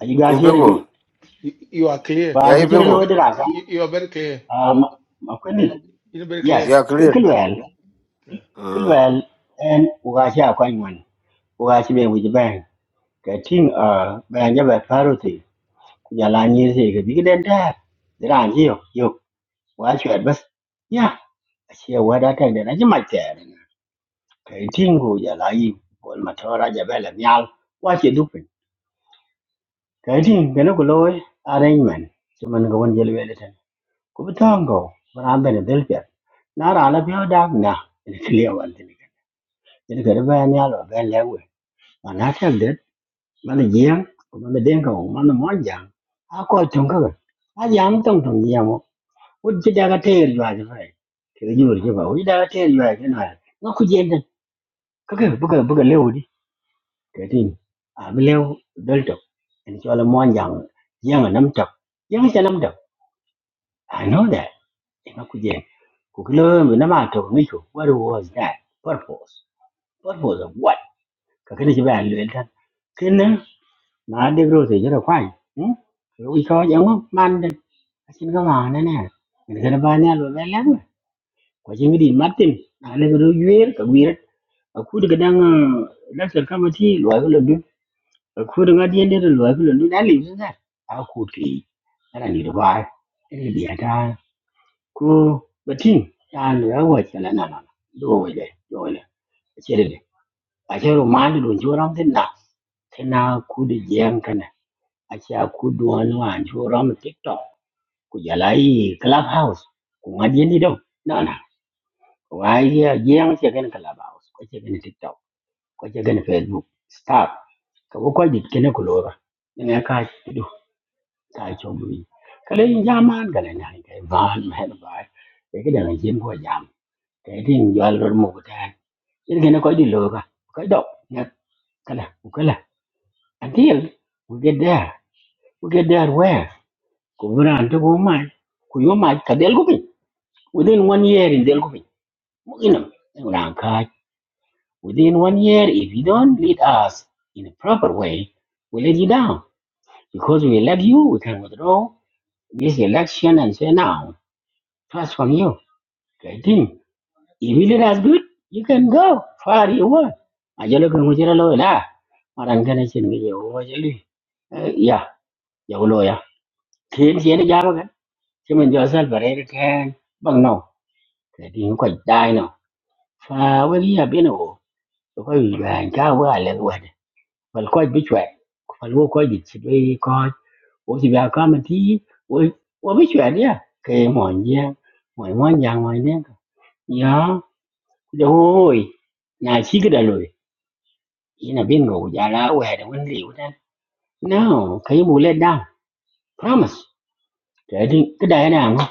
[SPEAKER 11] Are you guys
[SPEAKER 2] in
[SPEAKER 11] hearing
[SPEAKER 2] pingo
[SPEAKER 11] me?
[SPEAKER 8] You are clear.
[SPEAKER 2] ya
[SPEAKER 11] Well,
[SPEAKER 2] in
[SPEAKER 11] could you
[SPEAKER 8] You are
[SPEAKER 11] know
[SPEAKER 2] pingo
[SPEAKER 11] that I can?
[SPEAKER 8] you you are very clear.
[SPEAKER 11] Um, my friend,
[SPEAKER 8] You very
[SPEAKER 11] yes,
[SPEAKER 8] clear.
[SPEAKER 2] ya clear
[SPEAKER 11] Kilwell,
[SPEAKER 2] mm
[SPEAKER 11] Kilwell, and Ugashi Akwanwan, Ugashi Bang with the bank. cái thing ở bây giờ về parity ku ya la ni se cái big den da ran ji yo yo quá chuyện bas ya che wa da ta da ji ma che cái thing ku giờ la gì, ko ma to ra giờ ja bela nhau quá chuyện du pin cái thing cái nó ko loy arrangement che man ga won je le le tan biết thằng tang go ran ben del pet na ra la bi da na ni kliya wan tin cái cái đó về nhau rồi về lẽ rồi, mà nó theo đến mana jiang mana denga mana monjang ako chunga a yam tong tong yamo uji daga ter jwa jwa ke yur jwa uji daga ter jwa ke na no ku jenda ka ka buka buka lewu di ke tin a bi lewu dal to en chola monjang yang nam tak yang cha nam tak i know that en ku jen ku kilo mi na ma to ni ku what was that purpose purpose of what ka kene jwa luen tan ken na maade grocery jero kwany ko ko jango mande asin ga wane ne ne gana bani alo lele ko jingi di martin ale gro yuer ka wiret aku de gadang lasel kamati lo ay lo dun aku de ngadi ende lo ay lo dun ale yusa da aku ti ana ni ba ene biya ta ko batin ta lo ya wa chala na na do wele do wele chere de a chere mande do joram tin na tin na ku de jeng kana a chere ku do wan wan joram tik to kujalai clubhouse ku ngadieni do no no wai jeng che gen clubhouse ko che gen tiktok ko che gen facebook stop ka ko ko dit kene ko lora ne ka do ka cho mi kale jaman gale na ke van men ba e ke da jin ko jam ke din jwal ro mo ko ta yin kene ko di lora ko do ne kala ku kala until we get there we get there where ko buran to go mai ku yo mai ka del ko within one year in del Mu'minum Ramkaj, within one year, if you don't lead us in a proper way, we let you down. Because we elect you, we can withdraw this election and say now, trust from you. Great thing. If you lead us good, you can go far you want. Ajalo kan mujira lo la. Maran kana chin mi yo ajali. Ya, ya lo ya. Kin chen ja ba kan. Chimen jo sal bare kan. Bang no. Great thing với dai no. Fa we ya bino. Ko yu ga ka wa le wa Fal kɔc bï cwɛ̀t, fal wo kɔc dit cï bï köc, wo cïbïa kama tïi, wo bï cwɛ̀t ïa, ke mɔ̀ɔny jiaŋ, mɔ̀ɔny mɔn jaŋ mɔ̀ɔny lïŋ kɛ. Yɔ, ku ja hooi, na cï kï da loi, in abin ko ku ja la wɛɛr wen liu tɛn. No, ka yïm wu let down, promise. Tɛɛtï kï da ëna ŋö,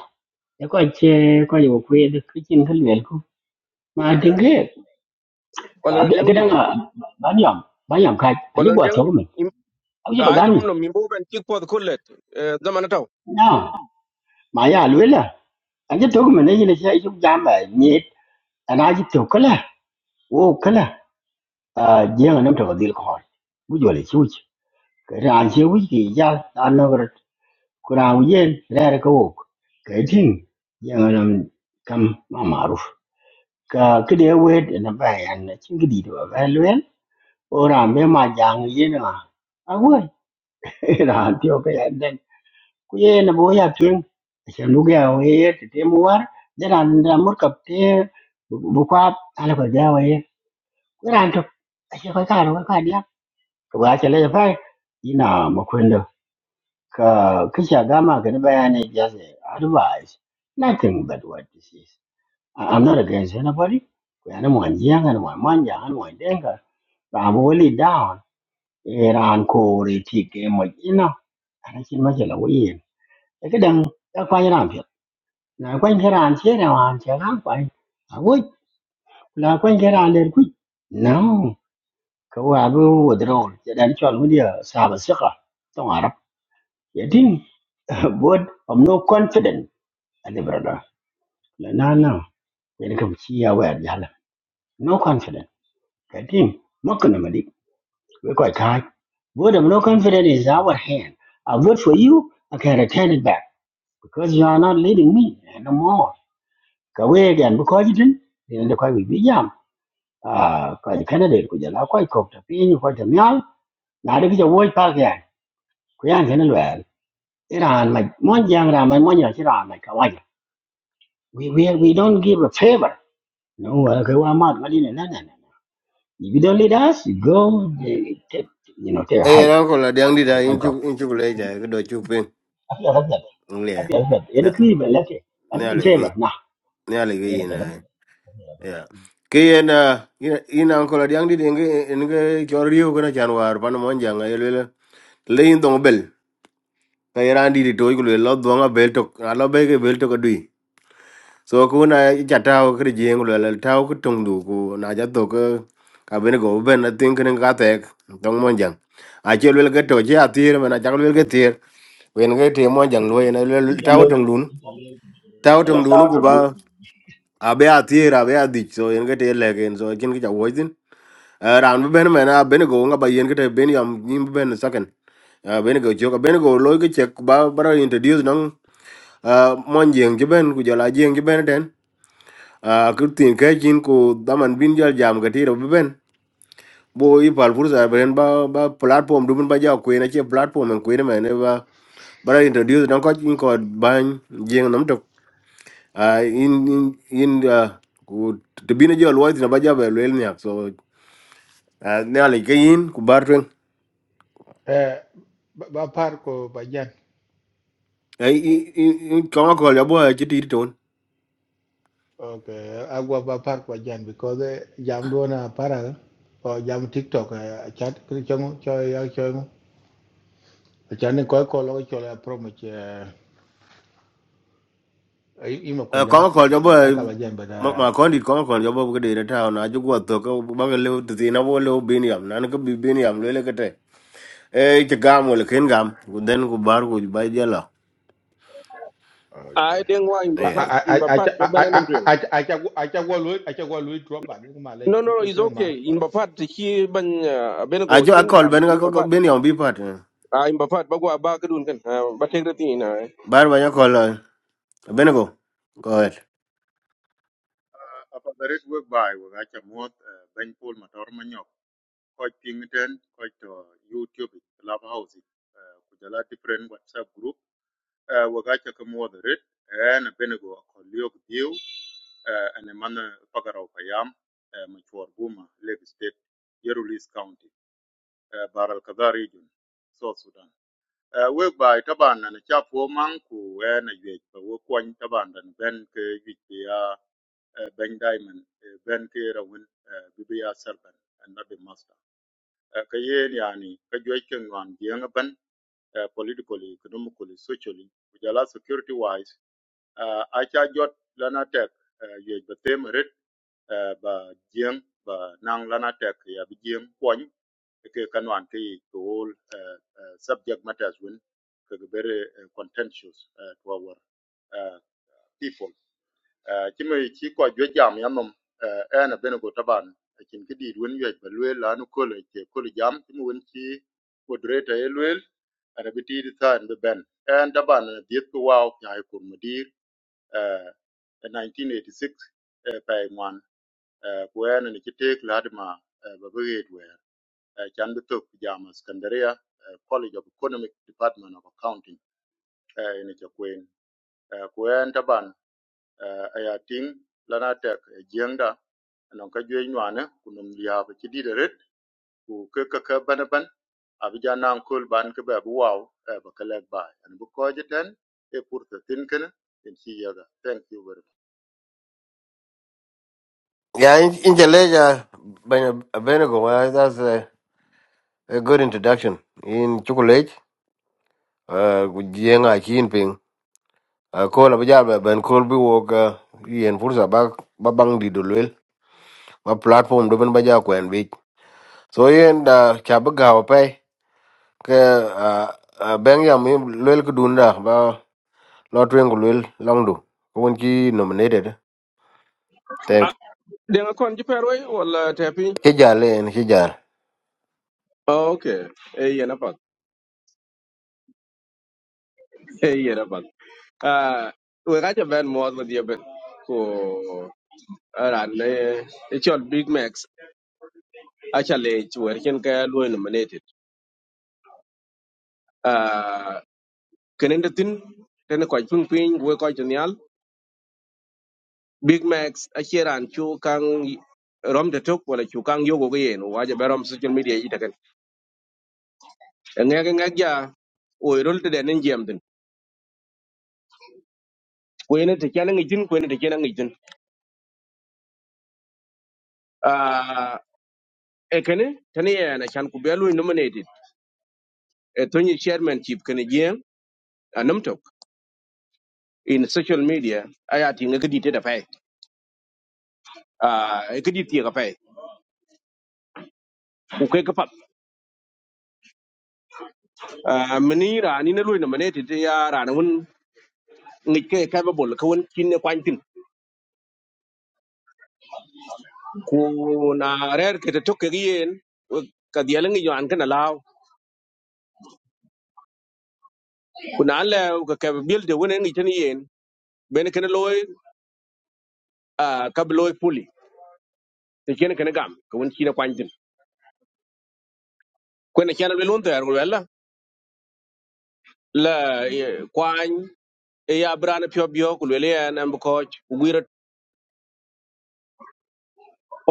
[SPEAKER 11] ë köc köc wo kwedë kï cïn kï lwel ku, ma tïŋ
[SPEAKER 9] wala na
[SPEAKER 11] bán
[SPEAKER 9] diang
[SPEAKER 11] kï dëŋ
[SPEAKER 9] nit
[SPEAKER 11] ba yöm, ba yöm kac, anyï
[SPEAKER 9] wala na
[SPEAKER 11] gwök
[SPEAKER 9] diang
[SPEAKER 11] thökï
[SPEAKER 9] nit
[SPEAKER 11] mïn,
[SPEAKER 9] Im-
[SPEAKER 11] awï ba
[SPEAKER 9] ai tum
[SPEAKER 11] gami,
[SPEAKER 9] no mi bo ben tik pod kullet zaman taw
[SPEAKER 11] no, ma ya lwela. anje to me ne ne sai ju jam ba ni ana ji to kala o kala a je na to dil ko bu jo le chu ke ran je wi ki ya an no gar ku ra u yen ra ra ko ke tin ya na kam ma maruf ka ke de we na ba ya na chin gi di do ba luen o ra me ma jang ye na a wo ra ti o ke ya den ku ye na bo ya kin se nu ga we te te mu war de ran da mur kap te bu kwa ala ko ja we ran to ashe kai ka ro ka dia to ga che le fa ina makwendo ka kisha gama ka ni bayani just advice nothing but what this is I- i'm not against anybody ko yana mo anjiya ga mo manja ga mo denga ba bo li down iran ko ri ti ke mo ina ana kin ma jela wi e ka dan ka kwa ran pyo na kwa ran che na wan che ran kwa a wo la kwa ran le ku no ka wa bu wo dron ya dan chol mu dia sa ba sika tong arab ya tin bod i'm no confident ali brada la na na ya ni kam chi ya wa ya la no confident ka tin mo kana madi we ko ka bod i'm no confident is our hand i vote for you i can return it back because you are not leading me anymore ka we again because you didn't you know the quite we jam ah ka candidate ku ja la ko ko ta pin ko ta nyal na de ki wo pa ga ku yan Iran, like one young Ram and one young Iran, like Hawaii. We, we, we don't give a favor. No, okay, well, I'm out. Well, you know, no, no, no. If you don't lead us, you go, they take, you know, take a
[SPEAKER 2] eh
[SPEAKER 11] hike.
[SPEAKER 2] era anko adiang di da
[SPEAKER 11] Well, quite
[SPEAKER 2] in chu
[SPEAKER 11] go.
[SPEAKER 2] in chu le ja ko do chu pin
[SPEAKER 11] I feel like that.
[SPEAKER 2] ngle
[SPEAKER 11] I feel like that.
[SPEAKER 2] na
[SPEAKER 11] Any cream, let's say. And it's
[SPEAKER 2] na
[SPEAKER 11] in
[SPEAKER 2] le ge
[SPEAKER 11] favor. Nah,
[SPEAKER 2] na le
[SPEAKER 11] I ain't
[SPEAKER 2] ge Yeah. Kiyen uh, in uncle Yang did nge chorio kana chanwar pan monja nga yelwela. Lein dong bel. Ka yaran di to ikulu lo donga bel to alo be ke bel to kadui. So ku na chatao kri jeng lo la tao ku tung du ku na ja to ka ka ben go ben na tin kan ka tek dong monja. A chelwel ke to ja tir mana chakwel ke tir. Wen ke ti monja lo yen lel tao tung dun. Tao
[SPEAKER 11] a
[SPEAKER 2] tung dun ku
[SPEAKER 11] brother.
[SPEAKER 2] ba abe a tir abe a dich so yen ke te legen so kin ki ja wo Eh, ran bi ben mena ben go nga ba yen kete ben yam nyim bi ben second Eh, ben go joka ben go loy ke check ba bara introduce nang eh, mon jeng ji ben ku jala jeng ji ben den Ah, ku tin ke jin ku daman bin jal jam ga tiro bi ben bo i pal fursa ben ba ba platform du bin ba ja ku na che platform en ku ne mena ba bara introduce nang ko jin ko ban jeng nam tok Ah, in in in ah, ku tibine jol wa tin ba ja ba lel nyak so uh, ne ali ke yin ku bar twen.
[SPEAKER 8] À, ba parko bây giờ.
[SPEAKER 2] Kong call your boy, Chitty Tone.
[SPEAKER 8] Ok. Agua ba parko bây giờ, vì có cái Jamdo na para, hoặc Jam TikTok, chat. Khi chúng tôi chơi, chúng tôi chơi. Chắn nên có một câu lạc bộ chơi là Promet. Im ở Quy Nhơn.
[SPEAKER 2] Kong call your
[SPEAKER 8] Ác
[SPEAKER 2] boy,
[SPEAKER 8] ở Bạc Liêu. Đúng
[SPEAKER 2] my
[SPEAKER 8] không?
[SPEAKER 2] condit, Kong call your boy, good in a town. I just got to go back a little to see no low binium. None could be binium, really. Eh, Chagam will king gum, then go bar with by jello.
[SPEAKER 8] Ok.
[SPEAKER 9] ai deng wa imba
[SPEAKER 8] À à
[SPEAKER 9] pat
[SPEAKER 2] I
[SPEAKER 8] à à
[SPEAKER 9] imba
[SPEAKER 8] à
[SPEAKER 9] pat
[SPEAKER 8] à
[SPEAKER 9] do
[SPEAKER 8] à.
[SPEAKER 9] banan
[SPEAKER 8] À à à. À chắc Guo, chắc Guo Louis, chắc Guo Louis drop anh. Nên mà lựa
[SPEAKER 9] No, no,
[SPEAKER 8] chọn. Anh
[SPEAKER 9] no,
[SPEAKER 8] có cái
[SPEAKER 9] it's
[SPEAKER 8] gì không
[SPEAKER 9] okay.
[SPEAKER 8] anh?
[SPEAKER 9] In Bapat, he ban Benago,
[SPEAKER 2] just
[SPEAKER 9] Ken
[SPEAKER 2] call
[SPEAKER 9] Jam, in Bapat.
[SPEAKER 2] Benago binium, be part.
[SPEAKER 9] Ah, in Bapat, Bagua Bakadun can, but take the thing. Then
[SPEAKER 2] Bar by your call, Benago. Go ahead.
[SPEAKER 5] uh, apa barit work by we ga chamot uh, ben pol motor manyok ko ping ten ko to youtube clubhouse uh, ku jala different whatsapp group uh, we ga cha kamo the red benego ko liok view uh, and man pagaro payam uh, machwar buma lake state yerulis county uh, baral kadar region south sudan uh, work by taban na cha po man ku eh, na ye ko ko taban dan ben ke yit Ben Diamond, eh, Ben Kira Win, Bibia Serpent, and not the master. Kayen Yani, Kajuakan Wan, Yangaban, politically, economically, socially, which allow security wise, Acha Jot Lana Tech, you have the same rate, ba Jiang, ba Nang Lana Tech, ya have Jiang Kwan, ke Kanwan Ki, the whole uh, uh, subject matters win, very uh, contentious uh, to our uh, people. cïmë cï köc jwë jam ya nom eh, ën abenego taban ëcïn kï dït wen ywec ba lwel lanu kolo ece kolo jam cïmë wen cï moderator ë lwel ën abï tïdï than bï bën ën taban dhieth kï waö nyaï kur Modir eh, 1986 eh, paï ngwan eh, ku ën ënë cï teek ladi ma eh, ba bï ret wër eh, can bï thok jam Skandaria eh, College of Economic Department of Accounting eh, ën ëcö eh, ku en taban eh, aya ting lana tek jeng da anan ka jwe nywane kunum liya ba ci di ret ku ke ke ke ban ban abija nan kul ban ke ba bu waw eh, ba kelek ba an bu ko jiten e pur te tin ken en ci yaga thank you very much
[SPEAKER 2] Yeah, in in Chaleja, Benago, that's a, a good introduction. In chocolate, uh, good yang I keen a ko la bajar ba ben ko bi wo ga yen fursa ba ba bang di do ba platform do ben ba ja ko en bi so yen da cha ba ga pa ke a a ben ya mi lel ku dun da ba lo twen ku lel long do ko won ki nominated ten
[SPEAKER 9] I can't keep away or tapping.
[SPEAKER 2] ke ja le en ki ja
[SPEAKER 9] Oh, okay. Hey, Yanapat. Hey, Yanapat. Ah, we got a band more with your band. Ko, aran, it's your Big Macs. Actually, it's where Ken Kaya nominated. Ah, Kenin the thing, then a quite ping ping, we quite genial. Big Macs akira an chu kang rom de tok wala chu kang yogo ge yen waje be rom social media ita kan ngega ngega o rol de nen jam din ko ene te kana ngi jin ko ene te kana ngi jin a e kane tani ya na chan ku belu nominated e tony chairman chief kane je anam tok in social media aya ti ngi kidi te da pai a e kidi ti ga pai ku kai ka pat a mini ra ni na lu nominated ya ra na won ngi ke ka ba bol ka won kin ne kwantin kuna rer kete toke gi yen we- ka diel ngi yoan kana law kuna le ka ke bil de wona ngi tan yen ben kana loy a kab loy puli te ken kana gam ko won china kwan din ko na chana le lon ter wala la eh, kwan e ya brana pyo bio ku le yen am ko guira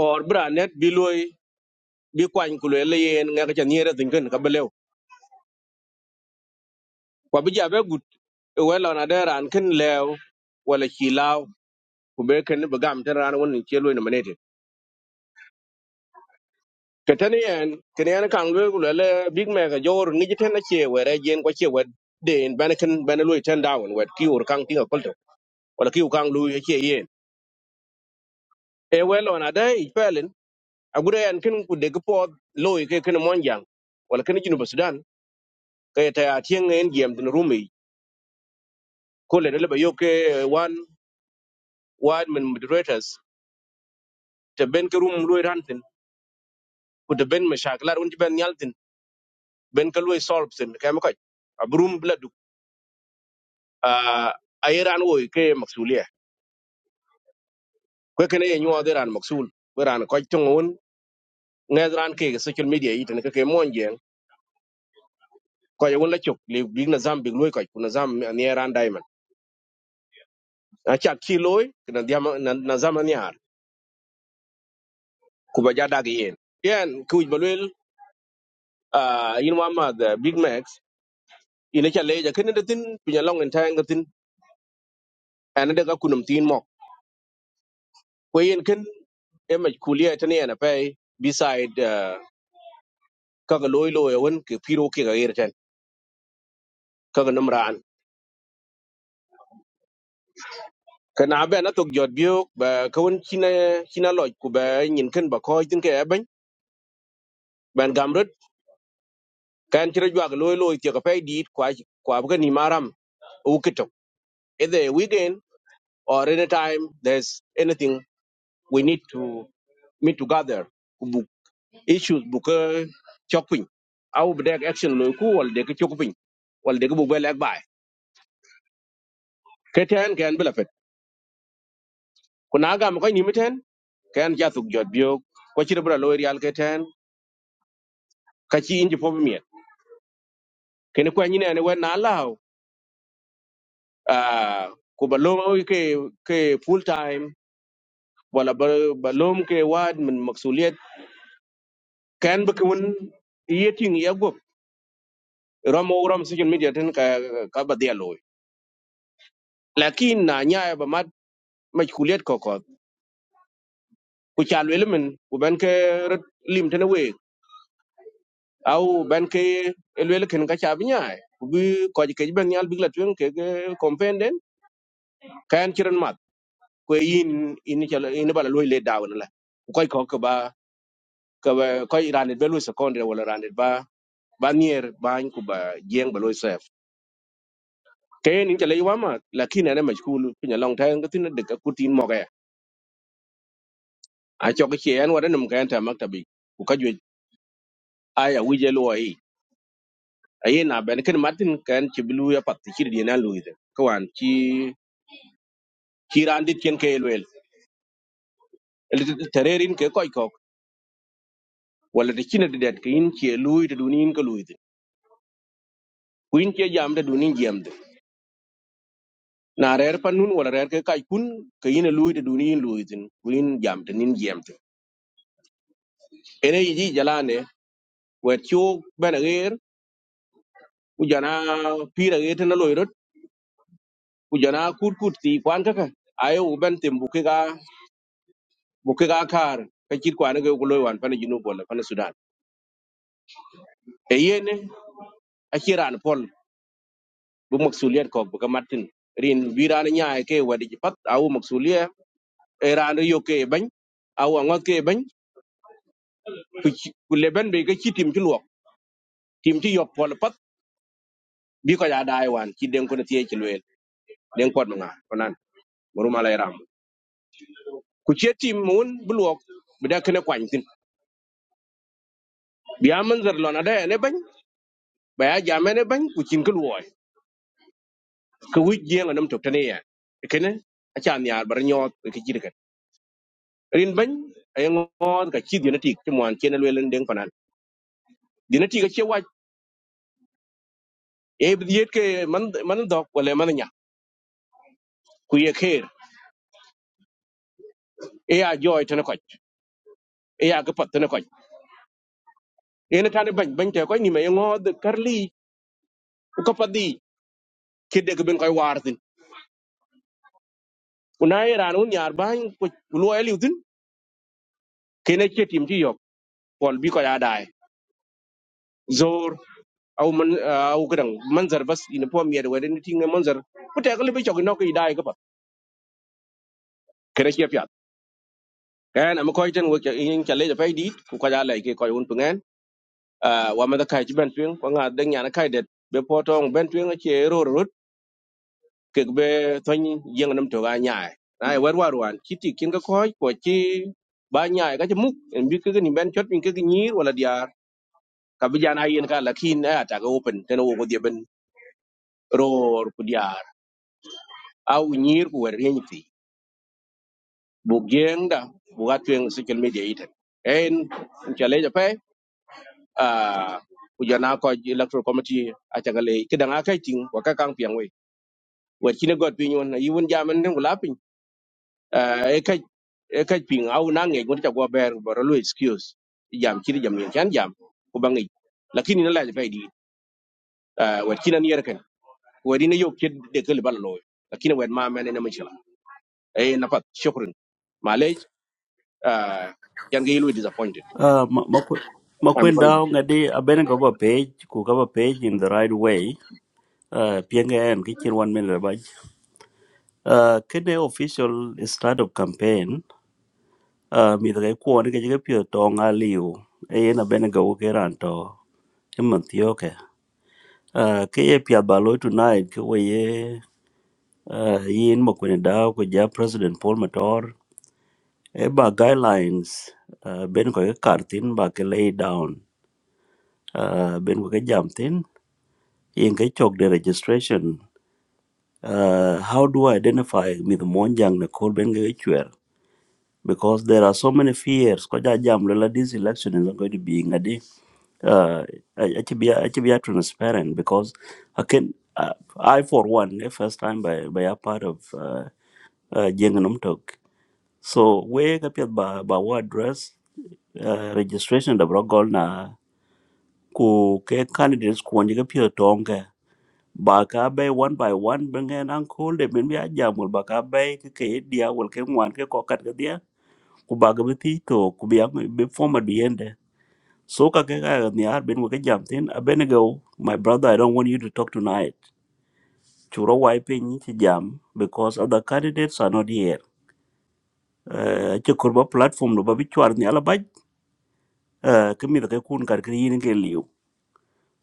[SPEAKER 9] or branet bi loy bi kwan ku le yen nga ka chan yera tin kan ka belew kwa bi ja be gut wala na deran ken lew wala chi law ku be ken be gam tan ran won ni chelo ni Katani en, kini en kan gwe kulele Big Mac a jor ngi jiten na che were jen kwa che wet den bana kan bana lui ten down wet ki ur kan tinga kolto wala ki ur kan lui che yen. E welo na dai i pelin agure en kin ku de gpo lui ke kin monjang wala kin jinu Sudan ke ta ya tien en gem din rumi ko le le ba yo ke one wide min moderators te ben ke rum lui rantin ku te ben mashaklar un ti ben yal tin, ben ka lui solve tin ka ma ko abrum bladu a ayeran wo ke maksulia ko kene ye nyuwa deran maksul beran ko tungun ngedran ke social media yi tan ke mon jeng ko ye wala chok le big na zam big loy ko na zam ne ran diamond a chat ki loy na diam na zam ni har ku ba jada ge yen yen ku ba lel a yin wa ma the big max ina cha le ja kene de tin pinya long en tan tin ana de ga kunum tin mo ko yen ken e ma kuliya tan yana pe beside ka ga loy loy won ke piro ke ga yer tan ka ga namran kana be na tok jot bio ba kawun china china loj ku ba nyin ken ba ko tin ke ban ban gamrut kan tira jwa loy loy ti ka pay dit kwa kwa ba ni maram u kito either weekend or any time there's anything we need to meet together ku bu issues bu ka chopping au ba dek action loy ku wal dek chopping wal dek bu ba lek bay keten kan bela fet kuna ga ma ko ni miten kan ja tok jot bio ko chira bra loy real keten ka chi inji po kene kwa nyine ne wen na lao ah ku balom o ke ke full time wala ba- balom ke wad min maksuliyet kan ba kun yeting ya gop ram o ram social media ten ka ka ba dia loy lakin na nya ba mat majkuliyet ko ko ku chal welmen ku ben ke rat lim ten we au ben ke elwel ken ka cha nya ku bi ko ke ben yal bigla tuen ke kompenden kan chiran mat ku yin in chala in bala loy le dawn la ku ko ka ba. ka ba- ko iran be lu secondary wala ran ba ba nier ba ku ba jeng ba lu sef kayen in chalai wama lakini ane majkulu pinya long time ka tina deka kutin moga a chok che an wada num kayan ta maktabi ku ka jwe aya wije lo ai aye na ben ken martin kan chibilu ya pat chiri di na luide kawan chi chiran dit ken ke lwel tererin ke koy kok wala de chine de det ke in che lui de dunin ka luide kuin che jam de dunin jam na rer pa nun wala rer ke kai kun ke yin lui de duni yin lui tin kuin jam tin yin jam tin ene yiji jalane wet chu bena ger u jana pira ger tin loy rot u jana kut kut ti kwan ka ka ayo u ben tim buke ga buke ga kar ka kit kwan ga ku loy wan pa ni jinu bol pa ni sudan e yene a kiran pol bu maksuliyat ko bu ka martin rin wiran nyaay ke wadi pat awu maksuliya e ran e yo ke bany awu ngot ke bany ku ci- ku leben be ga kitim ci luok tim ti yop pol pat bi ko ya dai wan ci den ko na tiye ci luel den ko nga konan muruma lay ram ku ci tim mun bu luok bi da kene kwany tin bi ya man zar lona da ne bañ ba ya jame ne bañ ku cin kul woy ko wuj je nga nam tok tane ya kene a cha nyar bar nyot ke ci dekat rin bañ ay ngon ka ci dina tik ci mo an ci ne luel den konan dina tik ci waj e bi yet ke man man dok wala man nya ku ye kher e ya joy tane ko e ya ga pat tane ko ene tane bañ bañ te ko ni me ngo kar li ko padi kede ko ben koy wartin una iran un yar ban ko lo eliutin kene chetim ti yok pol bi ko ya dai zor aw man aw gran manzar bas ina pom yede wede ni tinga manzar ko te ko libi chok no ko dai ko pat kene che pyat kan am ko iten wo in chale ja pay dit ko ka ya lai ke ko un pungen Ah, wa ma da kai ben pung ko nga de nyana kai det be potong ben pung che ro kek be thon yeng nam to ga nyaai ai war war wan kiti kin ga ko ko chi ba nyaai ga muk en bi ke ni ben chot min ke ni wala diar ka bi jana yen ka lakin na ta ga open ten wo go die ben ror ku diar au nyir ku wer yen ti bu genda bu ga twen social media iten en chale ja pe a ku jana ko electoral committee a ta ga le ke danga kai ting wa ka kang piang we wa chi ne god pi nyon yi won jamen ne wala pi Eh, e ka e ka ping au na nge ngi ta go ber boro lu excuse jam chiri jam ni chan jam ko bangi lakini na la ja faidi wa kina ni yerken wa dina yo ke de ke bal lo lakini wa ma mene na mishla e na pat shukran malej yan ge lu disappointed
[SPEAKER 12] Uh, ma- ma, makwe-
[SPEAKER 9] i'm going to
[SPEAKER 12] makwenda ngadi abene go ba page ku go ba page in the right way uh pienge en kichir one minute ba uh kene official start of campaign uh mi de ko ni ke pio to ngaliu e na bene go ke ran to imantioke uh ke ye pia balo tonight ke we ye uh yin makwenda ko ja president paul mator e ba guidelines uh ben ko ke kartin ba ke lay down uh ben ko ke jam thin in cái chok the registration uh, how do I identify with Monjang Nicole Ben Gachuer? Because there are so many fears. Koja jam lola this election is not going to be ngadi. Uh, actually, actually, transparent because I can. Uh, I for one, the first time by by a part of uh, uh, Jenganum talk. So we kapiat ba ba wa address uh, registration da brogol na ku ke candidates ku wani kapiat baka bay one by one bengen uncle de min biya jamul baka bay ke ke dia wal ke ngwan ke kokat ke dia ku baga be ti to ku biya be forma di ende so ka ke ga ni ar ben ke jam tin abenego my brother i don't want you to talk tonight churo wai pe ni ti jam because other candidates are not here uh, che kurba platform no babi chwar ni ala baj uh, ke mi ke kun kar ke yin ke liu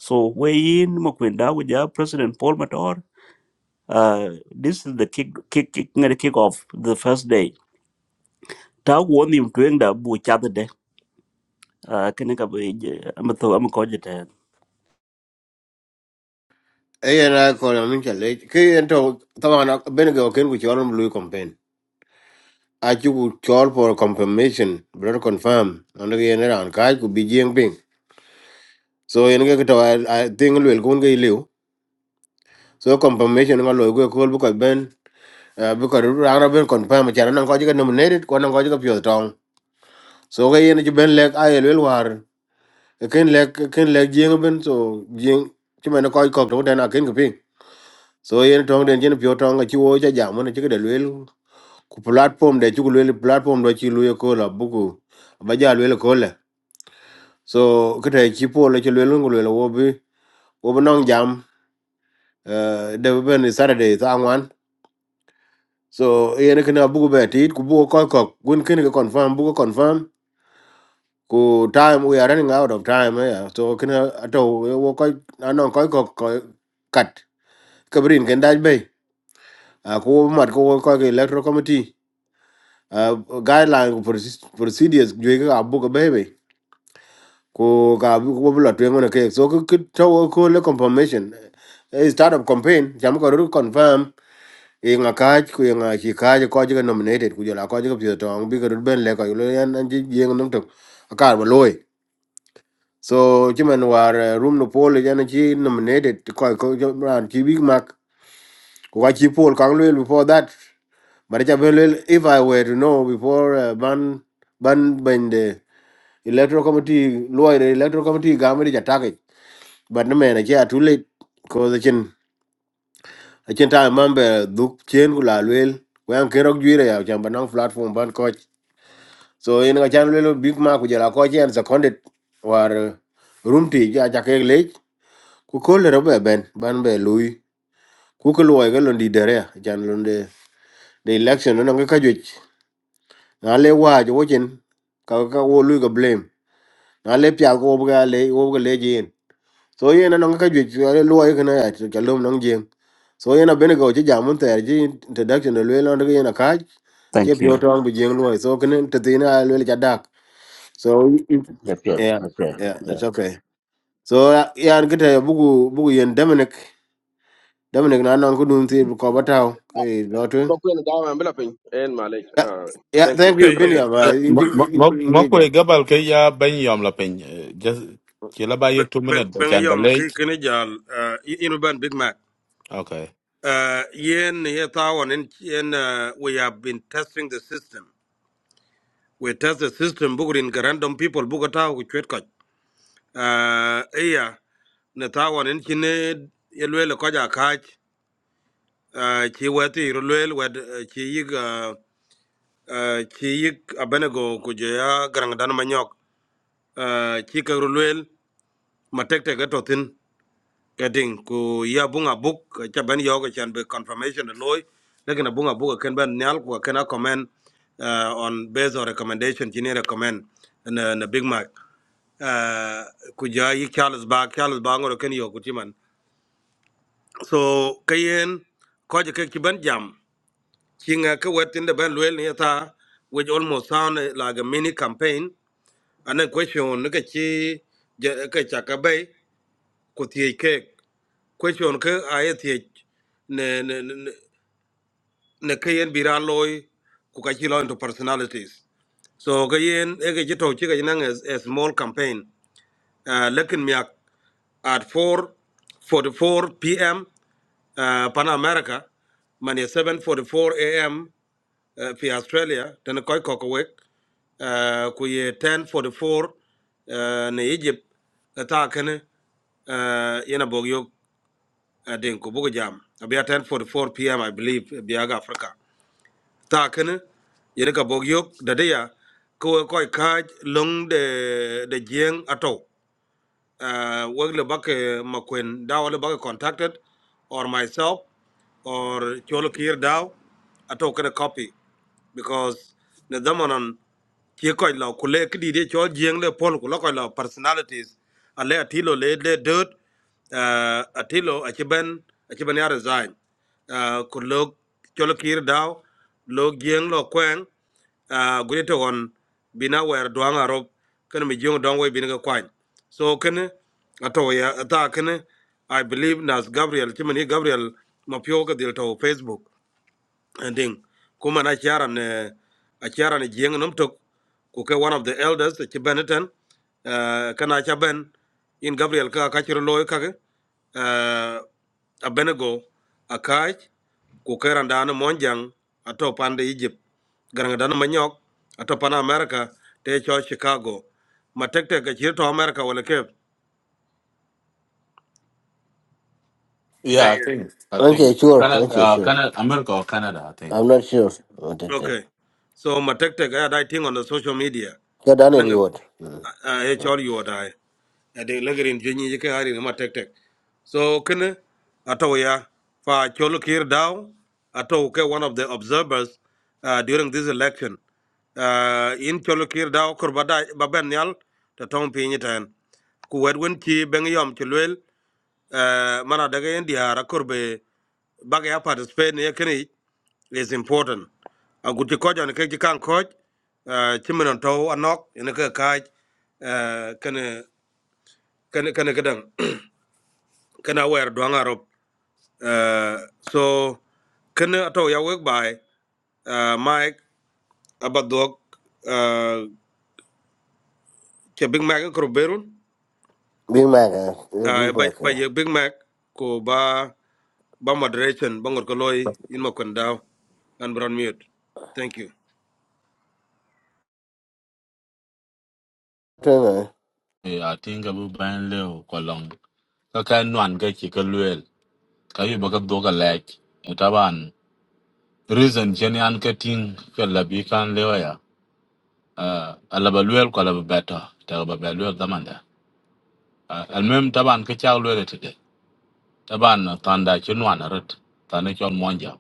[SPEAKER 12] so we in mo kwenda ja president paul Matar? Uh, this is the kick, kick, kick, ngada kick off the first day. Ta won him to end up with other day. Uh, kene ka be, I'm a cogitator.
[SPEAKER 2] e yen a ko la min cha le ke yen to ta ma ben ga ken ku chol lu campaign a chu ku chol for confirmation bro confirm and yen ran ka ku bi jing ping so yen ga to i I think lel ku ngi liu so confirmation nga loy ko kol bu ko ben eh, bu ko ra ra ben confirm cha nan ko jiga nominated ko nan ko jiga pyo tong so ga yen ji ben lek ayel wel war Eh, ken lek ken lek jing ben so jing ti men ko ko to den akin ping so yen tong den jin pyo tong a chi wo cha jam ne jiga de wel ku platform de jiga wel platform do chi lu ko la bu ku ba ja wel ko le so kete chi po le chi wel ngul wel wo bi wo bu nong jam eh, de bu ben saturday ta angwan So yene kena buku beti it kubuku koi kok gun kene ke confirm buku confirm ku time we are running out of time eh, yeah. So kena ato wo koi anon koi kok koi cut kabrin ken daj bay a ko mat ko koi ke electoral committee uh, guideline ku proce- procedures jwe ke abu ke bebe ku ka bu bu la twengo na ke so ke to ko le confirmation a start of campaign jam ko ru confirm inga kaj ku inga chi kaj ko jiga nominated ku jala ko jiga pyo tong bi garut ben le ko lo yan an ji jeng num tok akar ba loy so chimen war eh, room no poll yan chi nominated ko ko jo- ran chi big mac ko ka chi poll kang lo before that but ja ben lo if i were to know before uh, ban ban ben the electoral committee lo the electoral committee ga me ja target but no man ja too late ko the chin a chin time member duk chen ku la lo ko yan kerok juire ya chamba nang platform ban coach so in ga channel, lelo big ma ku jara ko chen seconded or room ti ja ja ke le ku ko le robe ben ban be lui ku ko lo ga londi dere chan londe the election no ga ka ju na le wa ju wo chen ka ka wo lui ga blame na le pya ko wo ga le wo ga le so yen no ga ka ju le lo ga na ya cha lom no jin so yen a bene go ji ja mun ter ji introduction le lo ndo yen a ka che
[SPEAKER 12] Thank
[SPEAKER 2] your
[SPEAKER 12] you.
[SPEAKER 2] tongue ang bu jing so can te tin a le ja So if, yeah, yeah, it's
[SPEAKER 12] Uh,
[SPEAKER 2] okay. So uh, yeah, and get a bugu bugu and Dominic. Dominic na nan kudun ti ko batao. Okay,
[SPEAKER 9] Ko
[SPEAKER 2] lotun.
[SPEAKER 9] kwen dawa ma bila piny. En malej.
[SPEAKER 2] Yeah,
[SPEAKER 9] Ah,
[SPEAKER 2] yeah,
[SPEAKER 9] Thank you.
[SPEAKER 2] thank you
[SPEAKER 9] Jokala twen.
[SPEAKER 3] Ayen,
[SPEAKER 2] Binya ba.
[SPEAKER 3] uh,
[SPEAKER 2] Injing injing injing.
[SPEAKER 10] Mokwe
[SPEAKER 2] jam.
[SPEAKER 10] gabal ke ya ben yom la pin. Ke la ba yek two
[SPEAKER 3] ben
[SPEAKER 10] minute ba
[SPEAKER 3] ben
[SPEAKER 10] chan ba
[SPEAKER 3] yom
[SPEAKER 10] lej.
[SPEAKER 3] ki kini jal uh, inu ban Big Mac.
[SPEAKER 10] Okay.
[SPEAKER 3] Uh, yen ye tawon in yen uh, we have been testing the system. We test the system bukurin ka random people buku tawo ku chwet koch. uh, iya ne ta wanin kine ye lwele koja kach uh, chi weti ru lwele wed uh, chi yig uh, uh, chi yig abenego kuje ya garang dan manyok uh, chi ka ru lwele matek teke totin keding ku ya bunga buk ka cha ben yoga chan be confirmation de loy lekin a bunga buk ken ben nyal ku ken a comment uh, on based on recommendation chini recommend na, na big mac uh, ku ja yi Charles Bag Charles Bag ngoro ken yo so kayen koje ke kiban jam kinga ka wetin da ban luel ne ta which almost sound like a mini campaign and then question ne ka ci ja- ka cha ka bai ku tie ke question ka aye tie ne ne ne ne kayen bira loy ku ka ci lo into personalities so kayen e ka ci to ci ka nan a a small campaign uh, lekin at 4:44 p.m. Uh, Pan America, mani 7:44 a.m. Uh, fi Australia, tena koi kokowek, uh, kuye 10:44 uh, ne Egypt, Ta kene uh, yena bogyo adin ko bugo jam. Abia 10:44 p.m. I believe biaga Africa. Ta kene yene ka bogyo dadaya ko koi kaj long de de jeng ato. uh, Wegle Bake Makwen Dao le Bake contacted, or myself, or Cholo Kir Dao, I took a copy because the Damanon Chikoi Law Kule Kidi Chol Jiang Le Pol Kulakoi Law personalities, Ale Atilo Le Le Dirt, uh, Atilo Achiben Achibania resign. Uh, Kulok Cholo Kir Dao, Lo Jiang Lo Kwang. uh, gudita on bina wer duang arop kan mi jong dong we bina ka kwany so kan ato ya ata kan i believe nas gabriel chimani gabriel mapio ka dil to facebook ding kuma na charan ne a charan jeng nom tok ku ke one of the elders ci beneten uh, kana cha ben in gabriel ka ka chiro loy ka ke uh, a benego a kaj ku ke randa na monjang a to pande egypt garanga dan manyok a to pana america te cho chicago ma tek tek a chiro to america wala ke Eh,
[SPEAKER 10] Yeah, I
[SPEAKER 3] yeah.
[SPEAKER 10] think. I think.
[SPEAKER 2] Okay, sure.
[SPEAKER 10] Canada,
[SPEAKER 2] Okay,
[SPEAKER 10] uh,
[SPEAKER 2] sure.
[SPEAKER 10] Canada, America or Canada, I
[SPEAKER 2] I'm not sure.
[SPEAKER 10] think.
[SPEAKER 2] What is it?
[SPEAKER 3] okay so ma tek tek a dai ting on the social media ananga
[SPEAKER 2] What? Mm.
[SPEAKER 3] a e
[SPEAKER 2] mm.
[SPEAKER 3] chol yu dai ade lagarin jonyi je ka hari na ma tek tek so kene ato ya fa cholo kir daw ato ke one of the observers uh, during this election uh, in cholo kir daw kor bada baben yal ta tong pinyi tan ku wed wen chi ben yom chi lwel uh, mana daga yen diara kor be baga ya participate ne kene is important a guti ko jon ke ji kan ko chimen to anok ne ke ka kene kene kedang kena wer duang arop uh, so kene ato ya wek bai uh, mike abadok uh, ke big mac ko berun
[SPEAKER 2] Big Mac, uh,
[SPEAKER 3] uh,
[SPEAKER 2] Big
[SPEAKER 3] by
[SPEAKER 2] Mac.
[SPEAKER 3] ba
[SPEAKER 2] Uh.
[SPEAKER 3] big mac ko ba ba moderation ba ngor ko loy in ma kon daw and brown mute thank you
[SPEAKER 2] Turn on.
[SPEAKER 10] thì À, I think abu ban leo kwa long. Ka kai nuan cái ki ka luel. Ka yu baka cái ka lek. ban Reason cho jeni an ka ting là bị kan leo ya. Uh, alaba luel kwa laba beta. Ta ba À, luel daman da. Uh, almem taban ka chak luel today. Taban uh, tanda ki nuan arit. Tanda ki on monja.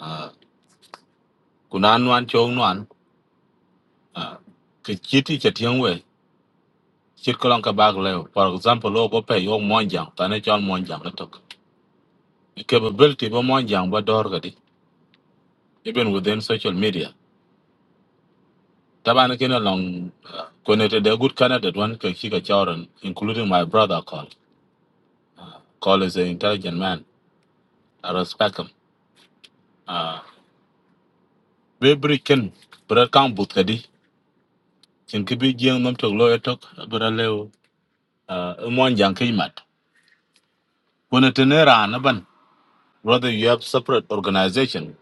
[SPEAKER 10] Uh, kuna nuan chong nuan. Uh, ka chiti cha tiang we. Chit ka long ka bag leo. For example, lo ko pe yo monja. Tanda ki on monja. Ka tok. Capability ba monja ba dor ka di. even within social media. Taban kena long uh, connected a good candidate one can kick a children, including my brother Call. Call is an intelligent man. I respect him. Uh Bebri ken berat kang but kadi kin kibi jeng nom tok lawyer tok berat leo uh mon jang kimat. Kone tenera anaban whether you have separate organization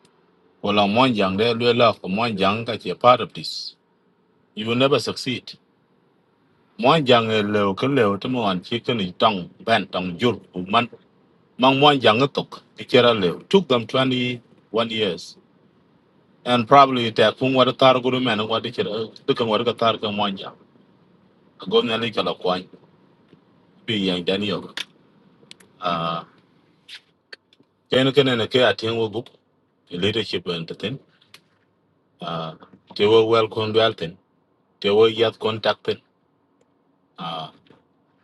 [SPEAKER 10] wala mon jang de lue la ko mon jang ka che part of this. You will never succeed. Mon jang e leo ke leo temo an chicken is tong ban tong jur man Mang Mwan Jangatok, Ichera Lew. Took them 21 years. And probably it took Kung Wadatar Guru Man and Wadichera, Dukan Wadakatar Kang Mwanja. A governor Likala Kwan, be young Daniel. Uh, Kenakan and Ake Atin book, leadership and the thing. Uh, they were well conducted. They were yet contacted. Uh,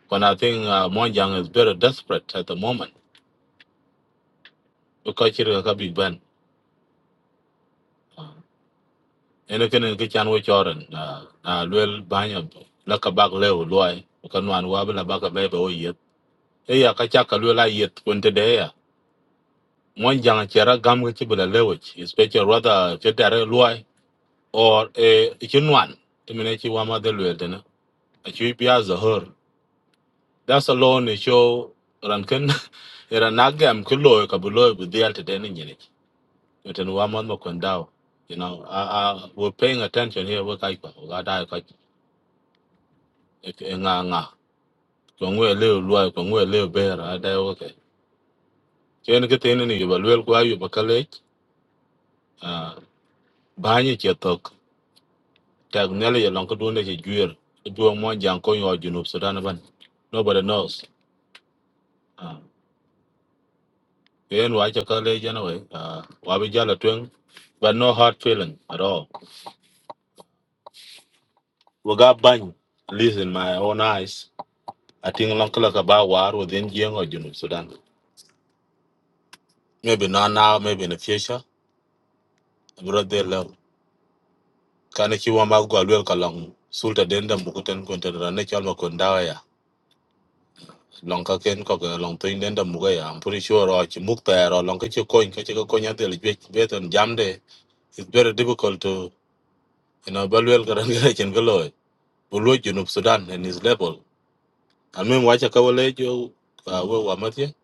[SPEAKER 10] when I think uh, Mwanjang is very desperate at the moment because it's a big band. ene kene ke chan wo choren na na luel banyo la ka bak le loy ka nwan wa la bak be be o yet e ya ka cha ka luel a yet kun te de ya mon jang chera gam ke ti bela lewich especially rather che dare loy or e chi nwan te mene chi wa ma de luel de na a chi pi a za her that's alone is show ran ken era na gam ke loy ka bu loy bu dial te de ni ni ten wa ma no kon dao you know, I, I, we're paying attention here. We're like, nganga ko ngwe le lwa ko ngwe le bera ada oke chen ke tin ni yoba lwel kwa yoba kale banye che tok tag nele ye lonko dune che juer duo mo jang ko yo junub sudan ban nobody knows Ah, yen wa che kale jana we a wa bi jala twen but no hard feeling at all we got bany at least in my own eyes i think lonko la ka ba war within jeng or junub sudan maybe not now maybe in the future brother love. kana ci wa ma gwa lwel ka long sulta den da mu kuten kunta da ne chal ma kun da ya long ka ken ko ga long tin den da mu ga ya am pretty sure ro ci muk ta ro long ka ci ko ka ci ko nya del be beton jam de it's very difficult to you know bal wel ka ran ga chen ga loy bu lo ju sudan and his level al men wa cha ka wale jo ka we wa ma ti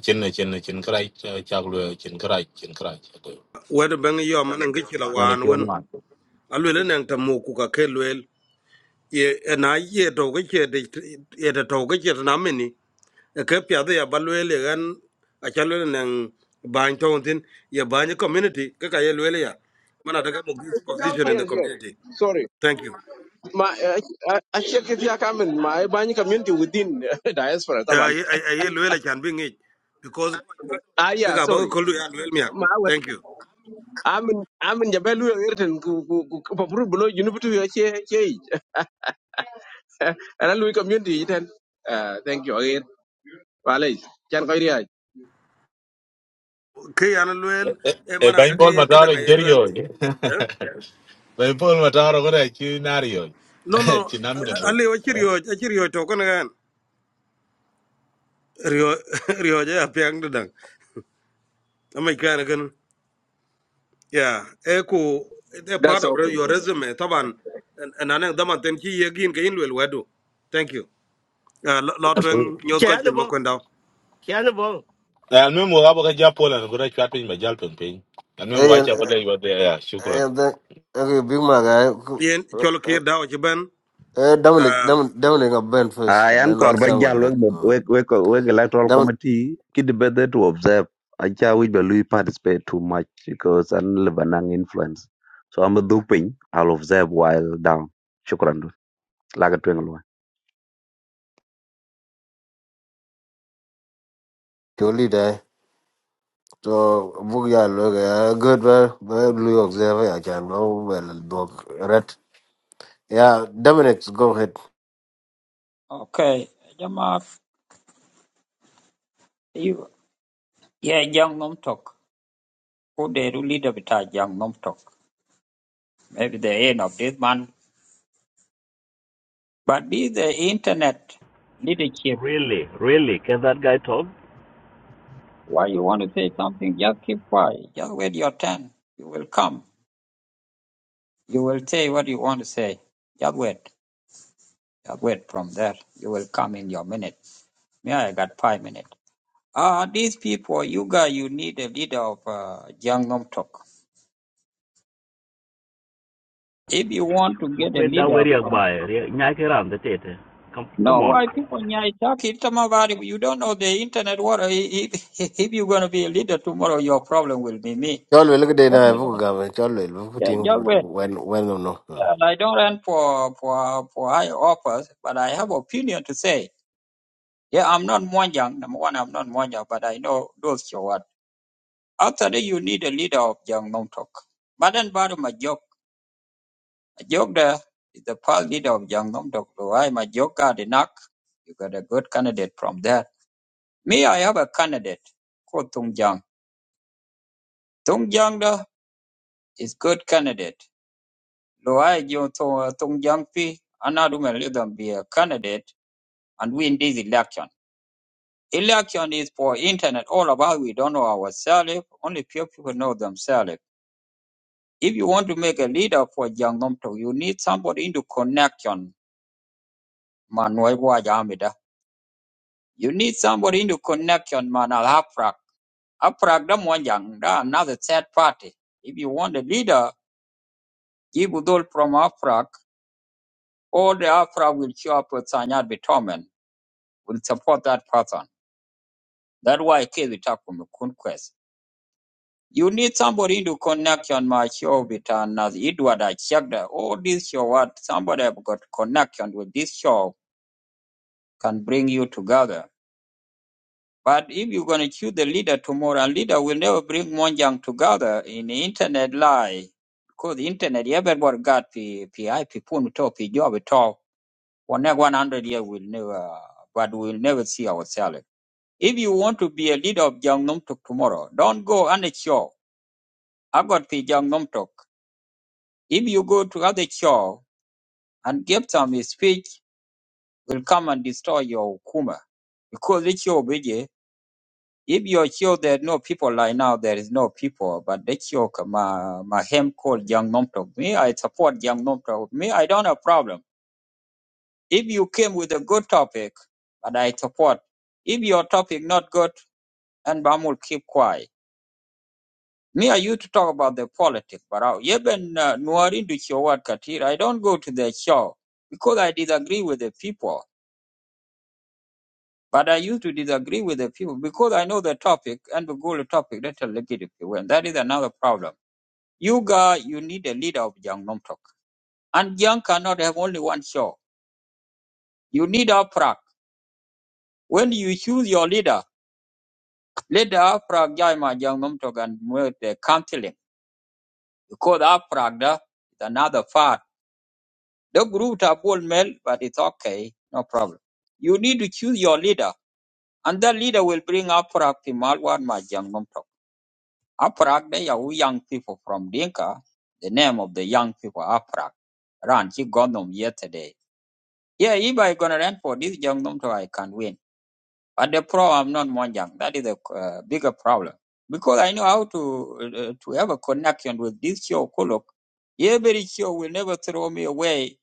[SPEAKER 10] chen ne chen ne chen krai cha lu chen krai chen krai ko
[SPEAKER 3] wer bang yo man ngi ci la
[SPEAKER 10] ya ne
[SPEAKER 3] wan
[SPEAKER 10] ti wa
[SPEAKER 3] won
[SPEAKER 10] ma
[SPEAKER 3] alwele nang tamu ku ka ke ye na ye to ke che de ye de to ke che na me ni E ke pya de ya balwe le gan a cha le nang ban to tin ye ban community ke ka ye le ya mana daga mo this position in the
[SPEAKER 9] yes yes
[SPEAKER 3] community
[SPEAKER 9] sorry
[SPEAKER 3] thank you
[SPEAKER 9] Ma achie kiti ya kamen ma ibanyi community within diaspora
[SPEAKER 3] uh,
[SPEAKER 9] taban.
[SPEAKER 3] ye a ye le can be ngi because
[SPEAKER 9] ah
[SPEAKER 3] ke
[SPEAKER 9] yeah
[SPEAKER 3] ka ba
[SPEAKER 9] sorry
[SPEAKER 3] ko lu ya le mi ak thank you
[SPEAKER 9] amin amin jabe lu yer ten ku ku ku papru bulo junu bitu yo che che yi. ana lu community yi ten Ah, thank you again walay chan koy riya
[SPEAKER 3] ke ya na le
[SPEAKER 10] e
[SPEAKER 3] e
[SPEAKER 10] e
[SPEAKER 3] mana
[SPEAKER 10] bain
[SPEAKER 3] daga
[SPEAKER 10] bol
[SPEAKER 3] ye
[SPEAKER 10] ma
[SPEAKER 3] ke
[SPEAKER 10] da ro
[SPEAKER 3] daga ye le be
[SPEAKER 10] interior
[SPEAKER 3] eh
[SPEAKER 10] They pull my tower go there, you nario.
[SPEAKER 3] no no
[SPEAKER 10] Chinam go.
[SPEAKER 3] ali o chirio a chirio to ko na gan rio rio ja ya pyang de dang. Ama kana kan ya eko a part
[SPEAKER 9] that's
[SPEAKER 3] of
[SPEAKER 9] okay
[SPEAKER 3] your resume taban nanen daman ten ki yegin ke inwel wedu. Thank you. Uh, lo twen
[SPEAKER 10] Absolutely.
[SPEAKER 3] nyot ko chen mo
[SPEAKER 13] Chianibo,
[SPEAKER 3] kwenda.
[SPEAKER 13] Chianibo.
[SPEAKER 10] And when we have a japol and go to chatting by jalpin ping. And when watch
[SPEAKER 2] And,
[SPEAKER 10] out what they were there, shukran.
[SPEAKER 2] and then, okay, Big Mac, uh,
[SPEAKER 3] Yen chol kir
[SPEAKER 2] uh,
[SPEAKER 3] dawo chi ben.
[SPEAKER 2] uh, Dominic,
[SPEAKER 3] Uh,
[SPEAKER 2] Dominic, Dominic, I'll bend
[SPEAKER 4] I
[SPEAKER 2] first,
[SPEAKER 4] an
[SPEAKER 2] then
[SPEAKER 4] kor
[SPEAKER 2] with
[SPEAKER 3] okay.
[SPEAKER 4] ba
[SPEAKER 2] Samuel,
[SPEAKER 4] jal
[SPEAKER 2] man.
[SPEAKER 4] we we
[SPEAKER 2] Mm.
[SPEAKER 4] we ko- we electoral
[SPEAKER 2] Dominic,
[SPEAKER 4] committee kid better to observe acha we be lui participate too much because an lebanang influence so I'm a duping I'll observe while down shukran du laga twenga
[SPEAKER 2] your leader, eh? So Bugia look uh, good well well blue observer right. Yeah, Dominic, go ahead.
[SPEAKER 14] Okay, Jama, you, yeah, young Nom Tok. Who they really the beta young Nom Tok? Maybe the end of this month. But be the internet leadership.
[SPEAKER 12] Really, really, can that guy talk?
[SPEAKER 14] Why you want to say something? Just keep quiet. Just wait your turn. You will come. You will say what you want to say. Just wait. Just wait from there. You will come in your minute. Me, I got five minutes. Ah, these people, you guys, you need a leader of uh, young Nom Tok. If you want to get a
[SPEAKER 12] Bakwe da
[SPEAKER 14] leader
[SPEAKER 12] weri
[SPEAKER 14] from
[SPEAKER 12] agbaye, nyake ran the tete. Come,
[SPEAKER 14] No,
[SPEAKER 12] come on.
[SPEAKER 14] why people nyai talk it come about it. You don't know the internet water. If, if if you're gonna be a leader tomorrow, your problem will be me.
[SPEAKER 2] Chol will look at the
[SPEAKER 14] Don't worry
[SPEAKER 2] Buga Chol will put
[SPEAKER 14] Yeah,
[SPEAKER 2] him
[SPEAKER 14] just wait.
[SPEAKER 2] when when or no. no.
[SPEAKER 14] And I don't run for for for high office, but I have opinion to say. Yeah, I'm not Mwanjang. Number one, I'm not Mwanjang, but I know those you what. After that, you need a leader of Jiang Nomtok. But then, bottom my joke, joke there is the past leader of Jiang Nomtok. So I my joke got enough. You got a good candidate from there. Me, I have a candidate called Tung Jiang. Tung Jiang da is good candidate. Lo I jo to Tung Jiang pi anaduma them be a candidate and win this election. Election is for internet all about we don't know ourselves, only few people know themselves. If you want to make a leader for Jiang Nomto, you need somebody into connection, man Noiwa Yamida. You need somebody into connection, man Al Aprak Haprak da mo Jiang da another third party. If you want a leader Give withdrawal from AFRAC, all the AFRAC will show up with Sanyal Bitomen, will support that person. That's why Kevin Takum conquest. You need somebody to connect on my show with as Edward. I checked that all this show, what somebody have got connection with this show can bring you together. But if you're going to choose the leader tomorrow, and leader will never bring Monjang together in the internet lie. Because the internet, everybody got PI, people, job, For next 100 years, we'll never, but we'll never see ourselves. If you want to be a leader of Jiang Tok tomorrow, don't go on a show. I got the Jiang Tok. If you go to other show and give some speech, will come and destroy your Kuma. Because it's your video. If your are sure there are no people like now, there is no people, but the your, my, my him called Jiang Tok. Me, I support Jiang Tok. Me, I don't have problem. If you came with a good topic, and I support, if your topic not good, and Bam will keep quiet. Me are you to talk about the politics, but I even Nuari do show what Katir. I don't go to the show because I disagree with the people. But I used to disagree with the people because I know the topic and the goal of topic that are legitimate. When that is another problem. You guys, you need a leader of Jiang Nomtok. And Jiang cannot have only one show. You need a Uprak. When you choose your leader, Let the Afrag Jaima Jangnom Togan the counseling. Because Afrag da is another part. The group are bold male, but it's okay, no problem. You need to choose your leader, and that leader will bring Afrag Pimalwan Majangnom Tok. Afrag they are we young people from Dinka, the name of the young people Afrag. Ran, he got them yesterday. Yeah, if I gonna run for this Jangnom Tok, I can win. But the problem, I'm not Mwanjang. That is a uh, bigger problem. Because I know how to uh, uh, to have a connection with this show, Kuluk. Every show will never throw me away.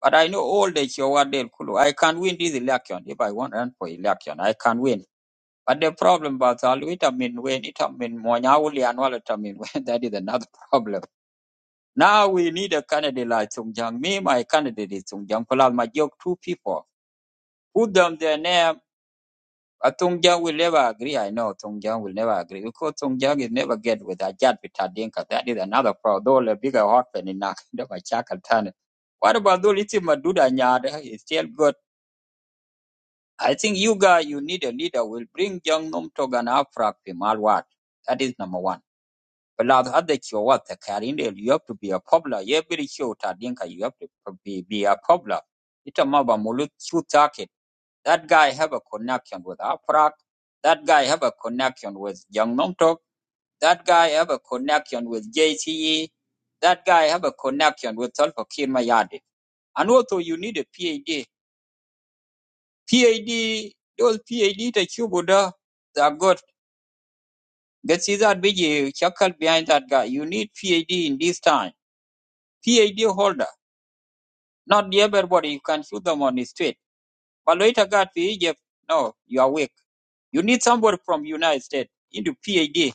[SPEAKER 14] But I know all the show are there, Kuluk. I can win this election if I want to run for election. I can win. But the problem, Batal, it have been when it have been Mwanyauli and all it have been when. That is another problem. Now we need a candidate like Sung Jang. Me, my candidate is Sung Jang Kulal Majok, two people. Put them their name Uh, Tongjang will never agree. I know Tongjang will never agree because Tongjang is never get with Ajat bitadinka. That is another problem. Though the bigger orphan in Nakandamachakatana. What about Duliti Maduda Nyada? It's still good. I think you guys, you need a leader will bring young Nomtog and Afrak Pimalwat. That is number one. But now the other show what the Karinde, you have to be a popular. Every show Tadinka, you have to be, be a popular. It's a maba mulut shoot target. That guy have a connection with Afraq. That guy have a connection with Young Nong Tok. That guy have a connection with JCE. That guy have a connection with Tulpakir Mayadi. And also you need a PAD. PAD, those PAD that you go there, they are good. Get see that big chuckle behind that guy. You need PAD in this time. PAD holder. Not everybody, you can shoot them on the street But later got to Egypt, no, you are weak. You need somebody from United States into PhD.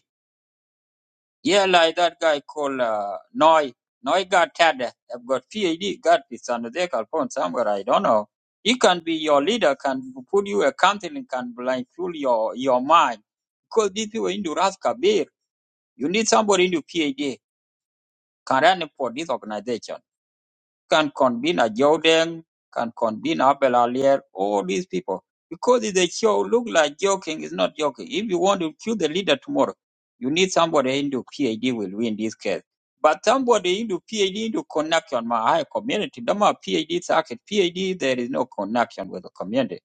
[SPEAKER 14] Yeah, like that guy called uh, Noy. Noy got Tad. I've got PhD, got this under Jose phone somewhere, I don't know. He can be your leader, can put you a counseling, can blindfold your, your mind. Because these people into Ras Kabir, you need somebody into PhD, can run for this organization. can convene a Jordan, can convene Abel Alier, all these people. Because if they show look like joking, it's not joking. If you want to kill the leader tomorrow, you need somebody into PAD will win this case. But somebody into PAD into connection my high community. The more PAD circuit, PAD there is no connection with the community.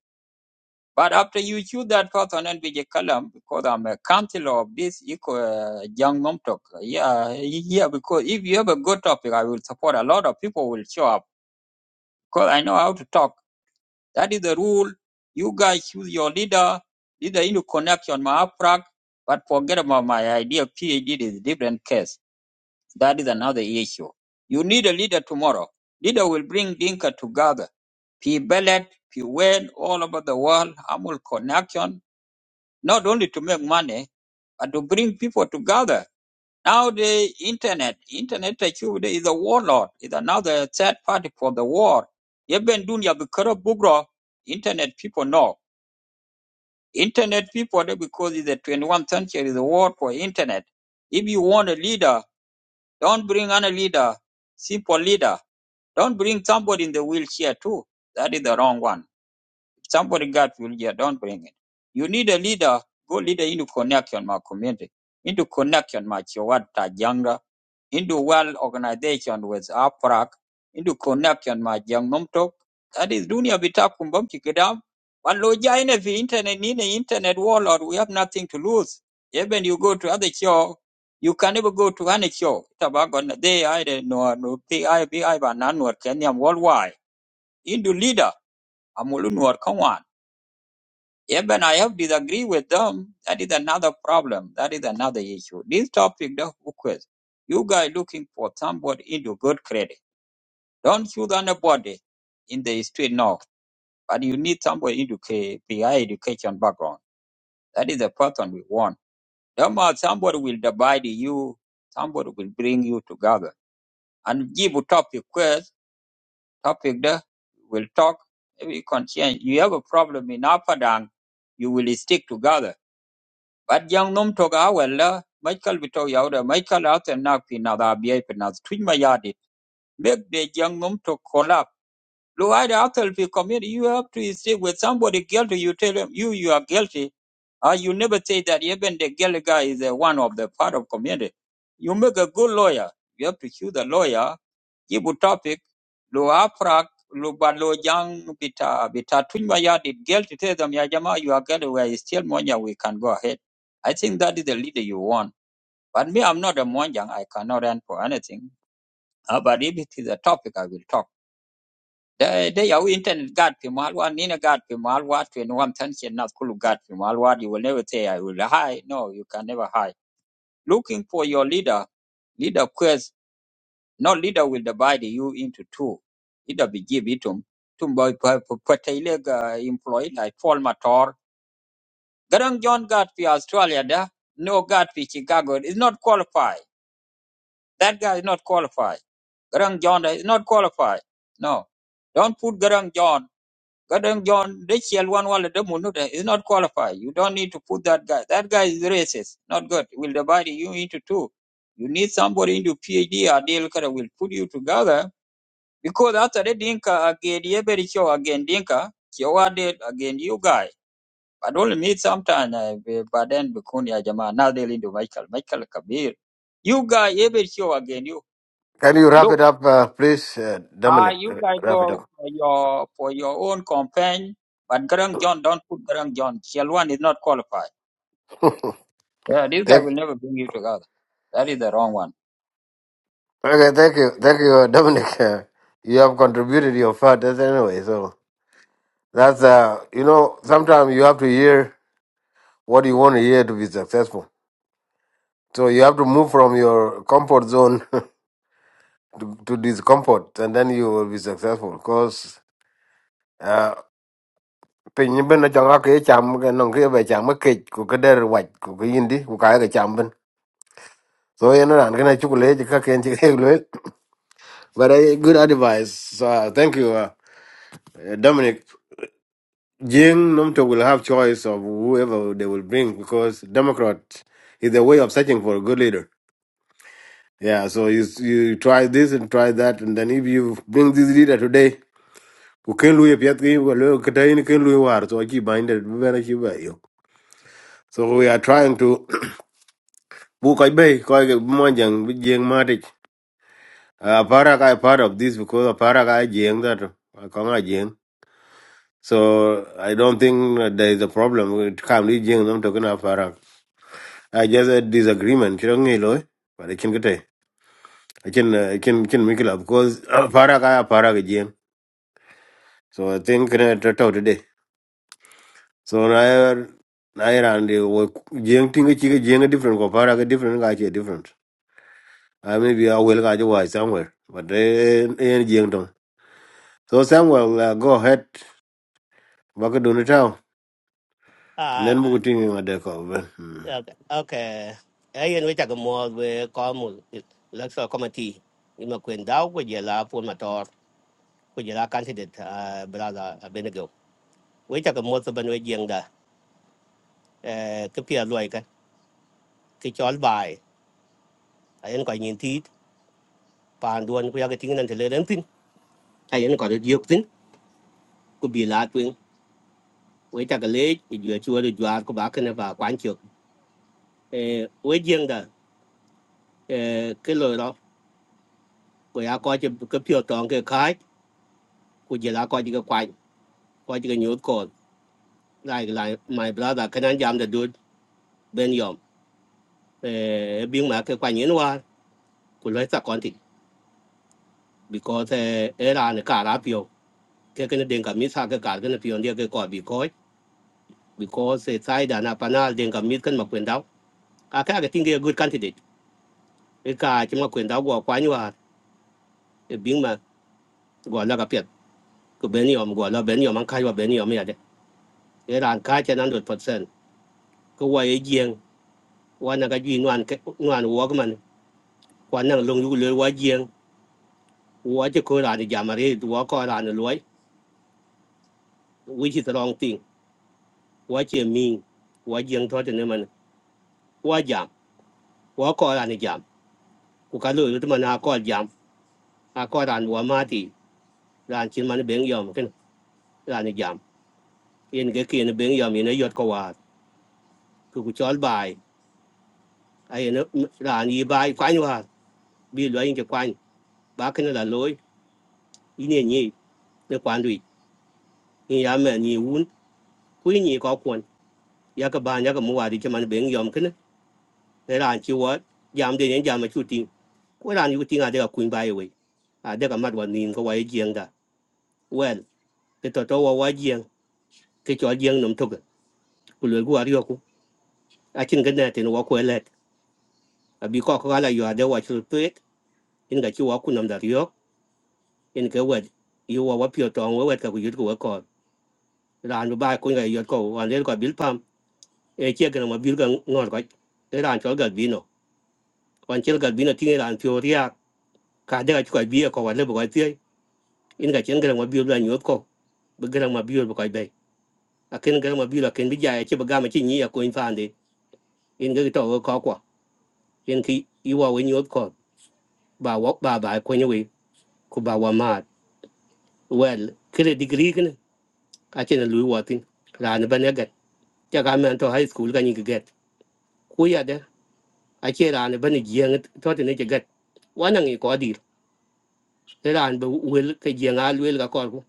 [SPEAKER 14] But after you choose that person and be column, because I'm a counselor of this eco uh, young Nomtok, yeah, yeah, because if you have a good topic, I will support a lot of people will show up because I know how to talk. That is the rule. You guys choose your leader, leader in connection, my uprak, but forget about my idea. PhD is a different case. That is another issue. You need a leader tomorrow. Leader will bring Dinka together. P Bellet, P Wayne, all over the world, Amul connection, not only to make money, but to bring people together. Now the internet, internet security is a warlord, is another third party for the war. Even dunya bikara bugra, internet people know. Internet people, they- because it's the 21st century, is a war for internet. If you want a leader, don't bring any leader, simple leader. Don't bring somebody in the wheelchair too. That is the wrong one. Somebody got will here, don't bring it. You need a leader, go leader into connection, my community, into connection, my Chiwad Tajanga, into well organization with APRAC, into connection, my young Nomtok. That is dunia bitakum bom chikidam. One loja in the internet, in the internet warlord, we have nothing to lose. Even you go to other show, you can never go to any show. Tabago they I no no they I be I ba nan war Kenya worldwide. Into leader, amulun war even I have disagree with them. That is another problem. That is another issue. This topic, the request, you guys looking for somebody into good credit. Don't choose anybody in the street now, but you need somebody into K- PI education background. That is the person we want. Don't matter, somebody will divide you. Somebody will bring you together and give a topic quest. Topic there, we'll talk. Maybe you can change. You have a problem in Upper Dang, you will stick together But Badjang num toga wella Michael Vito yauda Michael out and knock pin other bia pin as twin my yard make the young num to collapse. Lo I after be community you have to stay with somebody guilty you tell him you you are guilty. Uh, you never say that even the guilty guy is uh, one of the part of community. You make a good lawyer. You have to choose a lawyer jibu topic lo afrak lo balo jang bita bita tunywa ya did girl to tell them ya jama you are girl we are still monja we can go ahead i think that is the leader you want but me i'm not a monjang i cannot run for anything uh, but if it is a topic i will talk they they are internet god pimalwa nina god pimalwa 21 tension not cool god pimalwa you will never say i will hide no you can never hide looking for your leader leader quest no leader will divide you into two. Ida bigib itum. Tumbo patailega employed like Paul Mator. Garang John got for Australia da. No got for Chicago. Is not qualified. That guy is not qualified. Garang John is not qualified. No. Don't put Garang John. Garang John, this one wala de munuta is not qualified. You don't need to put that guy. That guy is racist. Not good. Will divide you into two. You need somebody into PhD or deal will put you together because after the Dinka again, every show again Dinka, Kiwade again you guy. But only meet sometime, uh, be- but then Bikuni Ajama, now they into Michael, Michael Kabir. You guy, every show again you.
[SPEAKER 2] Can you wrap
[SPEAKER 14] Look,
[SPEAKER 2] it up, uh, please, uh,
[SPEAKER 14] ah,
[SPEAKER 2] Dominic?
[SPEAKER 14] you
[SPEAKER 2] uh,
[SPEAKER 14] guys
[SPEAKER 2] Wrap it
[SPEAKER 14] go
[SPEAKER 2] up.
[SPEAKER 14] for your, for your own campaign, but Garang John, don't put Garang John. Chelwan is not qualified. Yeah, this guy
[SPEAKER 2] Thank
[SPEAKER 14] will never bring you together. That is the wrong one.
[SPEAKER 2] okay, thank you. Thank you, uh, Dominic. Uh, you have contributed your part that's anyway, so that's uh you know, sometimes you have to hear what you want to hear to be successful. So you have to move from your comfort zone to, to discomfort, and then you will be successful. Because piny ni bin jonga ke cham ke non ke be cham ke ku ke der wa ku ke indi ku ka ke cham bin so yen ran ke na chu le ka ken chi ke le but a good advice so uh, thank you uh, dominic jing nomto will have choice of whoever they will bring because democrat is a way of searching for a good leader yeah so you you try this and try that and then if you bring this leader today who can lu ye pyat ki ku le ke war so chi bind it be na chi ba yo so we are trying to bu koy bay koy ke monjang bi jeng matic aparak i part of this because aparak i jeng that kong i jeng so i don't think that there is a problem it can be am talking about aparak i just a disagreement chiro ngi but i can get it. i can uh, i can can make it up because aparak i aparak i jeng so i think uh, to to today so na na ran de wo jeng tinga chi jeng different ko aparak different ga chi different i maybe i will ga somewhere but eh eh, jeng So Samuel, uh, go ahead. Baka dunu tau.
[SPEAKER 13] Ah,
[SPEAKER 2] Nen buku tingi ngade ko ben. Hmm.
[SPEAKER 13] okay. okay. Ayen we take a more we come electoral committee. You know, when thou would you la for motor, would you la candidate, uh, brother Abenigo. We take cái more than we anh da, nhìn Kapia Loika, Kitch all by. I ain't going in teeth, Panduan, we anh getting into Lentin. I ain't got a duke thing, could be laughing. We take a late, if you're sure you are go back and about Quancho. Eh, cái young đó eh, Kilo, coi are caught a toàn cái khai kujela kwa jiga kwa kwa jiga nyot ko like l i my brother kanan jam the dude ben yom eh bing ma ke kwa nyen wa ku le sa kon ti because eh era ne ka ra pio ke ke ne den ka mi sa ke ka ke ne pio ne ke ko b e c a s because eh sai da na panal den ka mi kan ma kwen dau ka ka ke tinge good candidate e ka ti ma kwen dau go kwa nywa e bing ma go la ka pet ku ben yom go la ben yom an ka wa ben yom ya de era an ka che nan 100% ko wa ye g e n g wa na ka ji nwan ke nwan wo ko man กว่านั่งลงอยู่เลยว่าเยียงว่าจะโคราชอย่ามาเรียหัวก็ราชน่ะรวยวิชิตรองติ่งว่าเจียมิงว่าเยียงทอดเนี่ยมันว่าหยามว่าโคราชเนี่ยหยามกูการเลยรู้ที่มันอาก็ยามอาก็ราชวัวมาตีรานชิ้นมันเบ่งยอมกันราชยหยามเอ็นก็เกีเบ่งยอมมี็นายดกว่าคือกูจอลบายไอ้เอ็นยรานยีบายควายว่าบีเหวยยิงจะควายบ้าขึ้นละลอยอีเนี่ยนี่ในความดุยนี่ยามแม่นี่วุ้นคุยนี่ก็ควรยากระบาลยากระมัวดีจะมันเบ่งยอมขึ้น để làm chi vợ giảm đến những giảm mà chú tin quay làm chú tin à để gặp quỳnh bài vậy à để gặp mặt vào nhìn có vậy giang đó well để tôi tôi vào vậy giang cái chỗ giang nằm thuộc của lưỡi của ariô của à chính cái này thì nó quá lẹ à bị có có là vừa để vào chú tuyết nên cái chú vào nằm đó ariô nên cái vậy yêu vào vào phiêu tròn vào vậy cái cái của con nó ba con cái yêu cầu hoàn đến cái bill pump e chia cái mà bill cái ngọt cái để làm cho cái vino còn chơi cái vino thì làm phiêu riak cả để cái cái bia có vào lấy vào cái in ga chen garang ma biol la nyot ko be garang ma biol ko be a ken garang ma biol a ken bi ja che ba ga ma chi ni ya ko in fan de in ga to ko ko in ki i wa we nyot ko ba wa ba ba ko ni we ku ba wa ma well kre degree ken a chen lu wa tin ra ne ba ne ga cha ga men to high school ga ni ga get ku ya de a che ra ne ba ni ji ang to te ne ga get wa na ngi ko dir ra ne ba wel ke ji nga wel ga ko ku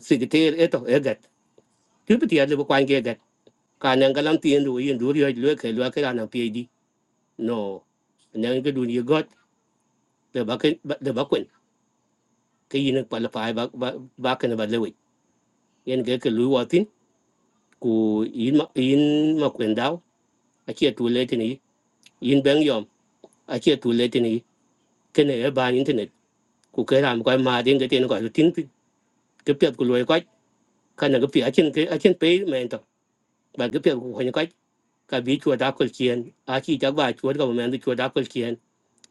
[SPEAKER 13] secretary eto e ga tu bi ti ya le ko an ge kanan galang tien du yin du ri lue ke lue ke ana phd no nan ke du ni got de ba ke de ba kun ke yin pa la pai ba ba ba ke ba lewe yen ke ke lu wa tin ku yin ma yin ma kun dau a che tu le tin yin bang yom a che tu le tin ke ne e ba internet ku ke ram ko ma din ke tin ko tin pi- ke pet ku lue ko ka na ke pi a chen ke a chen pe men to ba ke pet ku ko ni ko ka bi chua da kol chien a chi ta ba chua ga men du chua da kol chien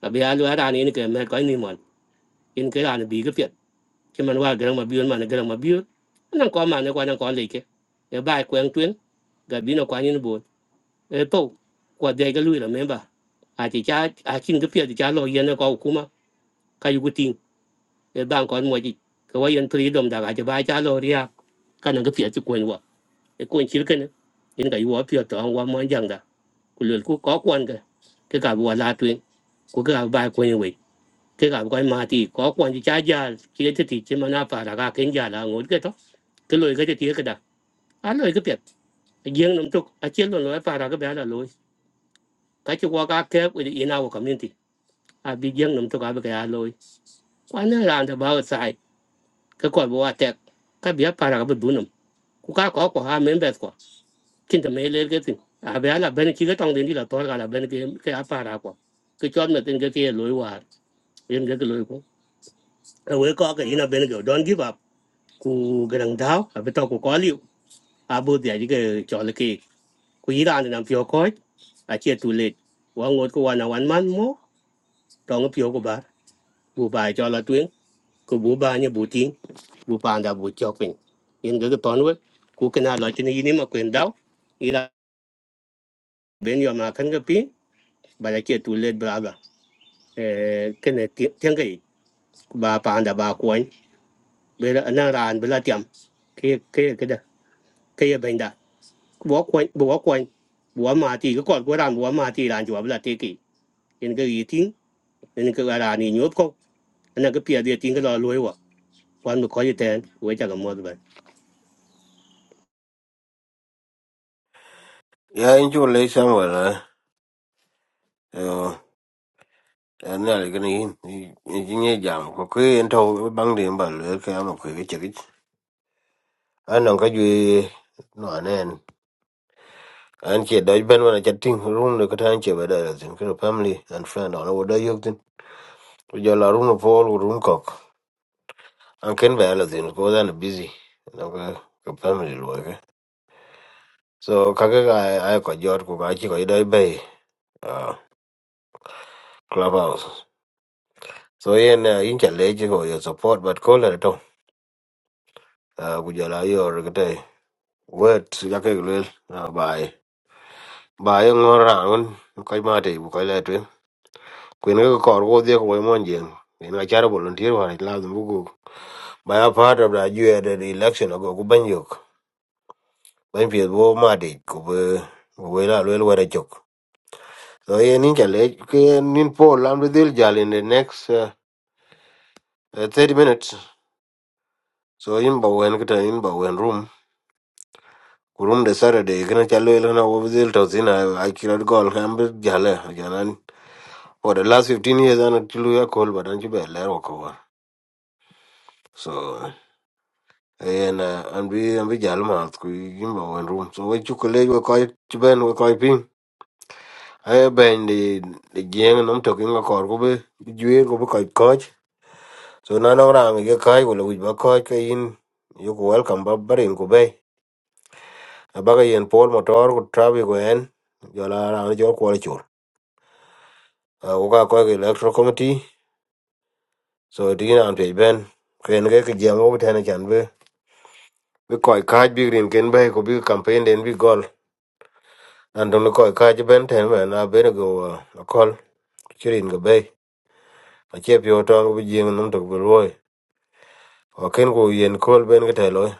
[SPEAKER 13] a bi a lu ara ni ke me ko ni mo in cái ke ran cái ke pet ke man wa garang ma mà man garang ma biun nan ko man ko nan ko le ke bài bai kweng twen ga nó qua như nó bo e to qua de ga lui là la memba a chỉ cha a chin cái pet ti cha lo yên nó ko kuma ka yu tin e ban ko mo ji ke wa yen pri dom da ga ja bài cha lo ria ka nan ke pet ti kwen wa e kwen chir ke ne in ga yu wa pet to an wa mo jang da ku le ku ko cái ke ke ga wa la twen ku ga bai kwen we ke ga ko ma ti ko ko ni cha ja ki te ti che ma na pa ra ga ken ja la ngol ke to ke lo ke cái ke da a lo ke pet gieng nam tuk a chen lo lo là ra ga ba la lo ka chi wa ga ke with in our community a bi gieng nam tuk a ba ga lo kwa na ra da ba sai ke ko bo wa te ka bi pa ra ga bu nam ku ka ko ko ha men bet ko kin te me le ke ti a ba la ben ki ga tong den di la tor ga la ben ke là a cái ra ko ke chon na tin ke ke cái lối yen ke lo ko we ko ke ina ben go don't give up ku garang dau a beto ku ko liu a bu dia ji ge cho le ki ku yi ran nam pyo ko a che tu le wa ngot ku wa na wan man mo tong pyo ku ba bu ba cho la tuen ku bu ba ni bu tin, bu pa da bu cho pin in ge ge ton we ku ke na lo ti ni ni ma kwen dau yi ra ben yo ma kan ge pi ba la che tu le bra ba e ke ne ti tiang ge ba pa da ba ko be na ran be la tiam ke ke ke da ke ye ben da buộc quay buộc quay buộc mát thì cứ cọt quay đàn buộc mát thì đàn chuột là thế kĩ nên cái gì thím nên cái là đàn này nhớ có anh nào cứ 撇 được thì cứ lo lấy quá quan một khó như thế anh quay chắc là muôn thứ vậy
[SPEAKER 2] Ya in chu le Samuel a. Yo, an na le gani in in ye jam ko ke en to bang de ba le ke am ko ke chiri. An no ka ju no anen. An che doj ben wana chatting room le ka tan che ba da zin ko family and friend on wo da yok tin. Ko ja la room fo wo room kok. An ken ba la zin ko da na busy. No ka ka family lo ke. So kaka ka ke ga ai ko jor ko ga chi ko doj be. clubhouse so yen uh, in cha leji go your support but call it to uh ku your yor gate word ya ke lel bye bye ngor ran ko ma te bu ko le tu kuin ko kor go de ko mon jen en ga char volunteer wa la bu go by a part of the UAD election go ku ban yok ban pie bo ma de ku be ku be la lel wa chok so yen in cha leji ke nin po lam de dil jal in the next uh, uh, 30 minutes so in ba wen kita in ba wen room kurum de Saturday kena chalo elana. na wabzil tawzina I killed goal kambi jala. jalan for the last 15 years I ana chilu ya call but anchi be lero kawa so and uh, and we and we jalo ma ku yimba one room so we chukule we koi chiben we koi ping I ben the the gang nam talking a kor ko be juer go be koi coach so na na rang ye kai ko le wi ba koi ka in you ko welcome ba barin ko be abaga yen pol motor ko trabi ko en jola rang jo ko uh, uga ko ke electoral committee so digin an pe ben ken ke ke jam wo tane chan be bi ko ka bi rin ken be ko bi campaign den bi gol an don ko ka ji ben ten ben a ben go uh, a kol chirin go be a che pi otong bi jing num to bi loy o ken ko yen kol ben ke te loy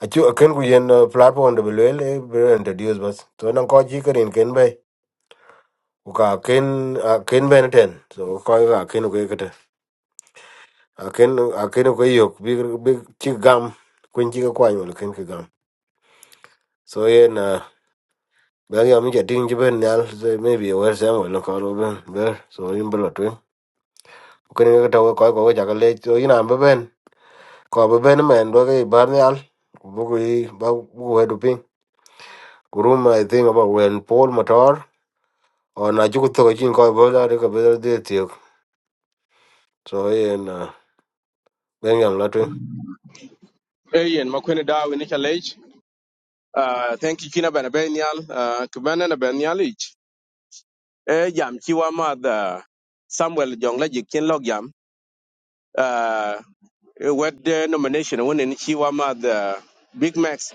[SPEAKER 2] a chu a ken ko yen uh, platform de bi le bi introduce bas to nan ko ji rin ken be ka ken a ken ben ten so ko ka ken ko ke aken aken ko yok bi bi ci gam kun ci ko wala ken ki gam so yen na ba ya mi jadi ngi ben yal so maybe wer sam wala ko ro ben ber so yin bro to ko ni ga taw ko ko ja ga le so yin am ben ko ba ben men do ga bar yal bu ko yi ba bu ko do pin ko i think about when paul motor or na ju ko to jin ko bo da de ko be de ti so yen uh, ben yam la to
[SPEAKER 9] eh yen makone dawe ni challenge Ah, thank you kina bana benyal ah kubana na benyal ich eh jam chi wa ma da samuel jong la jikin log jam Ah, eh, wet eh, nomination won ni chi wa ma da big max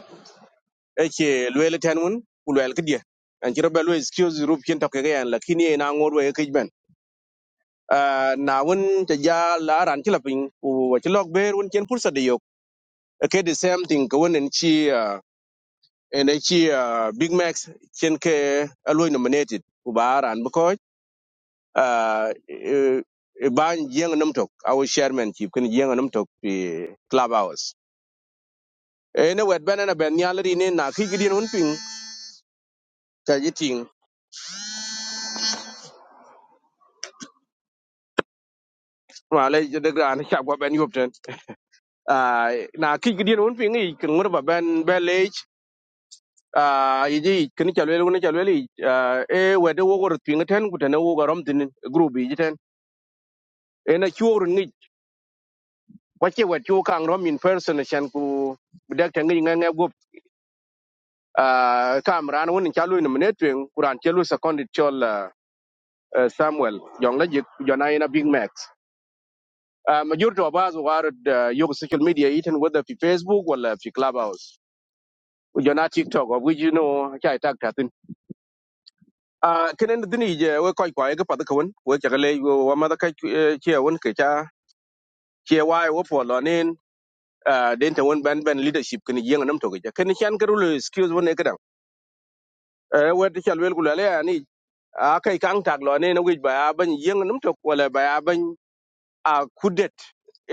[SPEAKER 9] eche luele ten mun ku luel ke die an ci robe luel excuse rup kin to ke yan la kin ye na ngor we ke ben Ah, na won ta ja la ran ci lapin ku wa ci lok ber won ken pursa de yok Eh, ke the same thing ko won en ci ah, en ai ci ah, big max ken ke aloy nominated ku ba ran bu ko ah, eh, eh, ban jeng nam tok our chairman chief ken jeng nam tok pi club hours ene wet ben na ben nyalri ne na ki gidin won pin ka yiting wala de gran cha gwa ben yop ten à na khi cái ki gidian un pingi kin ngor ba ben belej a yiji kin chalwel ngun chalwel ah, e wede wo gor pingi ten gutene wo gorom tin group yi ten e na chuor ni wache wet chu kang rom in person này xem cô shan ku dak tan ngi ngai gop a kamran won chalu ni mene twen kuran chalu second chol ah, ah, samuel yong la jik jona ina big max Ah, ma jurto ba zo warad yo social media iten whether fi facebook hoặc là fi clubhouse jona tiktok of which you know chai tak a kenen dini je we koy koy ga pad kawun we cha le wa ma da ka che won ke cha che wa wo po lo nin a den ta won ban ban leadership kin yeng nam to ga ken chan garu le skills won e ga e we ta chal wel gu le ya ni a kai kang tak lo nin wi ba ya ban yeng nam to wala ba ya ban a kudet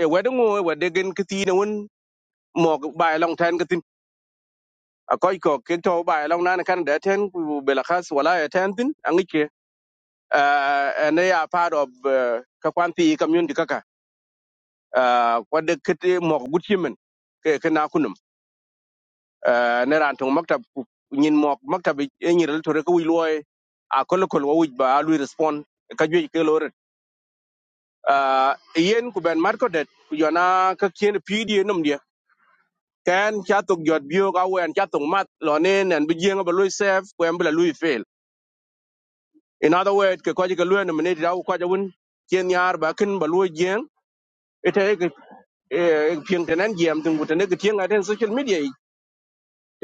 [SPEAKER 9] e we dun wo we de gen kiti ne won mo ba long tan kitin a koy ko ke to ba long nan kan da ten ku bela khas wala ya tan tin an ke ne ya part of ka kwanti community kaka wadde kete mok gutyemen ke kana kunum Ah, ne ran tong maktab ku- nyin mok maktab e nyiral tore ko wiloy a kol kol wo ba alu respond ka jwe ke lor Ah, yen ku ben marko det ku jona ka kien pd num dia kan cha tok jot bio ga wen cha tok mat lo ne nen bi jeng ba lui save ku em bla lui fail in other words ke ko ji ke lu ne ne da ko ja won kien yar ba kin ba lui jeng ite ke pieng tenen jam tung ku tenen ke tieng aten social media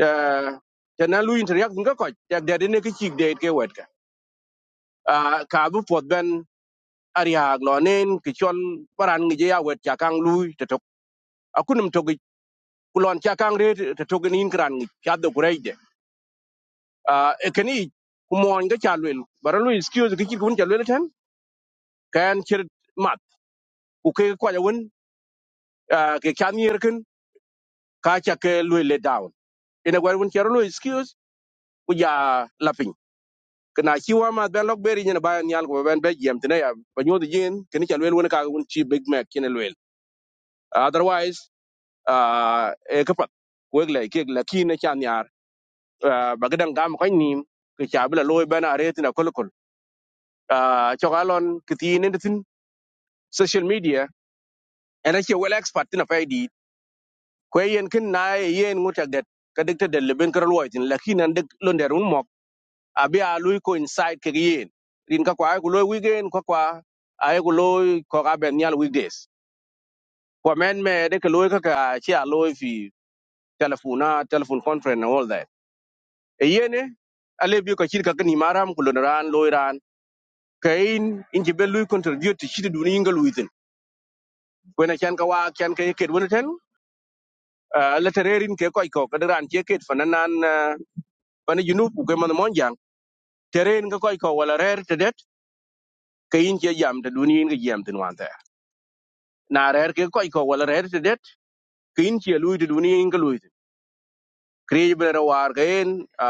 [SPEAKER 9] uh, te na lu interact nga ko te de ne ke chik de ke wet ka Ah, ka bu pot ben ari ha lo nen ke chol paran ngi je ya wet ya kang lu te tok akunum to gi kulon cha kang re te tok ni kran ngi cha do kurai de Ah, e ke ni kumo nga cha lu bara lu excuse ke chik kun cha lu ten kan chir mat ku ke kwa ja won ah, ke kya ni ken ka cha ke lu le down ina gwa won chero lu excuse ku ya lapin kana chi wa ma ben lok beri nyina ba nyal ko ben be jam tene ya ba nyodo jin kini cha lwel wona ka won chi big mac kini lwel otherwise ah, e ka pat ko le ke la ki ne cha nyar ah, ba gadan gam ko nim ke cha bla loy ben are tina kol kol Ah, cho galon kiti ne tin social media and che wel expert tina fa di ko yen kin na ye yen ngutak det ka dik te del ben kar loy tin la ki nan dik lo nder un abi a lui coincide ke yin rin ka kwa ku loy weekend ko kwa ay ku loy ko ga ben yal weekdays ko men me de ke loy ka ka chi a loy fi telefona telephone conference and all that e yene ale bi ko chi ka ni maram ko lon ran loy ran kain in ji be lui contribute to chi du ni ngal within ko na chan ka wa chan ke ke won ten la tererin ke ko ko ka ran che ke fananan fana junub ku ke man mon jang teren ka ko ko wala rer te det kain che jam te du ni ngal jam tin wan na rer ke koy ko wala rer te det kin che lui te duni in lui te kri be ro war gen a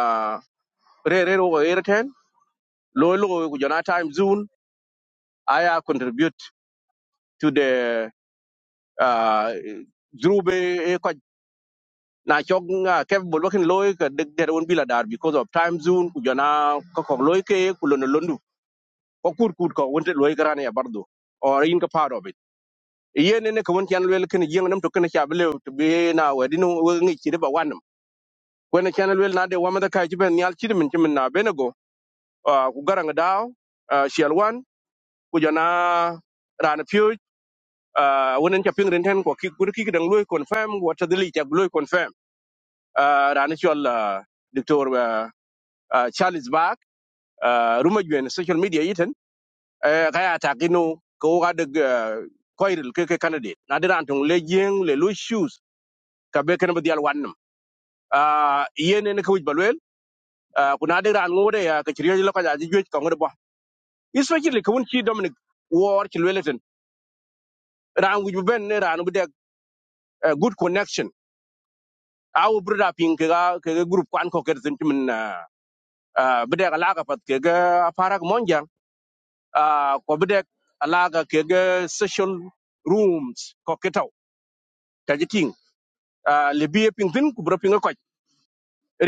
[SPEAKER 9] re re ro er ten lo lo ku jona time zone aya contribute to the uh drube e ko na chok nga ke bol wakin loy ka de der won bila dar because of time zone ku jona ko ko loy ke e ku lon londu ko kur kur ko wonte loy garane ya bardo or in ka part of it yen ne ko won kan wel ken yen nam to ken cha bele to be na wadino ngi chi de ba When channel will not the wama da kai jiben nyal chidi min chimin na benego uh, ku garang dao uh, shial wan ku jana ran piu uh, wonen cha ping renten ko ki kur confirm what the li cha lui confirm uh, ran uh, Dr. Uh, uh, Charles Bach uh, ruma jwen social media yiten uh, kaya takino ko ga the uh, candidate na de ran tong le jing le lui shoes ka be kan ba dial wannam uh, yene ne ko wij balwel uh, kuna de ran ngode ya ka chiriyo lo ka ja especially ko won ci dominic war ci lweleten ran wi ben ne ran bu de good connection aw brother pin ke ga ke ga group kwan ko ke tin min bu de ala ga pat ke ga parak monja ko bu de ala ga ke ga social rooms ko ke taw ta ji ting le bi pin tin ku bro pin ko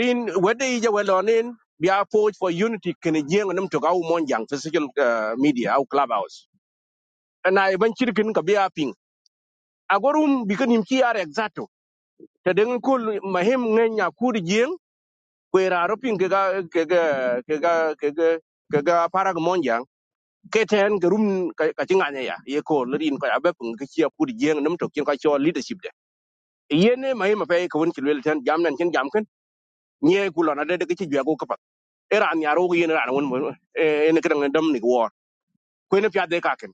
[SPEAKER 9] rin wede yi ja welonin biya approach for unity kene jeng nam to ga monjang for social ah, media au clubhouse na iban chirkin ka biya pin agorum bikin him ki are exacto te deng kul mahim nge nya kud jing kwe ra ro pin ke ga ke ga ke ga ke ga ke ga parag monjang ke ten ke rum ka ka tinga ne ya ye ko lerin ko abe pun ke chia kud jing nam to kin ka cho leadership de ye ne mahim pe ko won kilwel ten jam nan kin jam kan nye kulo na de de ke chi gwa ko kapat era an yaro ye ran won e e ne kan dam ni war ko ne pya de ka ken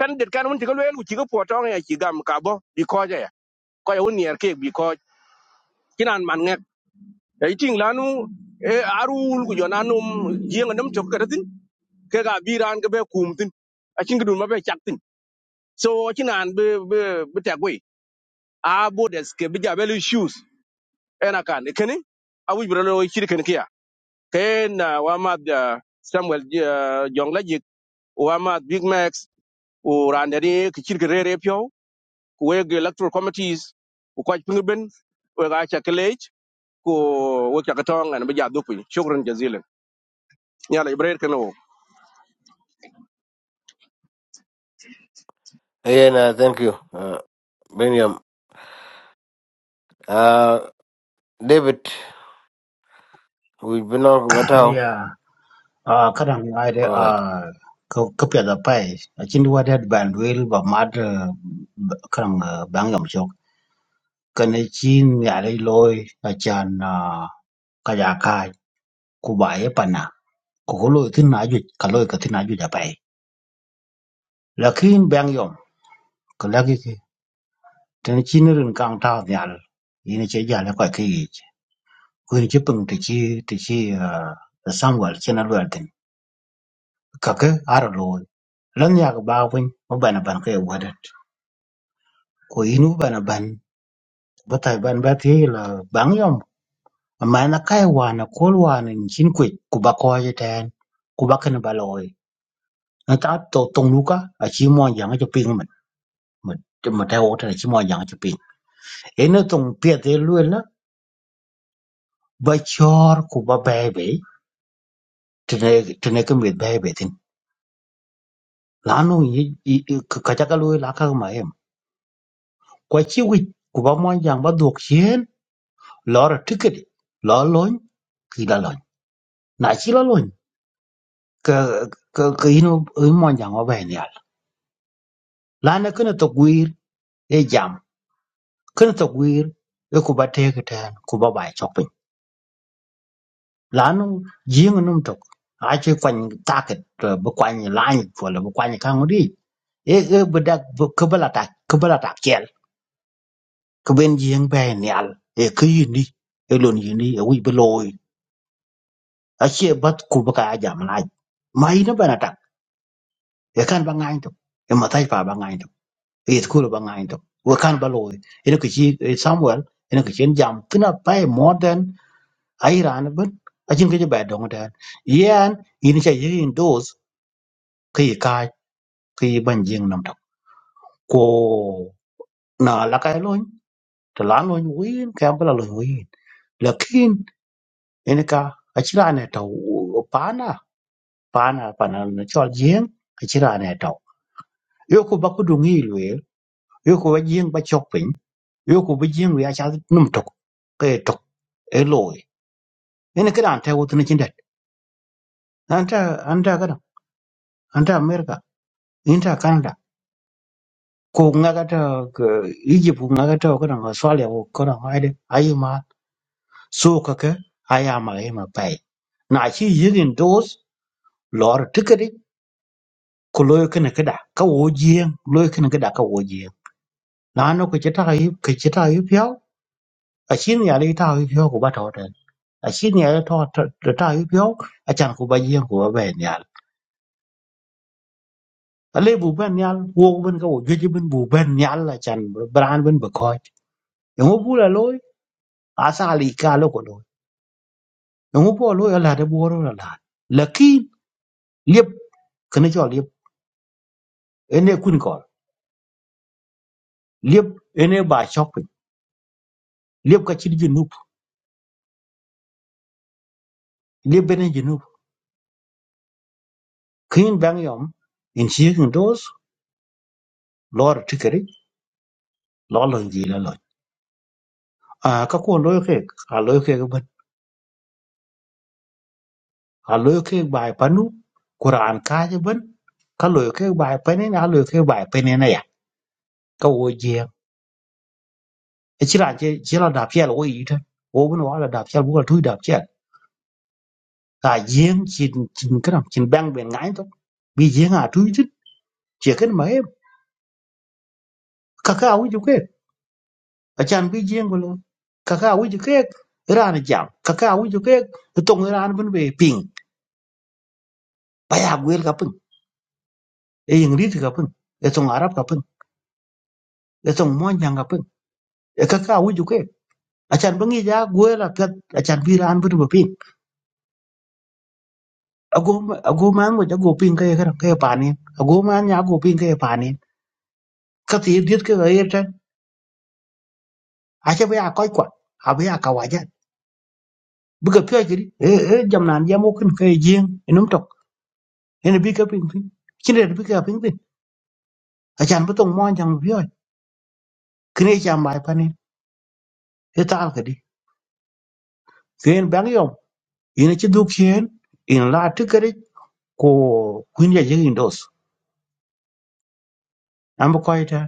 [SPEAKER 9] kan det kan won ti ko lel ku chi ko po to ya chi gam ka bo bi ko ja ya ko won yer ke bi ko kinan man da iting lanu e arul ku jona num jenga nam tok kadatin ke ga biran ke be kumtin a cin gudun mabe chaktin so cin an be be be tagwe a bodes ke be jabel shoes ena kan kene a wi bro lo kiri ken kiya ken wa ma da samuel eh, jongla jik wa ma big max o randere ke kiri ke rere pyo ku we ge electoral committees ku kwaj pingben we ga cha kelej ku we cha katong an be jadukwi shukran jazilan yala ibrahim kano
[SPEAKER 2] yen uh, thank you uh, ben yam uh, david We've been on but how?
[SPEAKER 15] Yeah. Uh, kadang ada
[SPEAKER 2] Go ahead.
[SPEAKER 15] uh, ke kepia da pai. Acin dua ada bandwil ba mad uh, b- kadang uh, bangam sok. Kena cin ya ada loy acan uh, kaya kai kubaya pana. Kukulo itu naju kalau itu naju da pai. Lakin bangyom kelagi ke. Tena cin rin kang tau nyal. Ini cija la kai kai. Kuin cipeng tici tici uh, Samuel cina luar kaki ar looi lan yak baa winy mu bana ban kei wadat ko yin mu bana ban bu tai ban ba ti la bang yom amma na kai wana kol wana chin kwit ku ba ko ji tan ku ba kan ba looi na ta to tong lu ka a chi mo yang cho ping man man ma ta o ta chi mo yang ji ping e na tong pie te lu la ba chor ku ba ba be tene tene ka mi ba be tin la no yi ka ka ka lu la ka ma em kwa chi wi ku ba mo yang ba dok chen lò rà tǔkèt lò lony kì là lòny nà chí lo lony kà kà kà yino ɨ monjà ŋo bei nì yàl lǎní kɨnɨ tò gwir e jàm kɨnɨ tò gwir e kuba teyikɨ tèn kuba bai chok piny lǎní jǐŋ num tok a cï kwany takit bï kwany lany pol bï kwany kaŋ odic e e bï dak kïbï latak kïbï latak cël kïbën jïŋ bei nïal e kï yïnï e lon yïnï e wic bï looi acie bath kubo ka a jam lac ma in ebene ekan ba ngany tok e mataj pa ba ngany tok e yet kulo ba ngany tok we kan ba loy ene ke chi eh, samuel ene ke chen jam kna pa more than airan ben a chin ke ba dong dan yan yin cha yin dos ke yi ka ke yi ban jing nam tok ko na la kai loy to la loy win ka ba loy win lakin ene ka a chira ne to pana pana pana na chol jing a chira ne to yo ko ba ku dung yi lwe yo ko ba jing ba chok yo ko bi jing ya cha num tok ke tok e loy ene kada ante wo tun chin det anta anta kada anta america inta canada ko nga ga ta ka- egypt ko nga ga ta kada australia ko kada ma ide ayi ma so ka ka aya ma e ma pai na chi yigin dos lor tikari ko loy kana kada ka wo jing loy kana kada ka wo jing na no ko chita yi ka chita yi pyo a chin ya le ta yi pyo ko ba ta ta a chin ya le ta ta ta yi pyo a chan ko ba jing ko ba ben ale bu ben nyal wo ben ko je ben bu ben nyal la chan bran ben be ko yo bu la loy asa li ka lo ko lo yo bu lo ya la de bu ro la la lakin liep kene jo liep ene kun ko liep ene ba chok pin liep ka chi ji nup liep ben ji nup kin bang yom in chi hun dos lor tikeri lo lo ji la lo a ka ko lo ke a lo ke ben a lo ke ba panu quran ka je ben ka lo ke ba pe ne na lo ke ba pe ne na ya ka wo je Echira che chela da piel wo yita. Wo gun wala da piel wo tu đạp piel. Ka yeng chin chin kram chin bang ben ngai to. Bi yeng a tu yita. Che ken ma em. Ka ka wi ju ke. A chan bi yeng wo. Ka ka wi ju ke. Ra na jam. Ka ka wi ju cái, Tong ra na bun be ping. giờ ya gặp ka pung. E yeng thì gặp pung. E tong arab gặp pung. E tong mon jang ka pung. E cái, ka wi ju ke. A chan bangi ja gwel a pet. A chan bi ra na bun be ping. A go ma a go ma ngo ja go ping cái cái ka ka ye pa ni. A go ma nya go ping ka ye pa ka ti diet ke ga yeten a che ba ko ko a ba ka wa ja bu ka pye ji e e jam nan jam o kin ke jing enum tok en bi ka ping ping kin de bi ka ping ping a chan bu tong mo jam bi yo kin e cham bai pa ni e ta ka ken bang yom ina chi du kien in la ti ka ri ko kun ya jing dos am ko ita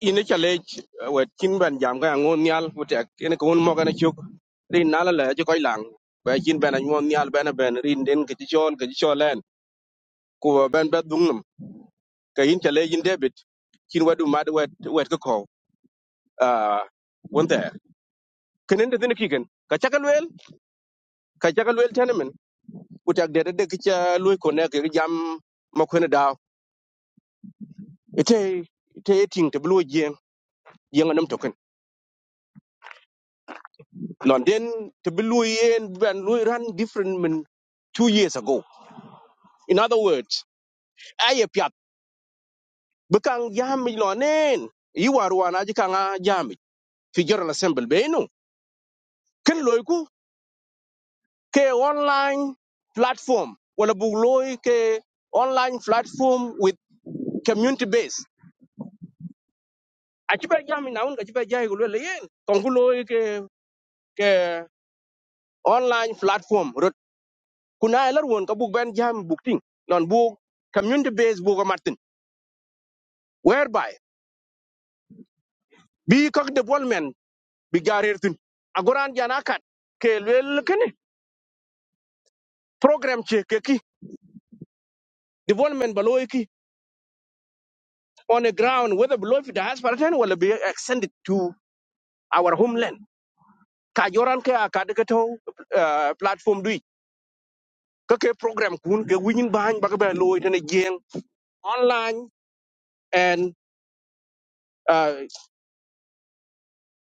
[SPEAKER 9] ine chale wet chin ben jam ga ngon nyal wutek ene ko won moga na chuk rin nala le ji koy lang ba chin ben ngon nyal ben ben rin den ke chol ke cholen ku ben ba dungnum ka yin chale yin debit chin wadu mad wet wet ko ko ah won there kenen de dine kigen ka chakal wel ka chakal wel tenemen wutek de de ke cha luy ko ne ke jam ma ko ne daw ite ite ting te blu jeng jeng nam to London then to be Louis and Ben Louis ran different men two years ago. In other words, I piat bekang yami lonen you are one ajikanga yami fi general assembly beno ken loiku ke online platform wala bu loy ke online platform with community base achiba yami naun achiba jai gulo yen kongu loy ke ke online platform rot kuna elar won ka bu ben jam bukting non bu community base bu ko Whereby bi kak development bi garer tin agoran jana kat ke lel kene program che ke ki development baloy ki on the ground whether below fi diaspora ten will be extended to our homeland ka joran ke akad ke to uh, platform dui ke ke program kun ke winin bahan baka ba ke loy ten jeng online and uh,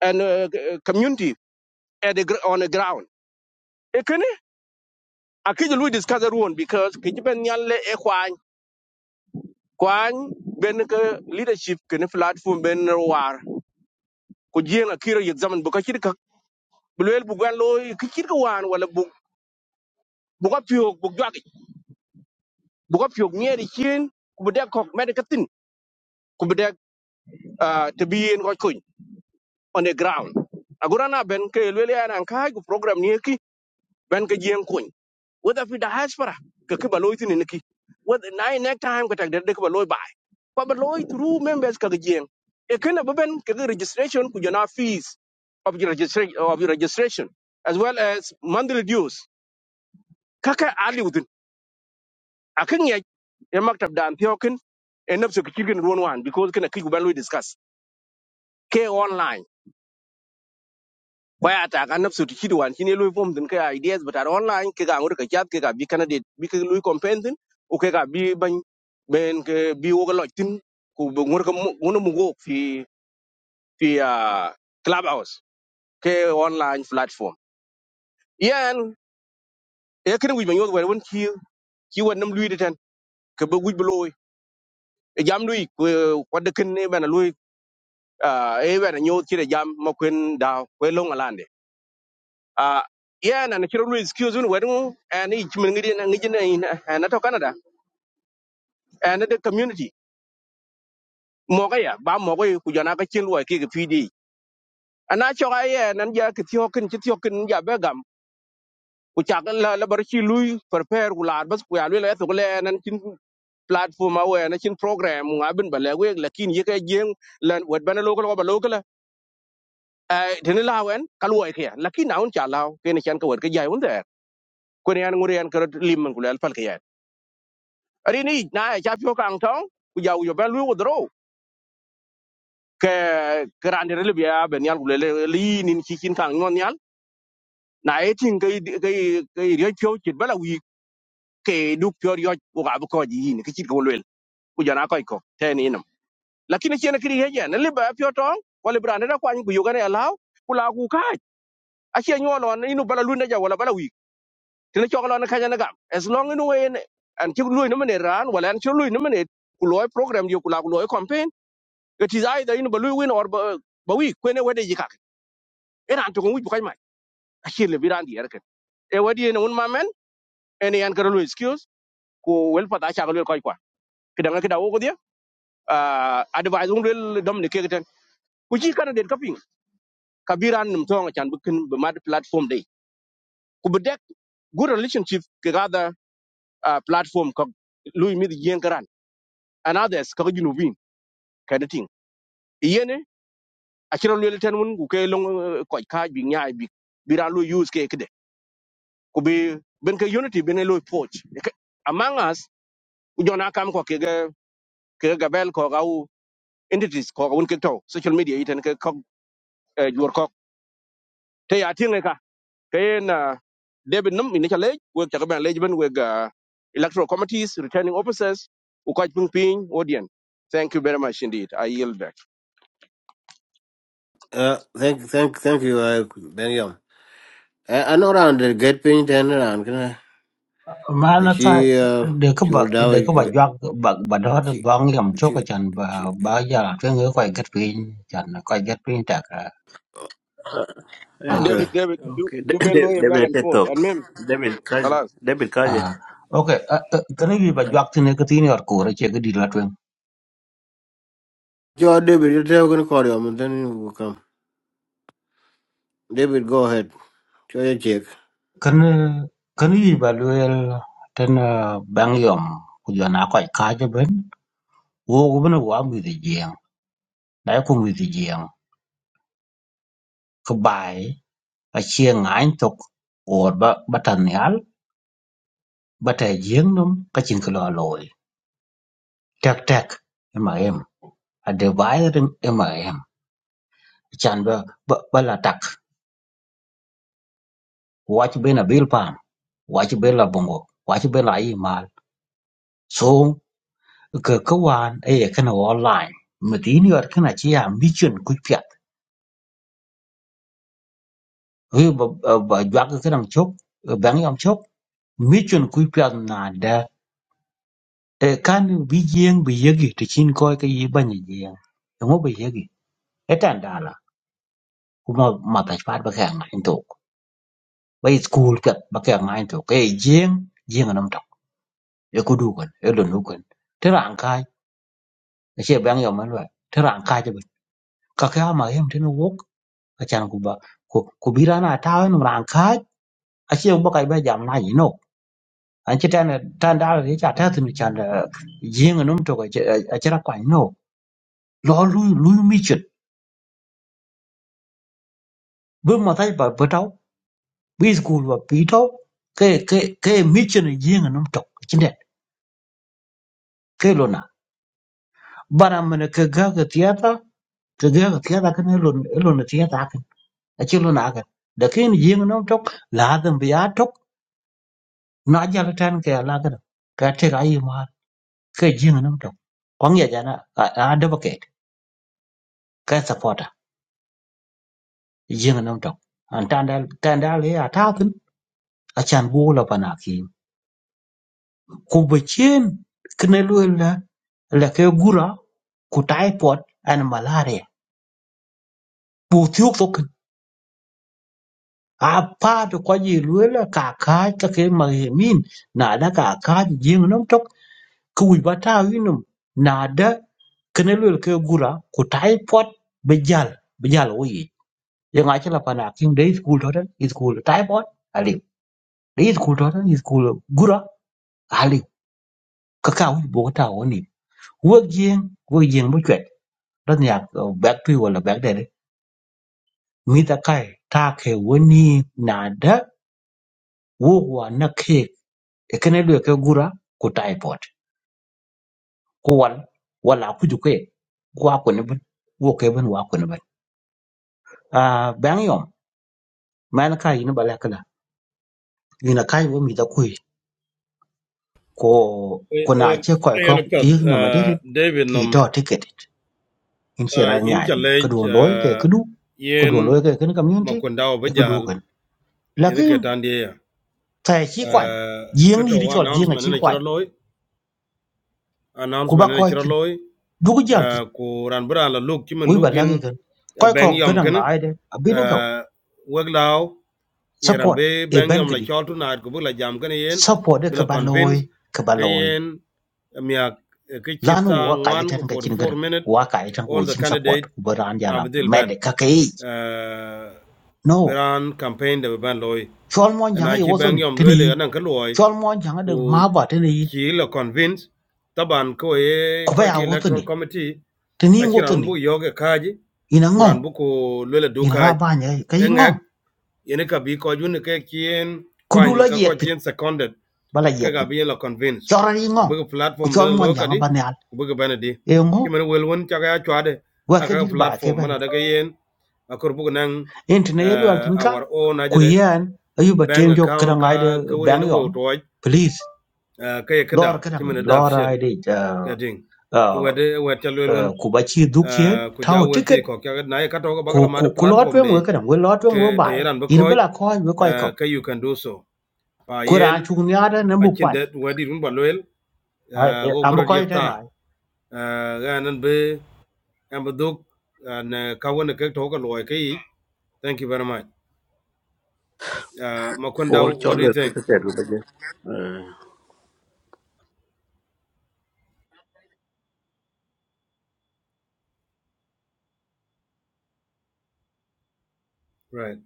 [SPEAKER 9] and uh, community at the, gr- on the ground e kene akije lui discuss ruon because kijiben nyalle e kwany ben ke leadership ke ne platform ben war ko jeng akira yek zaman bu ka ci ka bu leel bu gan loy ki ci ko wan wala bu bu ko piok bu jog bu ko piok ñeeri cien ku bu dek kok med ka tin ku bu dek ah, te bi yeen ko kuñ on the ground agora na ben ke leel ya nan kay ku program ni ki ben ke jeng kuñ whether fi diaspora ka ki ba loy tin ni ki whether na next time ka tak de de ki ba loy ba ko through members ka gen e kana ba ben ka ga registration ku jana fees of your registration of your registration as well as monthly dues kaka ali within akan ya ya maktab da antiokin e nafsu ki kirgin ruwan wan because kana ki ba loy discuss ke online ko ya ta kan nafsu tiki wan shine lui form din kai ideas but are online ke ga ngur ka chat ke ga bi candidate bi ke lui campaign din o ke ga bi ban ben ke bi wo ga loj tin ku bu ngur ka ngur mu go fi fi ah, clubhouse ke online platform yan e kan wi ban yo ga won ki ki won nam lui ditan ke bu wi bu loy e jam lui ko ko de ken ne bana lui e bana nyot ki de jam ma kwen da ko long uh, yeah na chiro lu excuse un wedu and ich min ngidi na ngidi na in na to canada and the community mo ga ya ba mo ga ku jana ka chin wa ki ga pd ana cho ga ye nan ja ki thio kin ki thio kin ja be gam ku cha ga la la bar chi lu prepare ku la bas ku ya lu la to le nan chin platform a we na chin program nga bin ba le we lakin ye ka jeng lan wet bana lo ko ba lo ko la eh tin la wen ka lu ke lakin na un cha la ke ni chan ka wet ka ja un der ko ne an ngure an ka lim ku le al pal rini na ya pio kang tong ku ya yo ben lu dro ke grande rele bia ben yal le li nin ki kin kang non yal na e tin ke ke ke ri pio chit bala wi ke du pio yo ku ga bu ko ji ni ki chit ko le ku ja na ko ko te ni nam lakini chen kri he ja ne le ba pio tong ko le brande da kwani ku yo ga ne law ku la ku ka a che nyo lon inu bala lu ne ja wala bala wi tin chok lon ka ja ne gam as long inu en an chi lu ni mene ran wala an chi lu ni mene ku loy program yo ku la ku loy Cái thứ it is either in balu win or ba ba wi kwene wede yikak era antu ngi bukai mai achil le biran di erken e wadi ne un mamen ene yan garalu excuse ko wel pata cha galu koi kwa kidanga kida wo godia advise cái wel dom cái cái cái gì cái này ku ji kana den kaping kabiran num tonga chan bukin be mặt platform đấy. ku bedek good relationship cái gada ah, platform ko lui mid yen karan and others ka ginu bin kana ting yene achiro lwel lên un ku ke long koi ka bị nyaay bị biran lu use cái ke ku bi ben ka unity ben e loy poch among us ku jona kam ko ke ga ke ga ko ga u entities ko ga un ke to social media iten ke ko jur ko te ya tinga ka ke na debit num ni cha we cha ben lej ben we ga electoral committees returning officers u ko ping ping odien thank you very much indeed i yield back
[SPEAKER 2] Uh, thank, thank, thank you, uh, Ben Yom. I, I know around the get pin ten around. Can I?
[SPEAKER 15] ma
[SPEAKER 2] uh,
[SPEAKER 15] na ka
[SPEAKER 2] She, uh,
[SPEAKER 15] de ka
[SPEAKER 2] she
[SPEAKER 15] ba
[SPEAKER 2] old out.
[SPEAKER 15] de ka ba jak ba ba do
[SPEAKER 2] She,
[SPEAKER 15] bang yom chok ka
[SPEAKER 2] she,
[SPEAKER 15] chan ba
[SPEAKER 2] she.
[SPEAKER 15] ba ja ke ngue ko get pin chan ko get pin ta
[SPEAKER 12] uh,
[SPEAKER 15] ka
[SPEAKER 9] david
[SPEAKER 2] Okay.
[SPEAKER 9] david do
[SPEAKER 12] okay.
[SPEAKER 9] do ben lo back
[SPEAKER 12] David
[SPEAKER 9] and forth
[SPEAKER 12] Teto.
[SPEAKER 9] and
[SPEAKER 12] David Kaji.
[SPEAKER 9] mem
[SPEAKER 12] David Kaji.
[SPEAKER 15] Ah, okay. Kani gi ba
[SPEAKER 12] Uh,
[SPEAKER 15] juak tine ka tini or kore che gidi la tuen.
[SPEAKER 2] Joe David, you're never gonna call him, and then we'll come. David, go ahead. Show your check.
[SPEAKER 15] Kani kani gi ba luel ten ah, bang yom ku jo na koi ka je ben. Wo ku ben wa mi di jiang. Dai ku mi di jiang. Ka bai a chia ngain tok or ba ba tan yal ba ta jiang num ka chin ka lo loi. Tek tek ema em. A de bai rin ema em. Chan ba ba ba la tak. Wa chi ben a bil pan. Wa chi ben la bongo. Wa chi ben la yi mal. So ka ka wan e ye kana wo online ma tin yor kana chi ya mi chun ku pyat we ba ba jwa ka kana chok bang yam chok mi chun ku pyat na da e kan bi jeng bi yegi ti chin ko ka yi ban ye jeng ngo bi yegi e tan dala kuma ma ta pat ba ka ngai to ba school ka ba ka ngai to ke jeng jeng nam to e ku du kan e lu nu kan te ran kai che bang yam ma lo te ran kai je ka ka ma yam te no wok acan ku ba ku ku birana ta no ran ka aci bo kai ba jam na no an ci tan tan da ri ta ta tin can da yin num to ga aci ra kwa no lo lu lu mi chit bu ma tai ba ba tau bi school ba pi tau ke ke ke mi chit yin num to cin da ke lo na bara mana ka ga ga tiyata ka ga ga tiyata kan lo lo na tiyata kan aci lo na kan da ke yin num to la dan biya to na ja tan ke la ga ka te ga yi ke jing nam tok kwang ya jana a a advocate ka supporter jing nam tok an tandal tandal ya tatun a chan bu la panaki ku bechen kne lu la la ke gura ku typhoid and malaria bu thiuk tok a pa to ko ji lu la ka ka ta ke ma he min na da ka ka jing nam tok ku wi bata winum na da kne lu ke gura ku typhoid bejal bejal wo yang achi la pana king day school to school typhoid ali day school to school gura ali Kakao, wi bo ta woni wo jing wo jing bo chwet ran ya back to wala back there mi ta kai ta ke woni na da wo wa na ke e kene lu ke gura ko typhoid ko wal wala ku ju ke kwa ko ne ban. wo ke ban wa ko ne ban a bang yom man kai ni bala kala ina kai wo mi ta ku ko kuna che koy
[SPEAKER 16] Ayan
[SPEAKER 15] ko
[SPEAKER 16] apiad
[SPEAKER 15] ir na madere
[SPEAKER 16] David
[SPEAKER 15] ki
[SPEAKER 16] nom
[SPEAKER 15] to ticket it. in che
[SPEAKER 16] ah,
[SPEAKER 15] ran
[SPEAKER 16] in
[SPEAKER 15] nya din ko
[SPEAKER 16] challenge
[SPEAKER 15] don loy ke
[SPEAKER 16] ah,
[SPEAKER 15] kudu ko don
[SPEAKER 16] yen
[SPEAKER 15] loy ke kun community
[SPEAKER 16] makunda
[SPEAKER 15] e kudu
[SPEAKER 16] obajal
[SPEAKER 15] kan
[SPEAKER 16] yen
[SPEAKER 15] lakin
[SPEAKER 16] ketandia.
[SPEAKER 15] ta chi kwan yeng ni
[SPEAKER 16] Kato
[SPEAKER 15] ri
[SPEAKER 16] wa
[SPEAKER 15] chol yeng a
[SPEAKER 16] announcement
[SPEAKER 15] chi
[SPEAKER 16] ina
[SPEAKER 15] kwan
[SPEAKER 16] chira loy.
[SPEAKER 15] ku ba
[SPEAKER 16] announcement ene
[SPEAKER 15] koy
[SPEAKER 16] chiro
[SPEAKER 15] ti
[SPEAKER 16] loy
[SPEAKER 15] du ko jal ti
[SPEAKER 16] uh, ku ran bra la look kimen
[SPEAKER 15] wi ba lagi
[SPEAKER 16] lugin
[SPEAKER 15] kan
[SPEAKER 16] uh,
[SPEAKER 15] koy
[SPEAKER 16] bang
[SPEAKER 15] ko ga
[SPEAKER 16] yom
[SPEAKER 15] dang
[SPEAKER 16] ken
[SPEAKER 15] ai de abin ka
[SPEAKER 16] uh, weglaw yeran
[SPEAKER 15] support
[SPEAKER 16] be
[SPEAKER 15] e
[SPEAKER 16] bang
[SPEAKER 15] ben
[SPEAKER 16] yom
[SPEAKER 15] ka
[SPEAKER 16] la
[SPEAKER 15] di
[SPEAKER 16] chol tu na ku la jam ken yen
[SPEAKER 15] support ka
[SPEAKER 16] bila
[SPEAKER 15] ba loy
[SPEAKER 16] convince
[SPEAKER 15] ka ba
[SPEAKER 16] ke
[SPEAKER 15] loy
[SPEAKER 16] yen miak ke
[SPEAKER 15] lanu
[SPEAKER 16] chita
[SPEAKER 15] wa ka yi
[SPEAKER 16] ngwan ku
[SPEAKER 15] tan ga
[SPEAKER 16] for
[SPEAKER 15] chin ga
[SPEAKER 16] four minute
[SPEAKER 15] wa ka yi tan
[SPEAKER 16] all
[SPEAKER 15] ko
[SPEAKER 16] the
[SPEAKER 15] chin support
[SPEAKER 16] candidate
[SPEAKER 15] ku ba ran ja la
[SPEAKER 16] abdil
[SPEAKER 15] med
[SPEAKER 16] ben
[SPEAKER 15] ka kai
[SPEAKER 16] uh,
[SPEAKER 15] no
[SPEAKER 16] beran campaign de ban loy
[SPEAKER 15] chol mon
[SPEAKER 16] Eh,
[SPEAKER 15] jang
[SPEAKER 16] na
[SPEAKER 15] e
[SPEAKER 16] chi
[SPEAKER 15] woso
[SPEAKER 16] bang
[SPEAKER 15] ni
[SPEAKER 16] yom
[SPEAKER 15] tini
[SPEAKER 16] loy le
[SPEAKER 15] yin
[SPEAKER 16] anan ka loy
[SPEAKER 15] chol mon jang de
[SPEAKER 16] ku
[SPEAKER 15] ma ba tini yin
[SPEAKER 16] chi la convince taban ko e
[SPEAKER 15] ko ba
[SPEAKER 16] ko
[SPEAKER 15] ya
[SPEAKER 16] ke
[SPEAKER 15] woso ni
[SPEAKER 16] electoral committee
[SPEAKER 15] tini
[SPEAKER 16] a
[SPEAKER 15] yin woso
[SPEAKER 16] chiran
[SPEAKER 15] ni
[SPEAKER 16] bu yoge kaji
[SPEAKER 15] ina ngong
[SPEAKER 16] kuran bu ko lele du
[SPEAKER 15] ina ra
[SPEAKER 16] kaj
[SPEAKER 15] ba nya ka yin ngong
[SPEAKER 16] engek yene ka bi ko jun ke kien
[SPEAKER 15] ku du la
[SPEAKER 16] kwan ka
[SPEAKER 15] yek
[SPEAKER 16] ko
[SPEAKER 15] tin
[SPEAKER 16] kien seconded
[SPEAKER 15] bala yek
[SPEAKER 16] ke ga
[SPEAKER 15] tin
[SPEAKER 16] bi la convince
[SPEAKER 15] chol ra yin
[SPEAKER 16] ku
[SPEAKER 15] ngong
[SPEAKER 16] bu
[SPEAKER 15] ku
[SPEAKER 16] platform de
[SPEAKER 15] chol mon
[SPEAKER 16] lo ka
[SPEAKER 15] jang
[SPEAKER 16] di
[SPEAKER 15] ba ne al
[SPEAKER 16] ku bu bana di
[SPEAKER 15] e ngo
[SPEAKER 16] ki men wel won cha ga chwa de
[SPEAKER 15] wa ke dir ba ke
[SPEAKER 16] platform
[SPEAKER 15] ban
[SPEAKER 16] mana
[SPEAKER 15] be
[SPEAKER 16] daga yen akor bu nan
[SPEAKER 15] en tini ye lu al
[SPEAKER 16] uh,
[SPEAKER 15] tin ka
[SPEAKER 16] our own
[SPEAKER 15] ku
[SPEAKER 16] ajade
[SPEAKER 15] yan ayu ba
[SPEAKER 16] bank
[SPEAKER 15] tem jo kra
[SPEAKER 16] account ka
[SPEAKER 15] ngai de
[SPEAKER 16] ka woni
[SPEAKER 15] bang
[SPEAKER 16] ne wo
[SPEAKER 15] yom
[SPEAKER 16] to uh,
[SPEAKER 15] please
[SPEAKER 16] ka kada
[SPEAKER 15] lor kra
[SPEAKER 16] ki
[SPEAKER 15] ngai
[SPEAKER 16] men da
[SPEAKER 15] lor
[SPEAKER 16] official
[SPEAKER 15] ai de uh,
[SPEAKER 16] kading
[SPEAKER 15] uh,
[SPEAKER 16] wede wed ca luel wen
[SPEAKER 15] uh, ku ba chi duk che
[SPEAKER 16] ah, ku ja
[SPEAKER 15] tao
[SPEAKER 16] wel
[SPEAKER 15] ticket.
[SPEAKER 16] ti
[SPEAKER 15] ku ku ku lo
[SPEAKER 16] platform
[SPEAKER 15] twen we
[SPEAKER 16] de
[SPEAKER 15] kan we lo twen we
[SPEAKER 16] ke te
[SPEAKER 15] bai
[SPEAKER 16] ran
[SPEAKER 15] in bla ko we ko ko
[SPEAKER 16] you can do so pa
[SPEAKER 15] ku ran
[SPEAKER 16] yen
[SPEAKER 15] chu nya da na bu
[SPEAKER 16] chin
[SPEAKER 15] kwan
[SPEAKER 16] det wadi run ba luel
[SPEAKER 15] ai
[SPEAKER 16] ah, wo
[SPEAKER 15] am
[SPEAKER 16] buro
[SPEAKER 15] ko
[SPEAKER 16] yek
[SPEAKER 15] ite na
[SPEAKER 16] ta ga nan be am duk ah, thank you very much Ah, ma
[SPEAKER 12] Paul
[SPEAKER 16] what do you think
[SPEAKER 12] Kaji.
[SPEAKER 16] right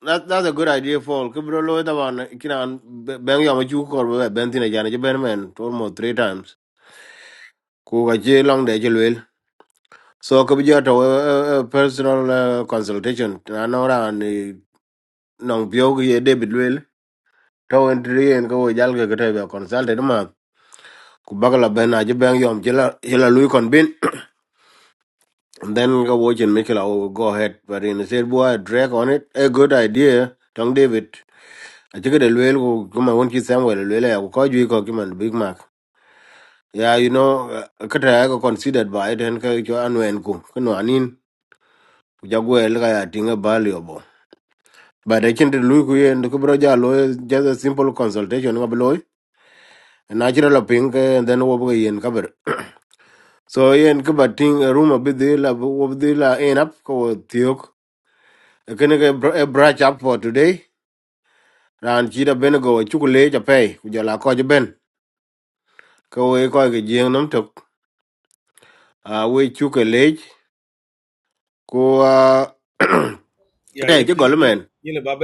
[SPEAKER 2] That, that's a good idea, Paul. Kibro lo da wan kinan ben yom chu kor ben tina jana je ben men almost three times. Ku ga je long de je So ko bijo to uh, uh, personal uh, consultation na no ra ni nong bio ye David Will to en tri en ko jal ke kete be consult ma ku bagala ben a je ben yom jela jela lui kon bin and then go watch and make it oh, go ahead but in the said boy drag on it a good idea tong David a je de luel ko kuma won ki Samuel luel ya ko ju ko ki man Big Mac yeah you know uh, kete ya ko considered by then ko jo anwen ku kuno anin ku jagwe ka ya tinga bali but I can't the kubro ja lo just a simple consultation ngab a natural pink. and then wo yen cover so yen kubating a room a bit the la wo the la end up ko tiok Can ke brush up for today ran chira ben go chukule ja pay ku ja la ko ja ben ko we ko ge jeng nam tok a we chukule ko ah, kete
[SPEAKER 16] yeah yin
[SPEAKER 2] je
[SPEAKER 16] yin
[SPEAKER 2] gol
[SPEAKER 16] yin
[SPEAKER 2] men
[SPEAKER 16] yin ba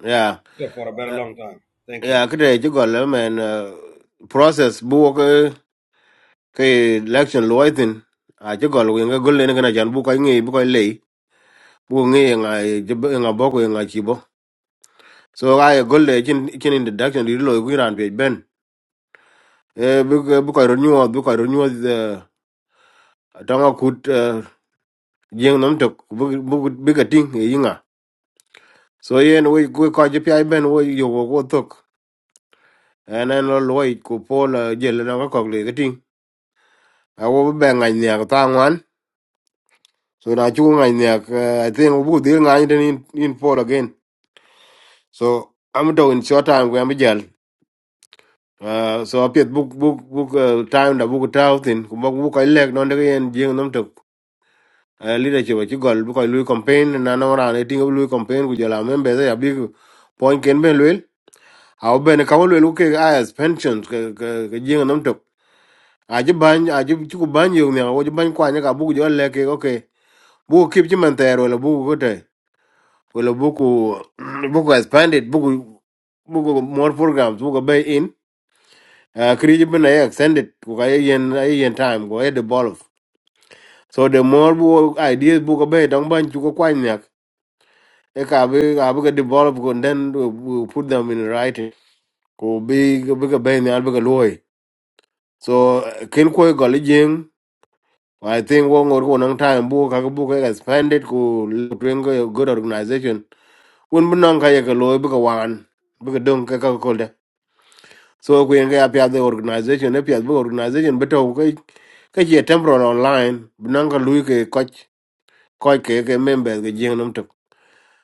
[SPEAKER 2] yeah
[SPEAKER 16] for a very
[SPEAKER 2] Uh,
[SPEAKER 16] long time thank you
[SPEAKER 2] yeah kete je gol men ah, process bu ke election lo itin a che gol wen ga gol ne kana jan bu ko ngi bu ko le bu ngi nga je nga bo ko nga chi bo so ga ye gol le chin chin introduction di lo wi ran pe ben e bu ko- bu ko ro nyu bu ko ro nyu de ta kut eh, jeng nam tok bu bu bu ga ting e yinga so yen we ko ko je pi ben wo yo wo ko tok en en lo lo ko pol je le na ko le ga ting a wo be nga nya ta ngwan so na chu nga nya i think bu dir nga ni in in Paul again So I'm to in short time we am jal. Uh, so apiet book book book uh, time da book tau tin ku book book ilek non de yen jing nom tok. Uh, leadership chi gol book lui campaign na na ran e ting lui campaign ku jala membe ya big point ken ben lui. Au ben ka lui ku ke as pensions ke ke ke jing nom tok. A ji ban a ji chi ku ban yo ne o ji ban kwa ne ka book jo le ke okay. Book keep ji man tero le book ko te. Wala bu ku bu Ko le book uh, book expanded book book more programs book bay in uh, creative bin ay extended ko kay yen ay yen time go head the ball devolve so the more bu ideas book ko be dang ban ju ko kwan nyak e ka be ka be ka devolve go and then we, we put them in writing ko be be ka be nyal be ka loy so uh, kin ko go le jing I think wo ngor ko nang time book, ka book, ka expanded ko twing go good organization won bu nang ka ye ka loy be ka wan be ka dong ka ka ko de so ko yen ga the organization e the bu organization be to ke je temporal online binanga lui ke coach coach ke ke members ke jing num tok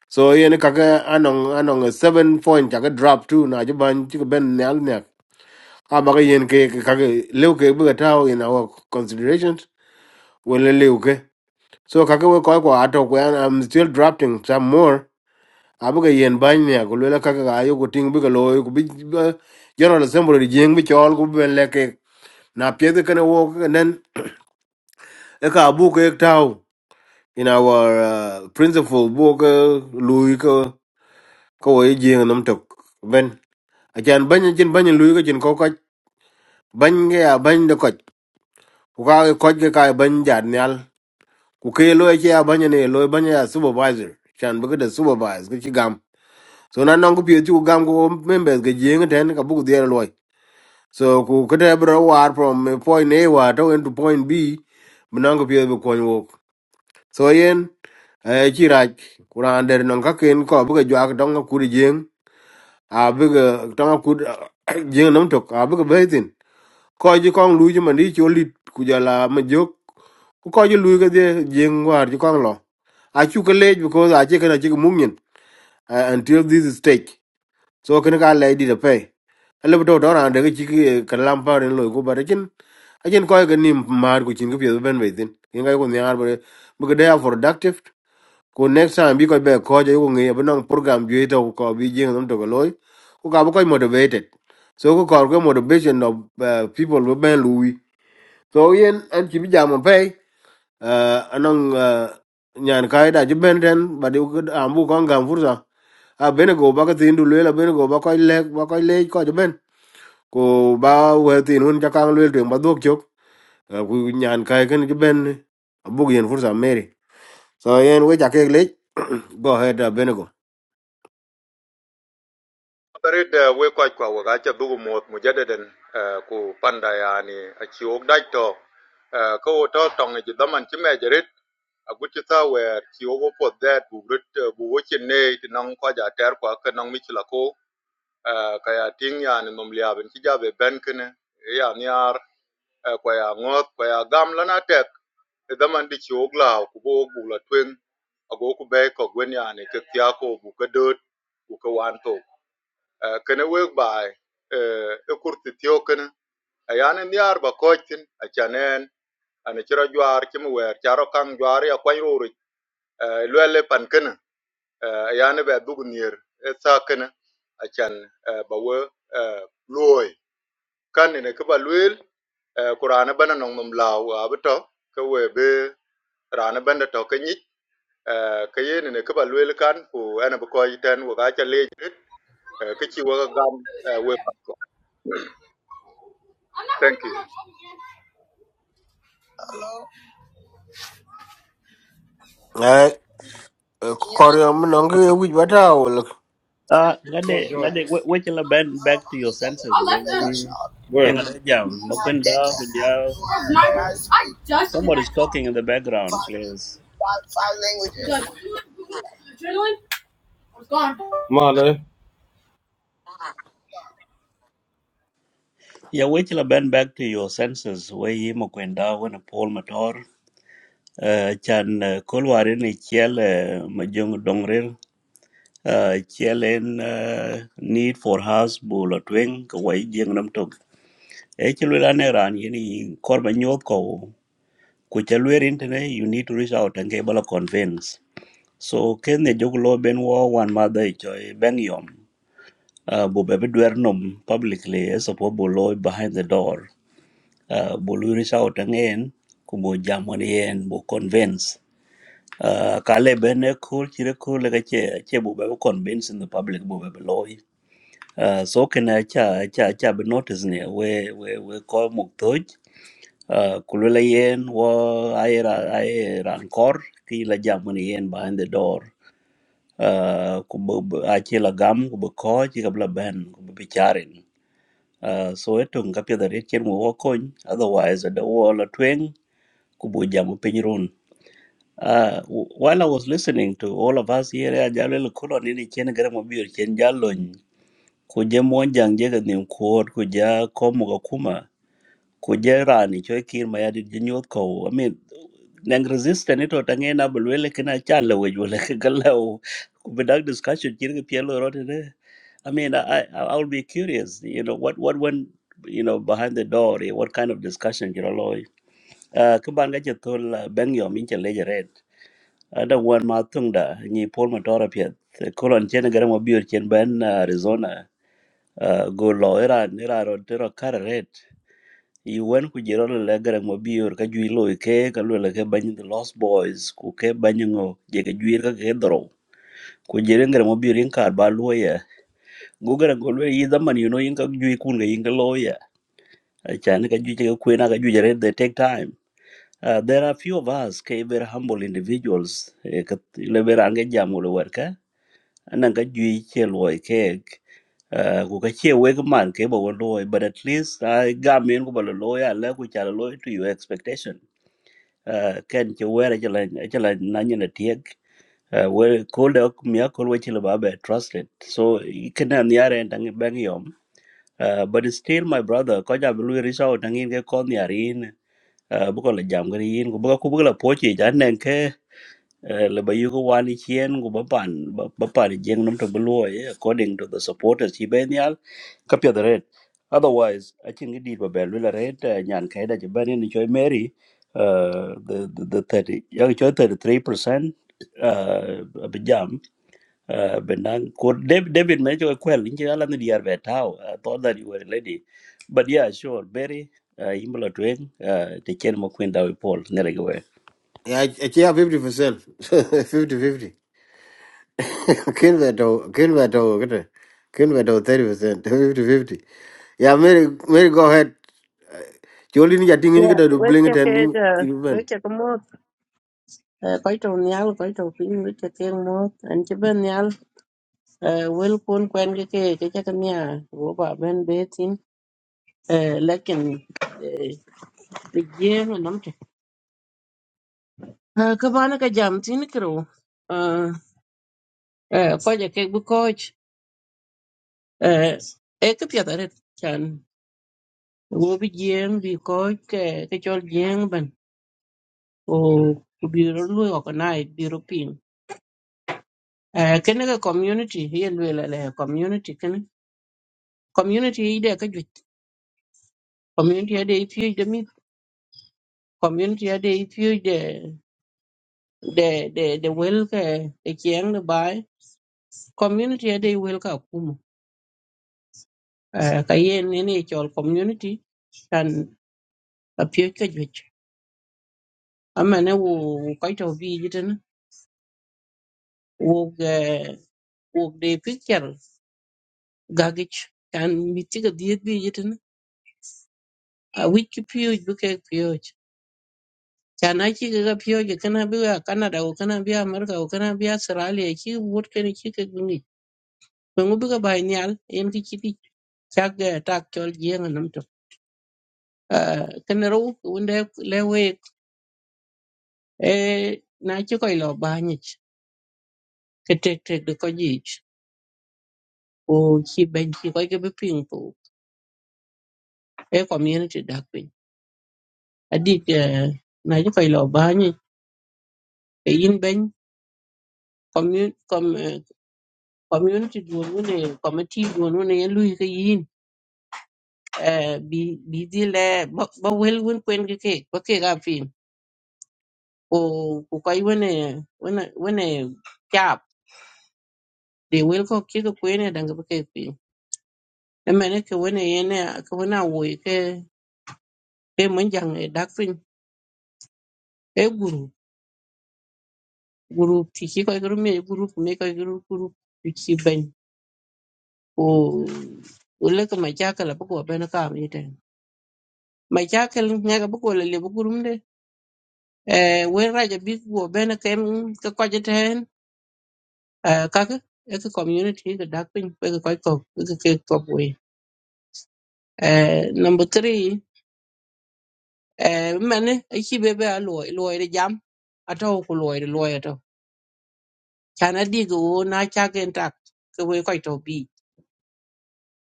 [SPEAKER 2] so yen ka ke anong anong 7 point ka drop two na je ban ti ben nyal ne aba ke yen ke ka ke lew ke bu ta in our considerations well lew ke so ka ke we ko ko ato ko i'm still drafting some more abu ke yen ban ne ko le ka ke ga ko ting bu ke lo ko bi bi- general assembly jing bi chol ko ben le ke na pye ke ne wo ke nen e ka bu ke tao in our uh, principal book lui ko ko wai jing nam tok ben achan ban chin ban lui ko chin ko ko ban ge ya ban de ko ku ka ko ge ka ban jar nyal ku ke lo che ya ban ne lo ban ya supervisor chan bu de supervisor ki gam so na nong ku pye chu gam ko members ge jing ten ka bu de lo so ku ke de bro war from uh, point a war to into point b nong ku pye bu ko wo so yen e ci rac ku raan der nɔŋ kaken kɔ bi ke juak tɔŋ akud jieŋ abi ke tɔŋ akud jieŋ nom tok abi ke bɛi thin kɔc ci kɔŋ luui ci mandi ci olit ku jɔl a majok ku kɔc ci luui kedhie jieŋ war ci kɔŋ lɔ acu ke leec because aci ken aci ke muk nyin uh, until this stage so ken ka lɛi dit apɛi elebi tɔ tɔ raan deke ci ke lam par en loi ku bat acin acin kɔc ke nim maar ku cin ke piɛth bɛn bɛi thin kenkac ku nhiaar bi ke day are productive ku next time bi ko be ko je ko ngi bu nong program ju to ko bi jing nam to ko loy ko ka bu ko motivated so ku ko ko motivation of uh, people bu ben lui so yen an chi bi jam pe uh, anong uh, nyan kai da ju ben ten ba di ku am ko ngam fursa a bene go ba ka tin du le la bene go ba ko le ba ko le ko ju ben ku ba we tin hun ja kang le ten ba dok chok uh, ku nyan kai ken ju ben bu yen fursa meri so yen we ja ke le go ahead uh, bene go
[SPEAKER 5] Barit uh, we kwa kwa wakacha bugu mot mujadeden uh, ku panda yani achi ogdai to uh, ko wo to tong ji daman chi mejerit aguchi ta wer chi ogo pot that bu grit uh, bu wochi ne ti nang kwa ja ter kwa ka nang michila ko uh, ka ya ting yani nom lia ben chi ja be ben kene ya niar uh, kwa ya ngot kwa ya gam lana tek ti daman di chi ogla ku bo bu la twing ago ku be ko gwen yani ke kya ko bu ka dot ku ka wan to Eh, kene wek bai eh, e kurti tiokin ayan in yar ba koitin a chanen ana chira jwar chim wer charo kang jwar ya kwany ruri lwele pan kene ayan be dug nier e sa kene a chan eh, ba we loy kan ne ke ba lwel kurana bana nong nom law abato ke we be rana banda to ke nyit Eh, ke yen ne ke ba lwel kan ku ana ba koiten wo ga cha le ke chi wo ga gam eh, we thank you
[SPEAKER 12] Uh,
[SPEAKER 16] Paul
[SPEAKER 12] ngade,
[SPEAKER 16] George.
[SPEAKER 12] ngade, wait till I bend back to your senses. When you, yang
[SPEAKER 16] Where?
[SPEAKER 12] ada jam, makwenda, Somebody's talking in the background, please.
[SPEAKER 16] Male.
[SPEAKER 12] Yeah, we shall bend back to your senses. We him kwenda when Paul Mator. Uh, chan uh, kulwarin ni chiel uh, majung dongril Uh, chiel en uh, need for house bula twing kwai jing nam tuk. E chilwela ne ran yini korba nyot ko. Kuchalwer intene you need to reach out and get bala convince. So ken ne jog lo ben wo wan mother choy ben yom. Uh, bu bebe dwer nom publicly e support bu lo behind the door. uh, bo luiri sauta ngeen ku bo jamon yen bo convince uh, kale bene cool chire cool lega che che bo be convince in the public bo be loy uh, so can I? cha cha cha be notice ne we we we ko muk toj uh, kulula yen wo aira aira kor ki la jamon yen behind the door uh, ku bo bo- ache la gam ku bo ko chi kabla ben ku bo bicharin uh, so etong kapya da retchen wo kony otherwise the wall tweng Kubujamu Pinyurun. Uh, w- while I was listening to all of us here, I Jalil Kulon in Chen Gramabir, Chen Jalun, Kuja Monjang Jaganim Kuot, Kuja Komogakuma, Kuja Rani, Choikir Mayadi Jinyotko. I mean, Nang resistant it or na Bulwele Kina Chala, which will like a gallow. Without discussion, Kirk Pielo wrote it. I mean, I, I I'll be curious, you know, what, what went, you know, behind the door, eh, what kind of discussion, you know, uh, các bạn cái chữ thôn là bên nhỏ mình chẳng lấy chữ red. Ở đâu quan mà tung đã, nhị Paul mà đó là phiệt. Cô lần trên là cái mà biểu trên bên à, Arizona. Uh, go lo era era ro tero kar red i wen ku jiro le le gara mo biur ka jui lo ke ka lo le ke banyi the lost boys ku ke banyi ngo je ke jui ka ke dro ku jire gara mo biur in kar ba lo ya go gara go lo yi zaman you know in ka jui kun ga in ka lo ya chan ka jui ke ku na ka they take time Uh, there are few of us ke very humble individuals eh, ka le very ange jam le werka anan ka jui che loy ke uh, ku ka che weg man ke bo loy but at least I ga men ku bo loy ala ku cha loy to your expectation uh, ken che wera che la che la na nyen na tiek uh, we called up me call we che le ba be trusted so i ken an yare ndang bang yom uh, but still my brother ko ja lu reach out ndang in ke kon yarin uh, bu ko la jam gari in ku bu ko bu ko la pochi jan Eh, le ba yugo wan chien go ba pan ba ba pan jeng num to beloy according to the supporters chi ben yal ka the red otherwise i think it did ba bel la red eh, nyan kai da je ban ni choi mary uh the the, the 30 yang choi 33% uh ba jam uh benang ko david david me choi kwel ni ala ni diar be tau i thought that you were a lady but yeah sure berry uh imla twen uh te chen mo kwenda we paul ne
[SPEAKER 2] Yeah, yeah, fifty percent, fifty fifty. Can we do? Can we do? Kete, can we thirty percent, fifty fifty? Yeah, Mary, Mary, go ahead. Jolini ni jadi
[SPEAKER 17] Dạ,
[SPEAKER 2] ni kita do
[SPEAKER 17] với Yeah,
[SPEAKER 2] bling it
[SPEAKER 17] weche
[SPEAKER 2] and you
[SPEAKER 17] kega
[SPEAKER 2] you man.
[SPEAKER 17] weche ko moth eh, koito nial koito piny weche kek moth en ci ben nial eh, wel quen cái ki cái ki caka niya wo ba bên bé tin eh, lekin eh, bi jiem enam te Eh, ka bana cái jam tin cái rồi kiro eh, cái koje kek bi koch cái e ki piethare chan wo bi jiem bi koch cái cái chol jiem ben o ku biro lui organize biro piny Eh, kene ka community ye lwela le community kene community ide ka jwit community ade ipio de mi community ade ipio de de de de wel ka e kieng de bai community ade wel ka kumu eh, ka ye nene chol community tan apio ka jwit amane wo wo kaito bi jiten wo ge wo de picture gagich kan mitiga diet bi jiten a wiki pio buke pio Yana kika ga piyo ki kana biya Canada ko kana biya America ko kana biya Australia ki wot kana kika guni. Ba ngu biga bai nyal en ki kiti chak ga tak chol jieng nam to. Kana ro wunde lewe e na ki koi lo ba nyich ke tek tek de ko jich o ki ben ki koi ke bi ping po e community dak pin. Adik eh, na ki koi lo ba nyich e yin ben community community duon wune committee duon wune en lui ke yin eh, bi bi dhi le ba ba wel wen kwen ke ke ba ke ga fin ko ko kai wen wen wen chap de wel ko ke ko kwen dan ga ba ke fin e mene ke wen ye ne ke wen a wo ke ke mun jang e dak fin e guru guru ti ki ko guru me guru me ko guru guru ti ki ben ko o le ka ma cha ka la ba ko ben ka mi ten ma cha ka nga ga ba ko le le ba guru de e wen ra ja bi ko ben ke ka ko je uh, các cái cái cái community cái dark pink cái cái cái cái cái cái quỷ uh, number three uh, mình ấy ấy khi bé bé à lùi để jam à đâu có lùi để lùi à đâu cha nó đi cái na cha cái trạc cái quỷ quậy tàu bi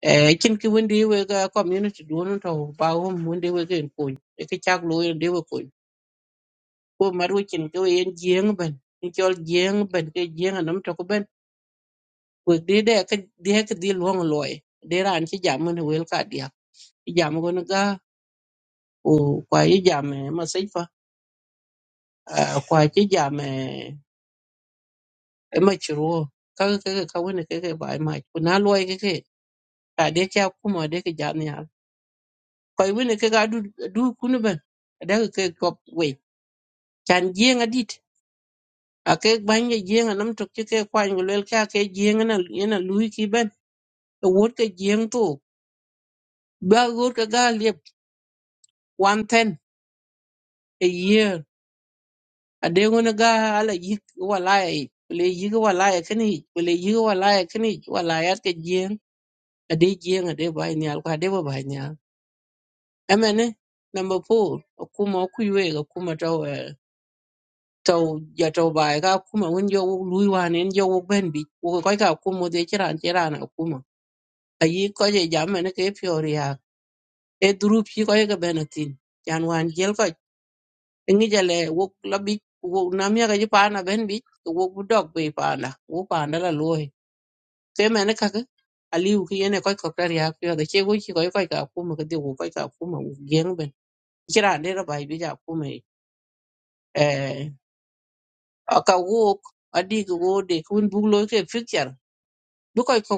[SPEAKER 17] uh, chính cái vấn đề về cái community đó nó đâu bao hôm vấn đề về cái quỷ cái cái cha lùi vấn đề về quỷ cô mà đôi chính cái về giếng bên cái cho giếng bên cái giếng nó nằm trong cái bên quỷ đi đây cái đi cái đi luôn lùi để ra anh chỉ jam mình về cái đi jam go وكويجامع مصيفة كويجامع مشروع kaka kaka ka wani kaka bai ma kuna loy kaka ta de kya kuma de ka jani hal kai wani kaka du du kunu ban da ka kai kop we kan jenga dit a kai banye jenga nam tok ki kai kwan gulel ka kai jenga na yana lui ki ban e wot ka jeng to ba wot ka ga lep 110 a year adeŋo ni gaa ala yik walaya yi yik walaya kini yi yik walaya kini yi walaya ka jiyan ade jiyan ade bai nyal ko ade ba bai nyal emene number 4 akuma ku yue taw eh, taw ya taw bai ka kuma won jo lui wan en ben bi wo ko ka kuma de chiran chiran akuma ayi ko je jam ke fiori e drup chi ko ga benatin yan wan ngi jale wok la bi wok na mi ga pana ben bi wok bu dog be pana wo pana la loy te mene ka ka aliu ki yene koy ko tar ya pyo da che go ki koy koy ka ku ma de wo koy ka ku ma gen ben kira de ra bai bi ja ku me eh aka wok adi go wo de kun bu lo ke picture bu koy ko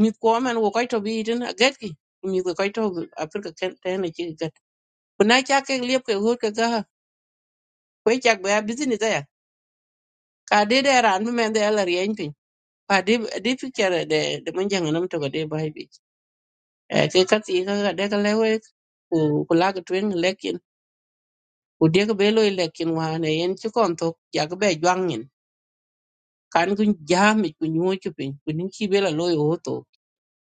[SPEAKER 17] mi ko men wo koy to bi din a get ki mi ko koy to afrika ken tene ki get kuna cha ke liep ke ho ke ga koy chak ba business ya ka de de ran men de la rien pa di di picture de de mun jang nam to de bai bi Eh, ke ka ti ka de ka lewe ku ku lag twin lekin ku de ka belo lekin wa ne yen chi kon to ya ga be jwang yin kan ku jam ku nyu chu pin ku nin chi bela lo yo to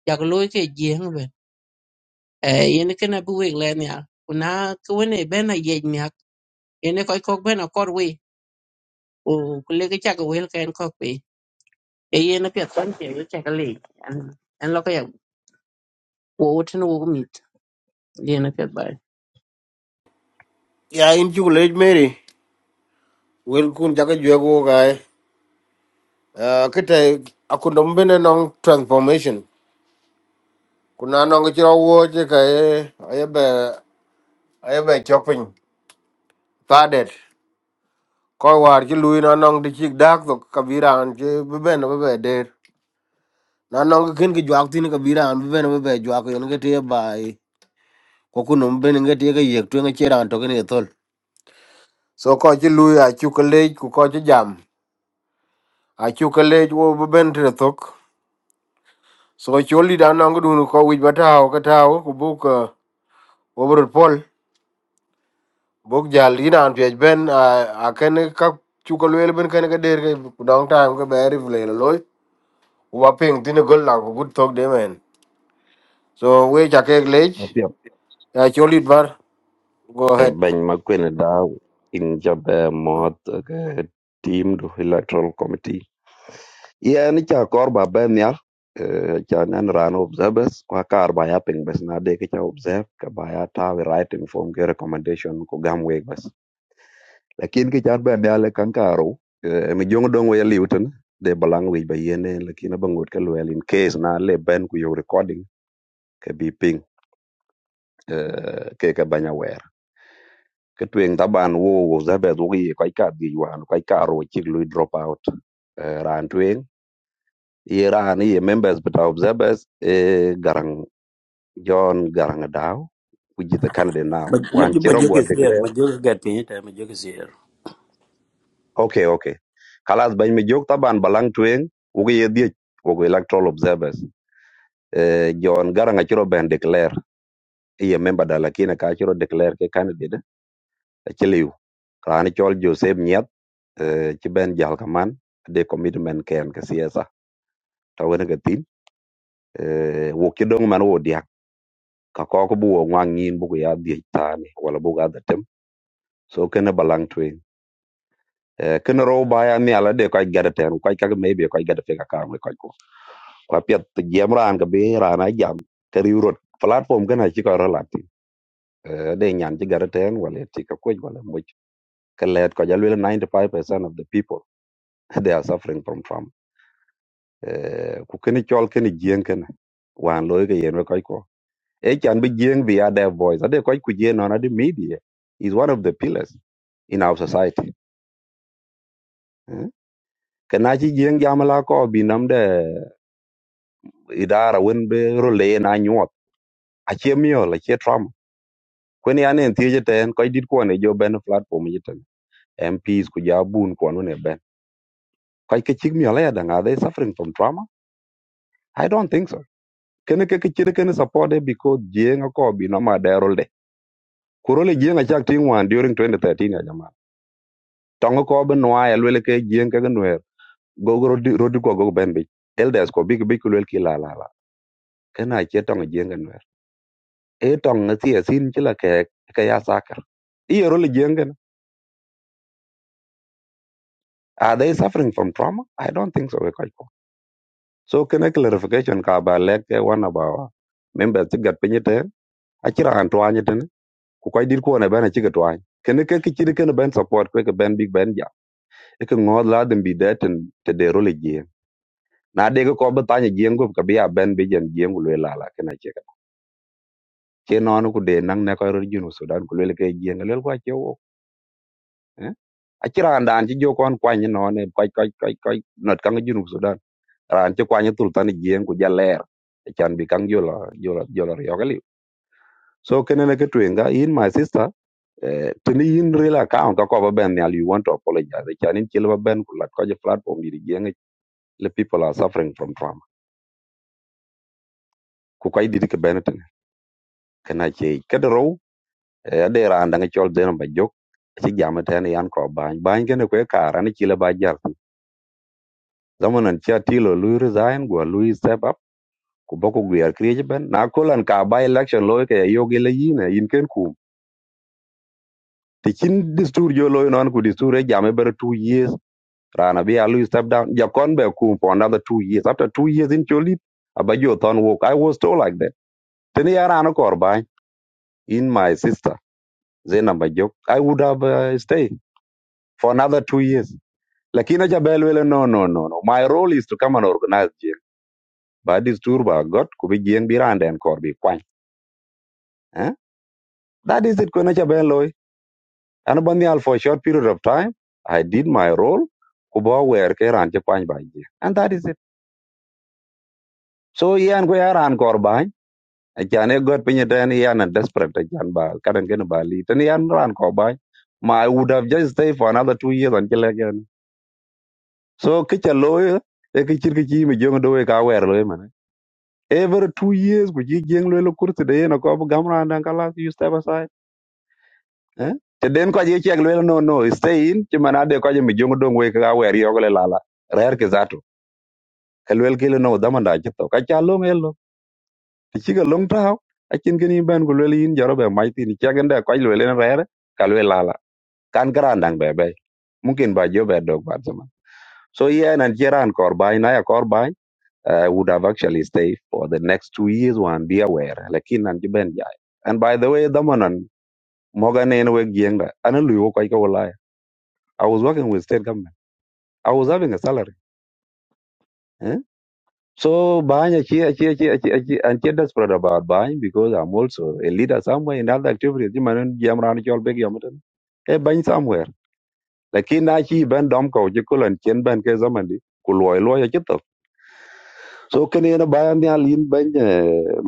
[SPEAKER 17] ya ga lo ke jeng be Eh, yen ke na bu we le nya ku na ku ne be na ye nya yen ko ko be na kor we ku ku le ga cha ga wel ken ko pe e yen na pet kon che ga cha ga le an an lo ka ya ku wo tin wo mi yen na pet
[SPEAKER 2] Mary, well, kun jaga jual go guy. Ah, kete, aku dombe na nong transformation. Kuna nong kira wo je kaya, ayah be, chopping. Tadet. Kau war je lui na nong dicik dak tu kabiran je beben beben der. na no ken ki jwak tin ka bira an ben be be jwak yon ke te bai ko ku no ben nge te ka yek twen che ran to ken tol so ko ti lu ya chu ka le ku ko ti jam a chu ka le wo be ben te tok so cho li da no ngu dun ko wi ba ta o ka ta o ku bu ka wo bro pol bok jal ina an pe ben a ken ka chu ka le ben ken ka der ke ku dong ta ko be ri le loy wa ping tin gol la ku gut tok de men so we cha ke le ya cho li bar go
[SPEAKER 4] e
[SPEAKER 2] ahead
[SPEAKER 4] beny ma kwene da in jobe moth ke team do electoral committee ye ni cha kor ba ben ya cha nan ran observers kwa kar ba ya ping bes na de ke cha observe ka ba ya ta we right inform ke recommendation ko gam we bes lakin ke chan ben ya le kan karo e mi jong dong we liuten de balang we ba yene lakin ba ngot ke well in case na le ben ku yo recording ke bi ping eh, ke ka banya wer cái truyền ta ban wo wo za be du gi kai ka di wan kai ka ro chi lu drop out Eh, ran truyền i ran i members but observers e garang john garang dao ku jita canada now
[SPEAKER 12] Maj-
[SPEAKER 4] wan
[SPEAKER 12] Maj-
[SPEAKER 4] chi ro
[SPEAKER 12] Majuk
[SPEAKER 4] gwa
[SPEAKER 12] is here.
[SPEAKER 4] declare
[SPEAKER 12] Majuk is getting it. and Majuk is here.
[SPEAKER 4] okay okay kalas bañ mi jog taban balang tueng ugi ye diech ugi electoral observers eh, John Garang achiro ben declare iye member da lakini ka achiro declare ke candidate ci liw rani chol joseph nyet ci ben jal kaman de commitment ken ke siasa ta wena ga tin wo ki dong man wo dia ka ko ko bu wo ngwang yin bu ko ya di tani wala bu ga da tem so ken balang twin ken ro ba ya ni ala de ko ga da ten ko ka me be ko ga da fe ka ka ko ko ko pet jam ran ga be rana jam ke riurot platform gana ci ko relati de nyan ci ga da ten wala ti ka ko wala mo ka let ko ja lwel 95% of the people they are suffering from farm Eh, ku keni chol keni jien kene wan loy ke yen we koy ko e chan bi jien bi ade voice ade koy ku jien on ade media is one of the pillars in our society Eh, ka na chi jien jamala ko bi nam de idara wen be role na nyuot achie miol achie trauma kwen yani en thiec eten kɔc dit kuɔn ejo bɛn platform jiten mps ku ja bun kuɔn wen Kai ke chik mi ala dang are they suffering from trauma? I don't think so. Kene ke ke chire kene support de because jeng ko bi no ma derol de. Kurole jeng a chak ting wan during 2013 ya jama. Tongo ko be noa ya lwele ke jeng ke nwer. Go go rodi rodi ko go ben bi. Elders ko big big lwel ki la la la. Kena che tongo jeng ke nwer. E tongo si asin chila ke ke ya sakar. Iye role jeng ken. Are they suffering from trauma? I don't think so. we Kai ko. So kene clarification ka ba lek ke one about members ti gat pinyi ten. Achira antwanye ku koy dir kuon ben aci ke tuany kene ke kecir kene ben support kwe ke ben big ben jam eke ŋoot ladhin bi de ten te de rol ejieŋ na de ke ko bi thany ejieŋ gup ke bi a ben bi jen jieŋ ku luel lala kene aci ke ce nɔɔni ku de naŋ ne kɔc rot junu thudan ku luel ke ejieŋ luel ku aci wok aci raan daan ci jo kɔn kuany nɔɔni kɔc kɔc kɔc kɔc nɔt kaŋ junu thudan raan ci kuany thul thani jieŋ ku ja lɛɛr ecan bi kaŋ jola jola jola riɔk eliu so kene ne ke tueŋka in my sister eh, tini yin real account ka ko ba ben nyal, you want to apologize chanin chil ba ben ku lat ko je platform di jeng le people are suffering from trauma ku kai di ke ben tin kana che ke dro e de ra anda ngi chol den ba jok chi jam ten yan ko ba ba ngi ne ko ka ran chi le ba jar tin zamanan cha ti lo lu resign go lu step up ku ba ko gwer kriye ben na ko lan ka ba election lo ke yo ge le yin eh, yin ken ku ti chin distur jo lo non ku distur e jam e ber 2 years Rana be Alu step down. Jakon be kum for another two years. After two years in Cholip, Abajo Thon walk. I was told like that. Tene ya Rana Korbai in my sister, Zena Bajok, I would have uh, stayed for another two years. Lakina Jabelwele, no, no, no, no. My role is to come and organize jail. But this tour by God, Kubi Jien Biranda and Korbi Kwan. Eh? That is it, Kuna Jabeloi. And Banyal for a short period of time, I did my role. Kuba where Keran Japan by jail. And that is it. So, Ian Guyaran Korbai. acan e got piny ten yan a desperate acan ba kadan kene ba li ten yan ran ko ba ma I would have just stay for another two years until again so kicha loy e kichir kichi mi jong do e ka wer loy man every two years ku ji jeng loy lo kurti de yen ko gam ran dan kala you step aside eh te den ko ji chek loy no no stay in ti mana de ko ji mi jong do we ka wer yo le lala rer ke zato kelwel kile no damanda chito ka cha lo ngel ti ci ka long tau a chin ken yin ban ko le yin jaro be mai tin cha gen da ko le le re re ka le la la kan gran dang be be mungkin ba jo be dog ba zaman so yeah nan jeran kor bai na ya kor bai I would have actually stayed for the next two years one be aware lakin nan ji ben jai and by the way damanan moga ne ne we gieng da ana lu ko ka wala I was working with state government I was having a salary So Bahany, achi- achi- achi- achi- achi- I'm still desperate about Bahany because I'm also a leader somewhere in other activities. You man, jam ran chol big yomitan. E Bahany somewhere. Lakini na chi ben dom ko je kulan chen ben ke zaman di kuloi loya chitok. So kene na Bahany alin ben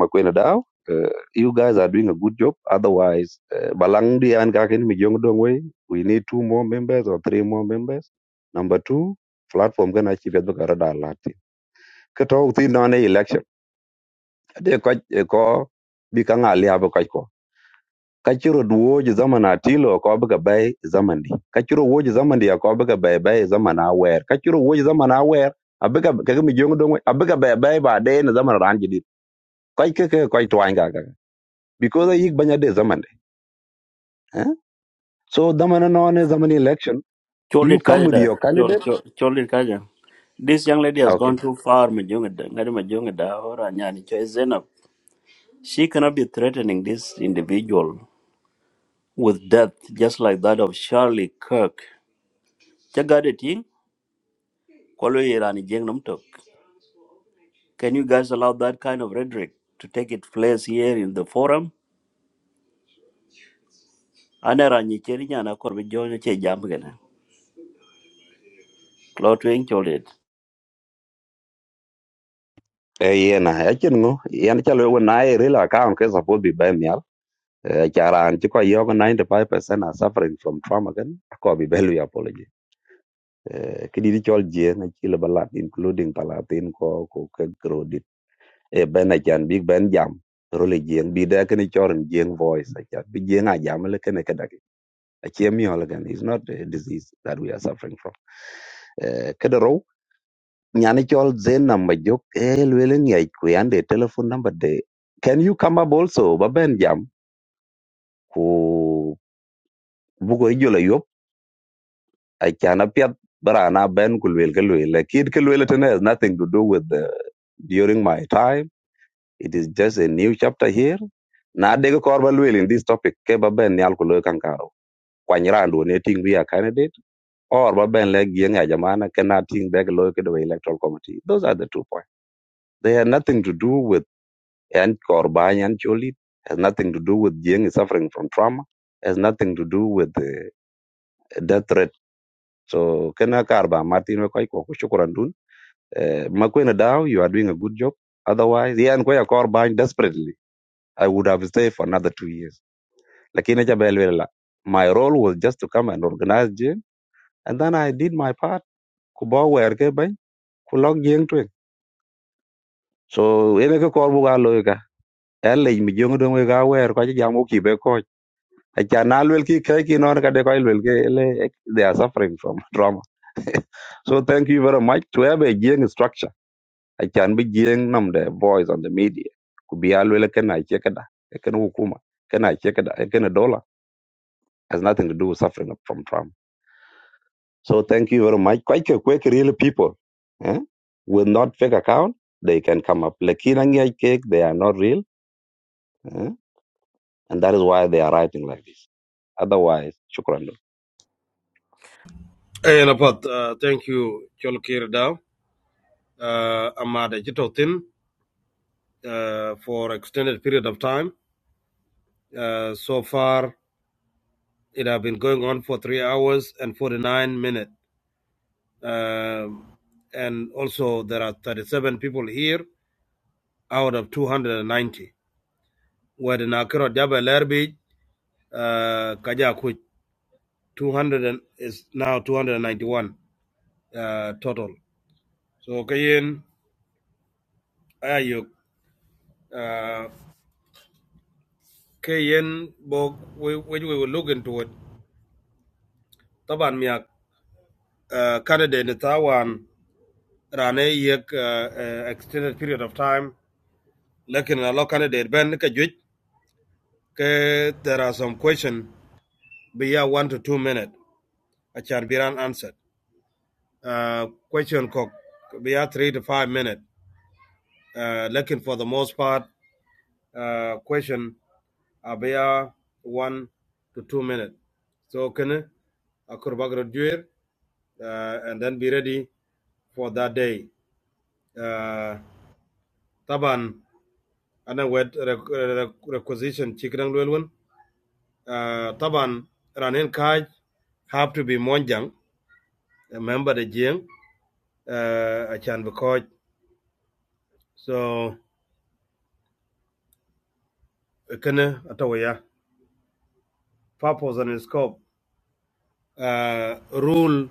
[SPEAKER 4] makwena daw. Uh, you guys are doing a good job. Otherwise, uh, balang di an kakin mi jong dong way. We need two more members or three more members. Number two, platform kan achi bedbukara da lati. Kato uti na ne election. de ko ko bi ka nga lia ba ko ka chiro duo ji zaman atilo ko ba ga bai zaman di ka chiro wo ji zaman di ko ba ga bai bai zaman a wer ka chiro wo ji zaman a wer abiga ka ga mi jong dong abiga bai bai ba de na zaman ran ji di ko ke ke ko to anga ga because i banya de zaman de eh? so zaman no ne zaman election
[SPEAKER 12] Chol
[SPEAKER 4] you
[SPEAKER 12] it
[SPEAKER 4] come
[SPEAKER 12] kaja
[SPEAKER 4] with
[SPEAKER 12] da.
[SPEAKER 4] your
[SPEAKER 12] Chol,
[SPEAKER 4] candidate
[SPEAKER 12] chol, chol it kaja. This young lady has
[SPEAKER 4] okay
[SPEAKER 12] gone too far. Majuk da. Ngari Majuk da. Ora nyani. Choy enough. She cannot be threatening this individual with death, just like that of Charlie Kirk. Chagade ting. Kwalo irani jeng nam tok. Can you guys allow that kind of rhetoric to take its place here in the forum? Anera cheri nyana korbe jonyo che jam gana. Klotwing chol it.
[SPEAKER 4] eh yena ya chen ngo yan chalo na e rela account ke support bi bai mi Eh, charan ci ko yogo 95% are suffering from trauma gan ko bi belu ya apology Eh, ki di chol je na ci le balat including palatin ko ko ke grodit e ben a chan big ben jam role jeng bi da ken choren jeng voice a chat bi jeng a jam le ken ke dagi a che mi hol gan is not a disease that we are suffering from Eh, ke do ro nyani chol zen number jok e lwele ngai ku yande telephone number de can you come up also ba ben jam ku bugo ijola I can appear but I na ben kulwil kulwil. Like it kulwil it has nothing to do with the, during my time. It is just a new chapter here. Na dega korba lwil in this topic ke ba ben nyal kulo kankaro. Kwanyirando ne ting be a candidate or ba ben leg yeng ajamana ke na ting dega lo ke the electoral committee. Those are the two points. They have nothing to do with and korba and choli. Has nothing to do with yeng is suffering from trauma. Has nothing to do with the death threat. So kena karba Martin We ko ko shukran dun. Uh, Makwena Dow, you are doing a good job. Otherwise, yeah, and Kwaya Korban desperately, I would have stayed for another two years. Lakini cha belwe la. My role was just to come and organize gym, and then I did my part. Kubawa werke bany, kulok jing twing. So, ene ke korbu ga loika. Ele mi jong dong we ga wer kwa chi jamu ki be ko. Acha na lwel ki kai ki non ka de ko lwel ke ele they are suffering from trauma. so thank you very much to have a gym structure I can be jing nam the voice on the media. Could be alwele can I check da, Can hukuma, ken I check it? da, ken a dollar has nothing to do with suffering from Trump. So thank you very much. Quite a quick, real people eh, with not fake account, they can come up. Lakini ngia cake, they are not real, eh, and that is why they are writing like this. Otherwise, shukran.
[SPEAKER 16] Eh, na pat, uh, thank you, Cholkir Dao, uh, Amade Jitotin, uh, for extended period of time. Uh, so far, it has been going on for three hours and 49 minutes. Um, and also, there are 37 people here out of 290. Where the Nakiro Jabal Erbij, uh, Kajaku, 200 is now 291 uh, total. So, Kayin, Ayuk. ke yen bo we we we will look into it taban miak uh, canada ne tawan rane yek uh, uh, extended period of time lekin a lo canada ben ka juj ke there are some question biya 1 to 2 minute a chan biran answered uh, question kok biya 3 to 5 minute uh, lekin for the most part uh, question a 1 to 2 minute so can akur bagro duer uh, and then be ready for that day. Uh, taban ana wed rec- rec- requisition chikirang lwelwen. Uh, taban ranin kaj have to be monjang a member the jing uh, a chan because so kene atawaya purpose and scope uh, rule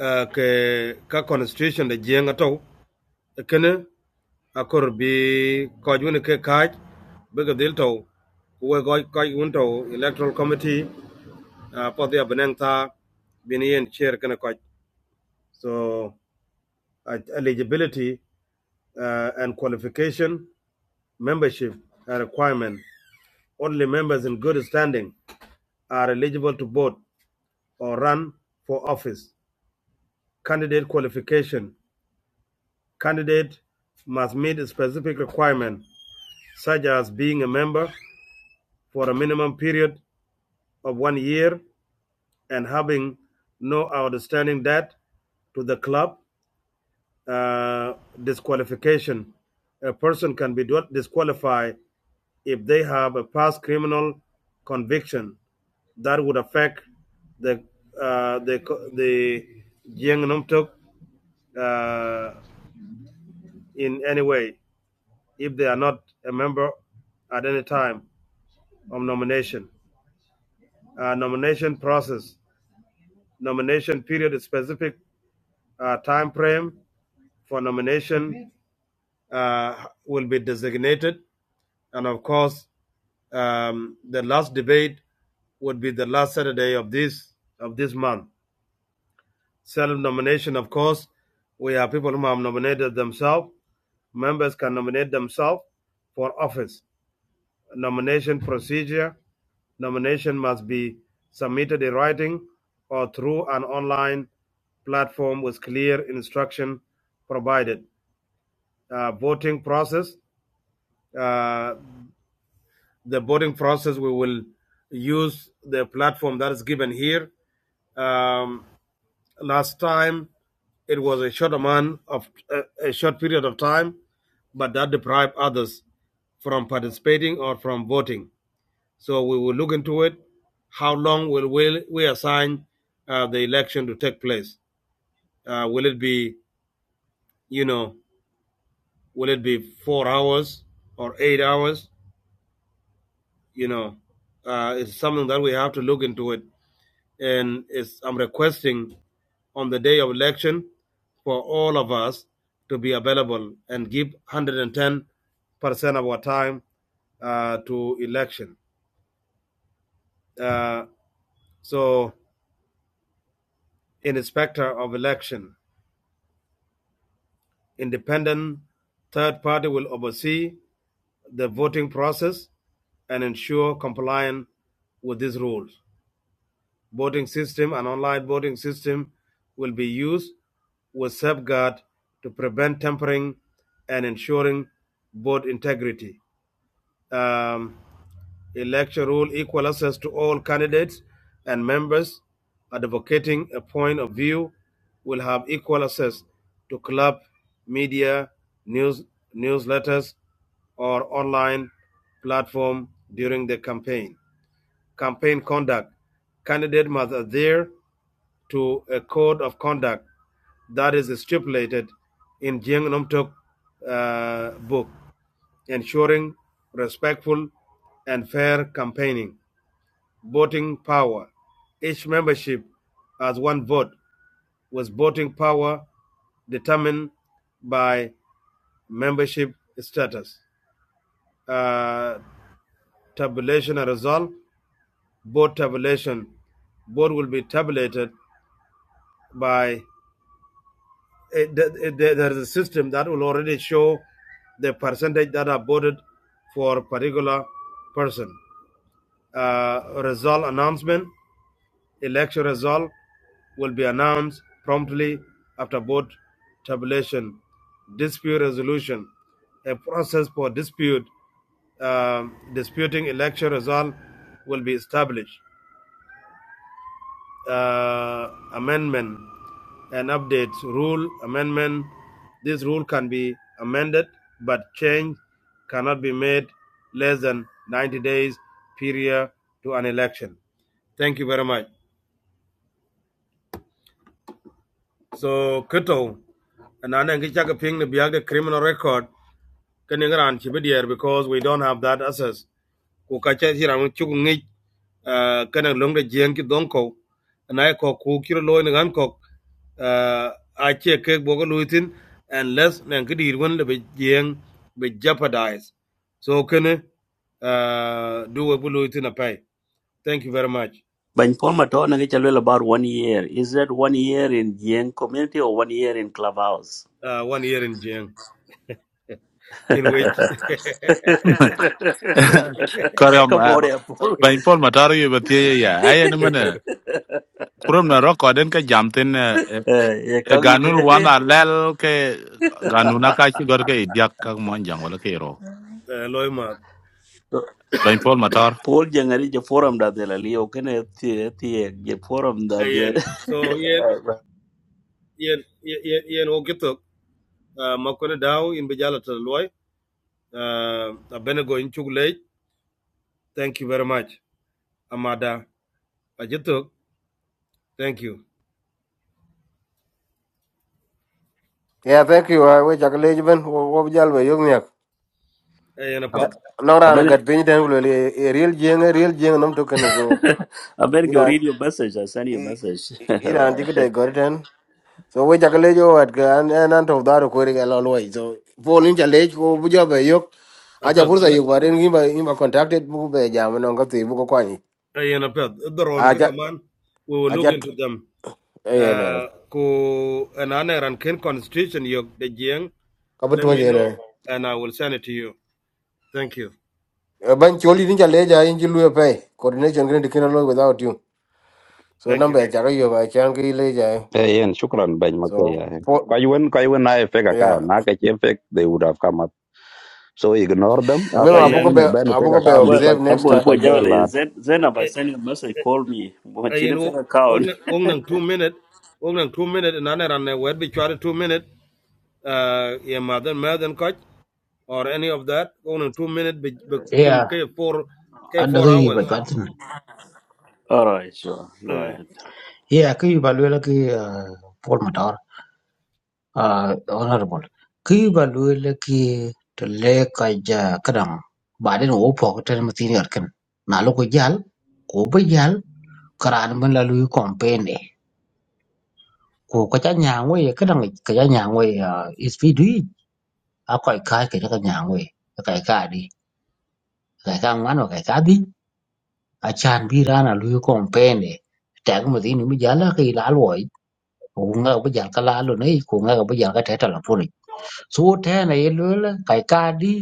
[SPEAKER 16] uh, ke ka constitution the jing ataw kene akor bi koj woni ke kaj be ga dil taw we goj electoral committee uh, for the Benenta, Binian chair kana coach. So uh, eligibility uh, and qualification, membership uh, requirement. Only members in good standing are eligible to vote or run for office. Candidate qualification. Candidate must meet a specific requirement, such as being a member for a minimum period of one year and having no outstanding debt to the club uh, disqualification. A person can be disqualified if they have a past criminal conviction that would affect the uh, the the Jiang Numtuk uh, in any way if they are not a member at any time of nomination. Uh, nomination process. Nomination period is specific uh, time frame for nomination uh, will be designated, and of course Um, the last debate would be the last Saturday of this of this month. Self nomination, of course, we have people who have nominated themselves. Members can nominate themselves for office. Nomination procedure: nomination must be submitted in writing or through an online platform with clear instruction provided. Uh, voting process. uh, the voting process, we will use the platform that is given here. Um, last time, it was a short amount of uh, a short period of time, but that deprived others from participating or from voting. So we will look into it. How long will we, we assign uh, the election to take place? Uh, will it be, you know, will it be four hours or eight hours? You know, uh, it's something that we have to look into it. and is, I'm requesting on the day of election for all of us to be available and give 110 percent of our time uh, to election. Uh, so, an inspector of election, independent third party will oversee the voting process and ensure compliance with these rules. voting system and online voting system will be used with safeguard to prevent tampering and ensuring vote integrity. Um, election rule equal access to all candidates and members advocating a point of view will have equal access to club media, news, newsletters, or online platform during the campaign. Campaign conduct. Candidate must adhere to a code of conduct that is stipulated in Jing Numtuk uh, book, ensuring respectful and fair campaigning, voting power. Each membership has one vote, with voting power determined by membership status. Uh, tabulation and result, vote tabulation. Vote will be tabulated by it, it, there there is a system that will already show the percentage that are voted for a particular person. Uh, result announcement, election result will be announced promptly after vote tabulation. Dispute resolution, a process for dispute um disputing election result will be established. uh, amendment and update rule amendment. This rule can be amended, but change cannot be made less than 90 days period to an election. Thank you very much. So, Kuto, and I think it's like a ping the criminal record kene ngaran ci bedier because we don't have that access ku ka ca ci ram ci ku ngi kene long de jeng ki don ko na ko ku kiro lo ni gan ko a ce ke bogo luitin unless nan ki dir won be jeng be jeopardize so can uh, do a bulu itin a pay thank you very much
[SPEAKER 12] Bany Paul Matona ke chalwell about one year. Is that one year in Yen community or one year in Clubhouse?
[SPEAKER 16] uh, one year in jeng in which
[SPEAKER 12] Come
[SPEAKER 10] Kari om
[SPEAKER 12] on, yeah, Paul.
[SPEAKER 10] bain pol matari yu bati ya ay ni mana kurum na roko den ka jamten e
[SPEAKER 12] Eh, yeah, come kang
[SPEAKER 10] ganun
[SPEAKER 12] ide.
[SPEAKER 10] wana lel ke ganuna ka shi gor ke idiak ka mon jang wala ke ro
[SPEAKER 16] uh, loima
[SPEAKER 10] bain pol matar
[SPEAKER 12] Paul jangari je forum da de la liyo kene ti ti je forum da de.
[SPEAKER 16] ayen so yeah, yeah. yen yen o Uh, Makone Dao in Bijala to Loy. Uh, Abenego in Chuglej. Thank you very much. Amada. Ajituk. Thank you.
[SPEAKER 2] Yeah, thank you. I wish I could leave even what we all were young.
[SPEAKER 16] Ayan apad.
[SPEAKER 2] No, I
[SPEAKER 12] Aben
[SPEAKER 2] got pain. Then will a real jing, a real jing, no token. So,
[SPEAKER 12] aben
[SPEAKER 2] you
[SPEAKER 12] go
[SPEAKER 2] know,
[SPEAKER 12] read your message. I send you a
[SPEAKER 2] you
[SPEAKER 12] message.
[SPEAKER 2] know, take it. I got it. then. So, we just leave you at and and out of that, recording a long way. So, Paul in challenge, go we just was a you were young. Aja
[SPEAKER 16] Apad.
[SPEAKER 2] pursa young, but then he ma he ma contacted book by jam and on got the book kwani.
[SPEAKER 16] Ayan apad. Daron ka
[SPEAKER 2] Aja
[SPEAKER 16] kaman. We will look
[SPEAKER 2] aja
[SPEAKER 16] into them.
[SPEAKER 2] eh na
[SPEAKER 16] Uh, Ku anane ran ken constitution yok de jiang. Let
[SPEAKER 2] kabutu
[SPEAKER 16] me
[SPEAKER 2] je
[SPEAKER 16] know
[SPEAKER 2] na.
[SPEAKER 16] and I will send it to you. Thank you.
[SPEAKER 2] Ban choli in challenge, I in jilu pay coordination. Going to kill along without you. So,
[SPEAKER 16] Thank
[SPEAKER 2] number
[SPEAKER 16] you.
[SPEAKER 2] I charo young. I can't get it.
[SPEAKER 4] Hey, and shukran ben
[SPEAKER 2] So
[SPEAKER 4] makaya.
[SPEAKER 2] for
[SPEAKER 4] Kwa yuen kwa when I fake
[SPEAKER 2] yeah,
[SPEAKER 4] account, na ka che fake, they would have come up. So ignore them.
[SPEAKER 2] I
[SPEAKER 4] Uh,
[SPEAKER 2] remember
[SPEAKER 4] kwa ile
[SPEAKER 16] Ayan.
[SPEAKER 2] Abuko be
[SPEAKER 4] ane ben fake
[SPEAKER 2] Abuko be
[SPEAKER 4] account, be
[SPEAKER 12] well,
[SPEAKER 2] observe
[SPEAKER 4] quite
[SPEAKER 2] next
[SPEAKER 12] abu
[SPEAKER 4] be
[SPEAKER 2] time.
[SPEAKER 12] abu
[SPEAKER 4] quite bad
[SPEAKER 12] jamani. Then, then, I
[SPEAKER 16] Eh,
[SPEAKER 12] send you a message.
[SPEAKER 16] eh,
[SPEAKER 12] Call me. Mo
[SPEAKER 16] Ayan.
[SPEAKER 12] chini fe account.
[SPEAKER 16] Wong nang two minute. Wong nang two minute. Anane ran ne wet bi two minute. uh, yeah, mother, mother coach or any of that. Only two minutes, but
[SPEAKER 15] ya
[SPEAKER 16] Tim K four, K
[SPEAKER 15] ad
[SPEAKER 16] four
[SPEAKER 15] gi ba
[SPEAKER 16] hours.
[SPEAKER 15] jwat tin
[SPEAKER 12] All right, sure. Go
[SPEAKER 16] Uh,
[SPEAKER 12] ahead.
[SPEAKER 15] ya ki ba le ki pol motor honorable ki ba le ki to le ka ja kadam ba den wo po ta ma tin yar kan na lo ko jal ko ba jal karan ban la lu campaign e ko ka ja nya we ka dang ka ja nya we is fi du a ko ka ka ja nya we ka ka di Kaita ngwan wa kaita adhi, achan bi ran a luyo kompene. Tag ma dhini mi jala ka ila alwoi, kunga ka bajal ka lalo nei, kunga ka bajal ka teta la puni. So tena ye lula, kaita adhi,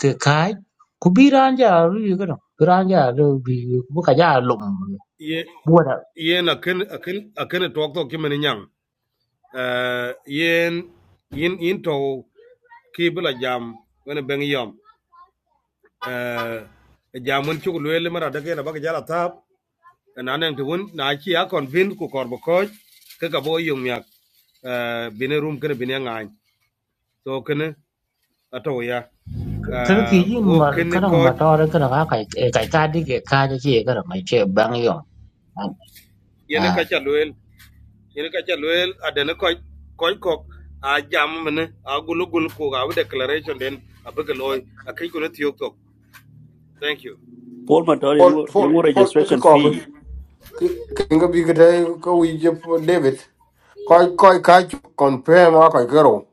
[SPEAKER 15] ke kai, ku bi ran ja luyo kada, bi ran ja luyo, bu ka ja lum.
[SPEAKER 16] yeah,
[SPEAKER 15] Buwada,
[SPEAKER 16] yeah, na ken, a ken, talk to Kim and Yang. Uh, yen, yin into kibla jam when a bang yam. Uh, a jam when chuk lele mara dake na baka jala tap. And anan to win, na chi a convince ku korbo coach, kakabo yung yak. Uh, bine room kene bine ngain. So can. ato ya
[SPEAKER 15] kada
[SPEAKER 16] uh,
[SPEAKER 15] fiji
[SPEAKER 16] wo
[SPEAKER 15] ma,
[SPEAKER 16] kene
[SPEAKER 15] kada
[SPEAKER 16] ko
[SPEAKER 15] ma tawara kada ka kaita adhi ke kai ja chie kada, ma chie bang yom.
[SPEAKER 16] yene
[SPEAKER 15] Ah.
[SPEAKER 16] ka chalwel yene ka chalwel adene ko ko ko a jam mene a gulu gulu ko ga declaration den a bege loy a kai ko tiyo to thank you
[SPEAKER 12] Paul Matar,
[SPEAKER 2] Paul
[SPEAKER 12] yung, yung
[SPEAKER 2] for for take a
[SPEAKER 12] registration
[SPEAKER 2] cover.
[SPEAKER 12] fee.
[SPEAKER 2] Kinga bi kete ko we je for David. Koi koi ka chu compare ma koi kero.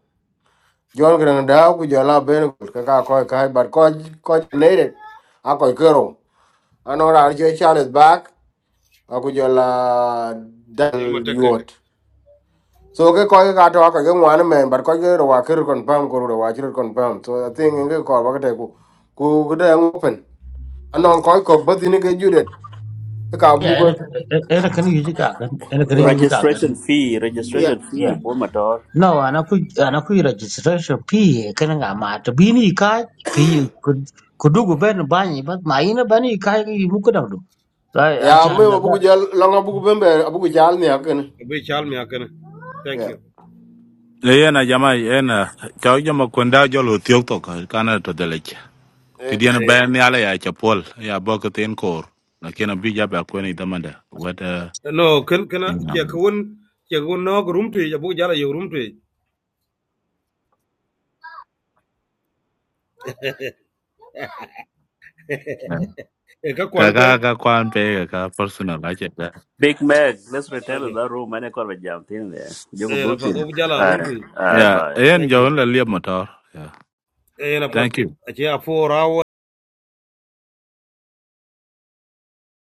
[SPEAKER 2] John gran da ku jala ben ka ka koi ka but koi koi needed. A koi kero. Anora je Charles back. A ku jala
[SPEAKER 16] yama
[SPEAKER 2] dal
[SPEAKER 16] tek tek
[SPEAKER 2] yot. So ke koi ka to ka ke ngwan Man, but koi kero wa kero confirm ko ro wa confirm. So I think nge ko ba kete ku ku kete open. anon koy ko bathi ni ke judet ka
[SPEAKER 15] Ya,
[SPEAKER 2] bugo
[SPEAKER 15] ena kani yuji ka kani, ena kani
[SPEAKER 2] ya
[SPEAKER 15] yuji ka
[SPEAKER 12] Registration
[SPEAKER 15] kani.
[SPEAKER 12] fee,
[SPEAKER 2] ya
[SPEAKER 12] registration fee, Paul Matar.
[SPEAKER 15] No, ana ku ana ku registration fee kana nga ma to bini ka ki ku dugu ben bani ba ma ina bani ka ki mu ku da du. Ai
[SPEAKER 2] ya
[SPEAKER 15] a
[SPEAKER 2] me
[SPEAKER 15] can na ba
[SPEAKER 2] bugo jal longa bugo bembe bugo jal ni aken
[SPEAKER 16] be chal mi akene thank
[SPEAKER 2] ya
[SPEAKER 16] you
[SPEAKER 10] le yana jama yana chaw jama kwenda jolo tiok to kana to Kidiana
[SPEAKER 16] Hey,
[SPEAKER 10] bayan ni ala ya chapol ya boko ten kor. Lakini abi ja ba kweni damanda. What uh
[SPEAKER 16] no ken kana ke ko won ke won no room to ya bu jala yo room to e ka kwar
[SPEAKER 10] Kaka
[SPEAKER 16] pen
[SPEAKER 10] kwan pe ka personal ache da.
[SPEAKER 12] Big Mac, let's return to
[SPEAKER 16] okay
[SPEAKER 12] that room. Mane korba jam tin there. You Jogo
[SPEAKER 16] eh na pa
[SPEAKER 12] butin.
[SPEAKER 16] do jala room to
[SPEAKER 12] Aye, aye,
[SPEAKER 10] Yeah,
[SPEAKER 12] bye.
[SPEAKER 10] ayen
[SPEAKER 16] thank you
[SPEAKER 10] jawon la liab motor. Yeah.
[SPEAKER 16] eh na pa
[SPEAKER 10] Thank you.
[SPEAKER 16] a che a 4 hours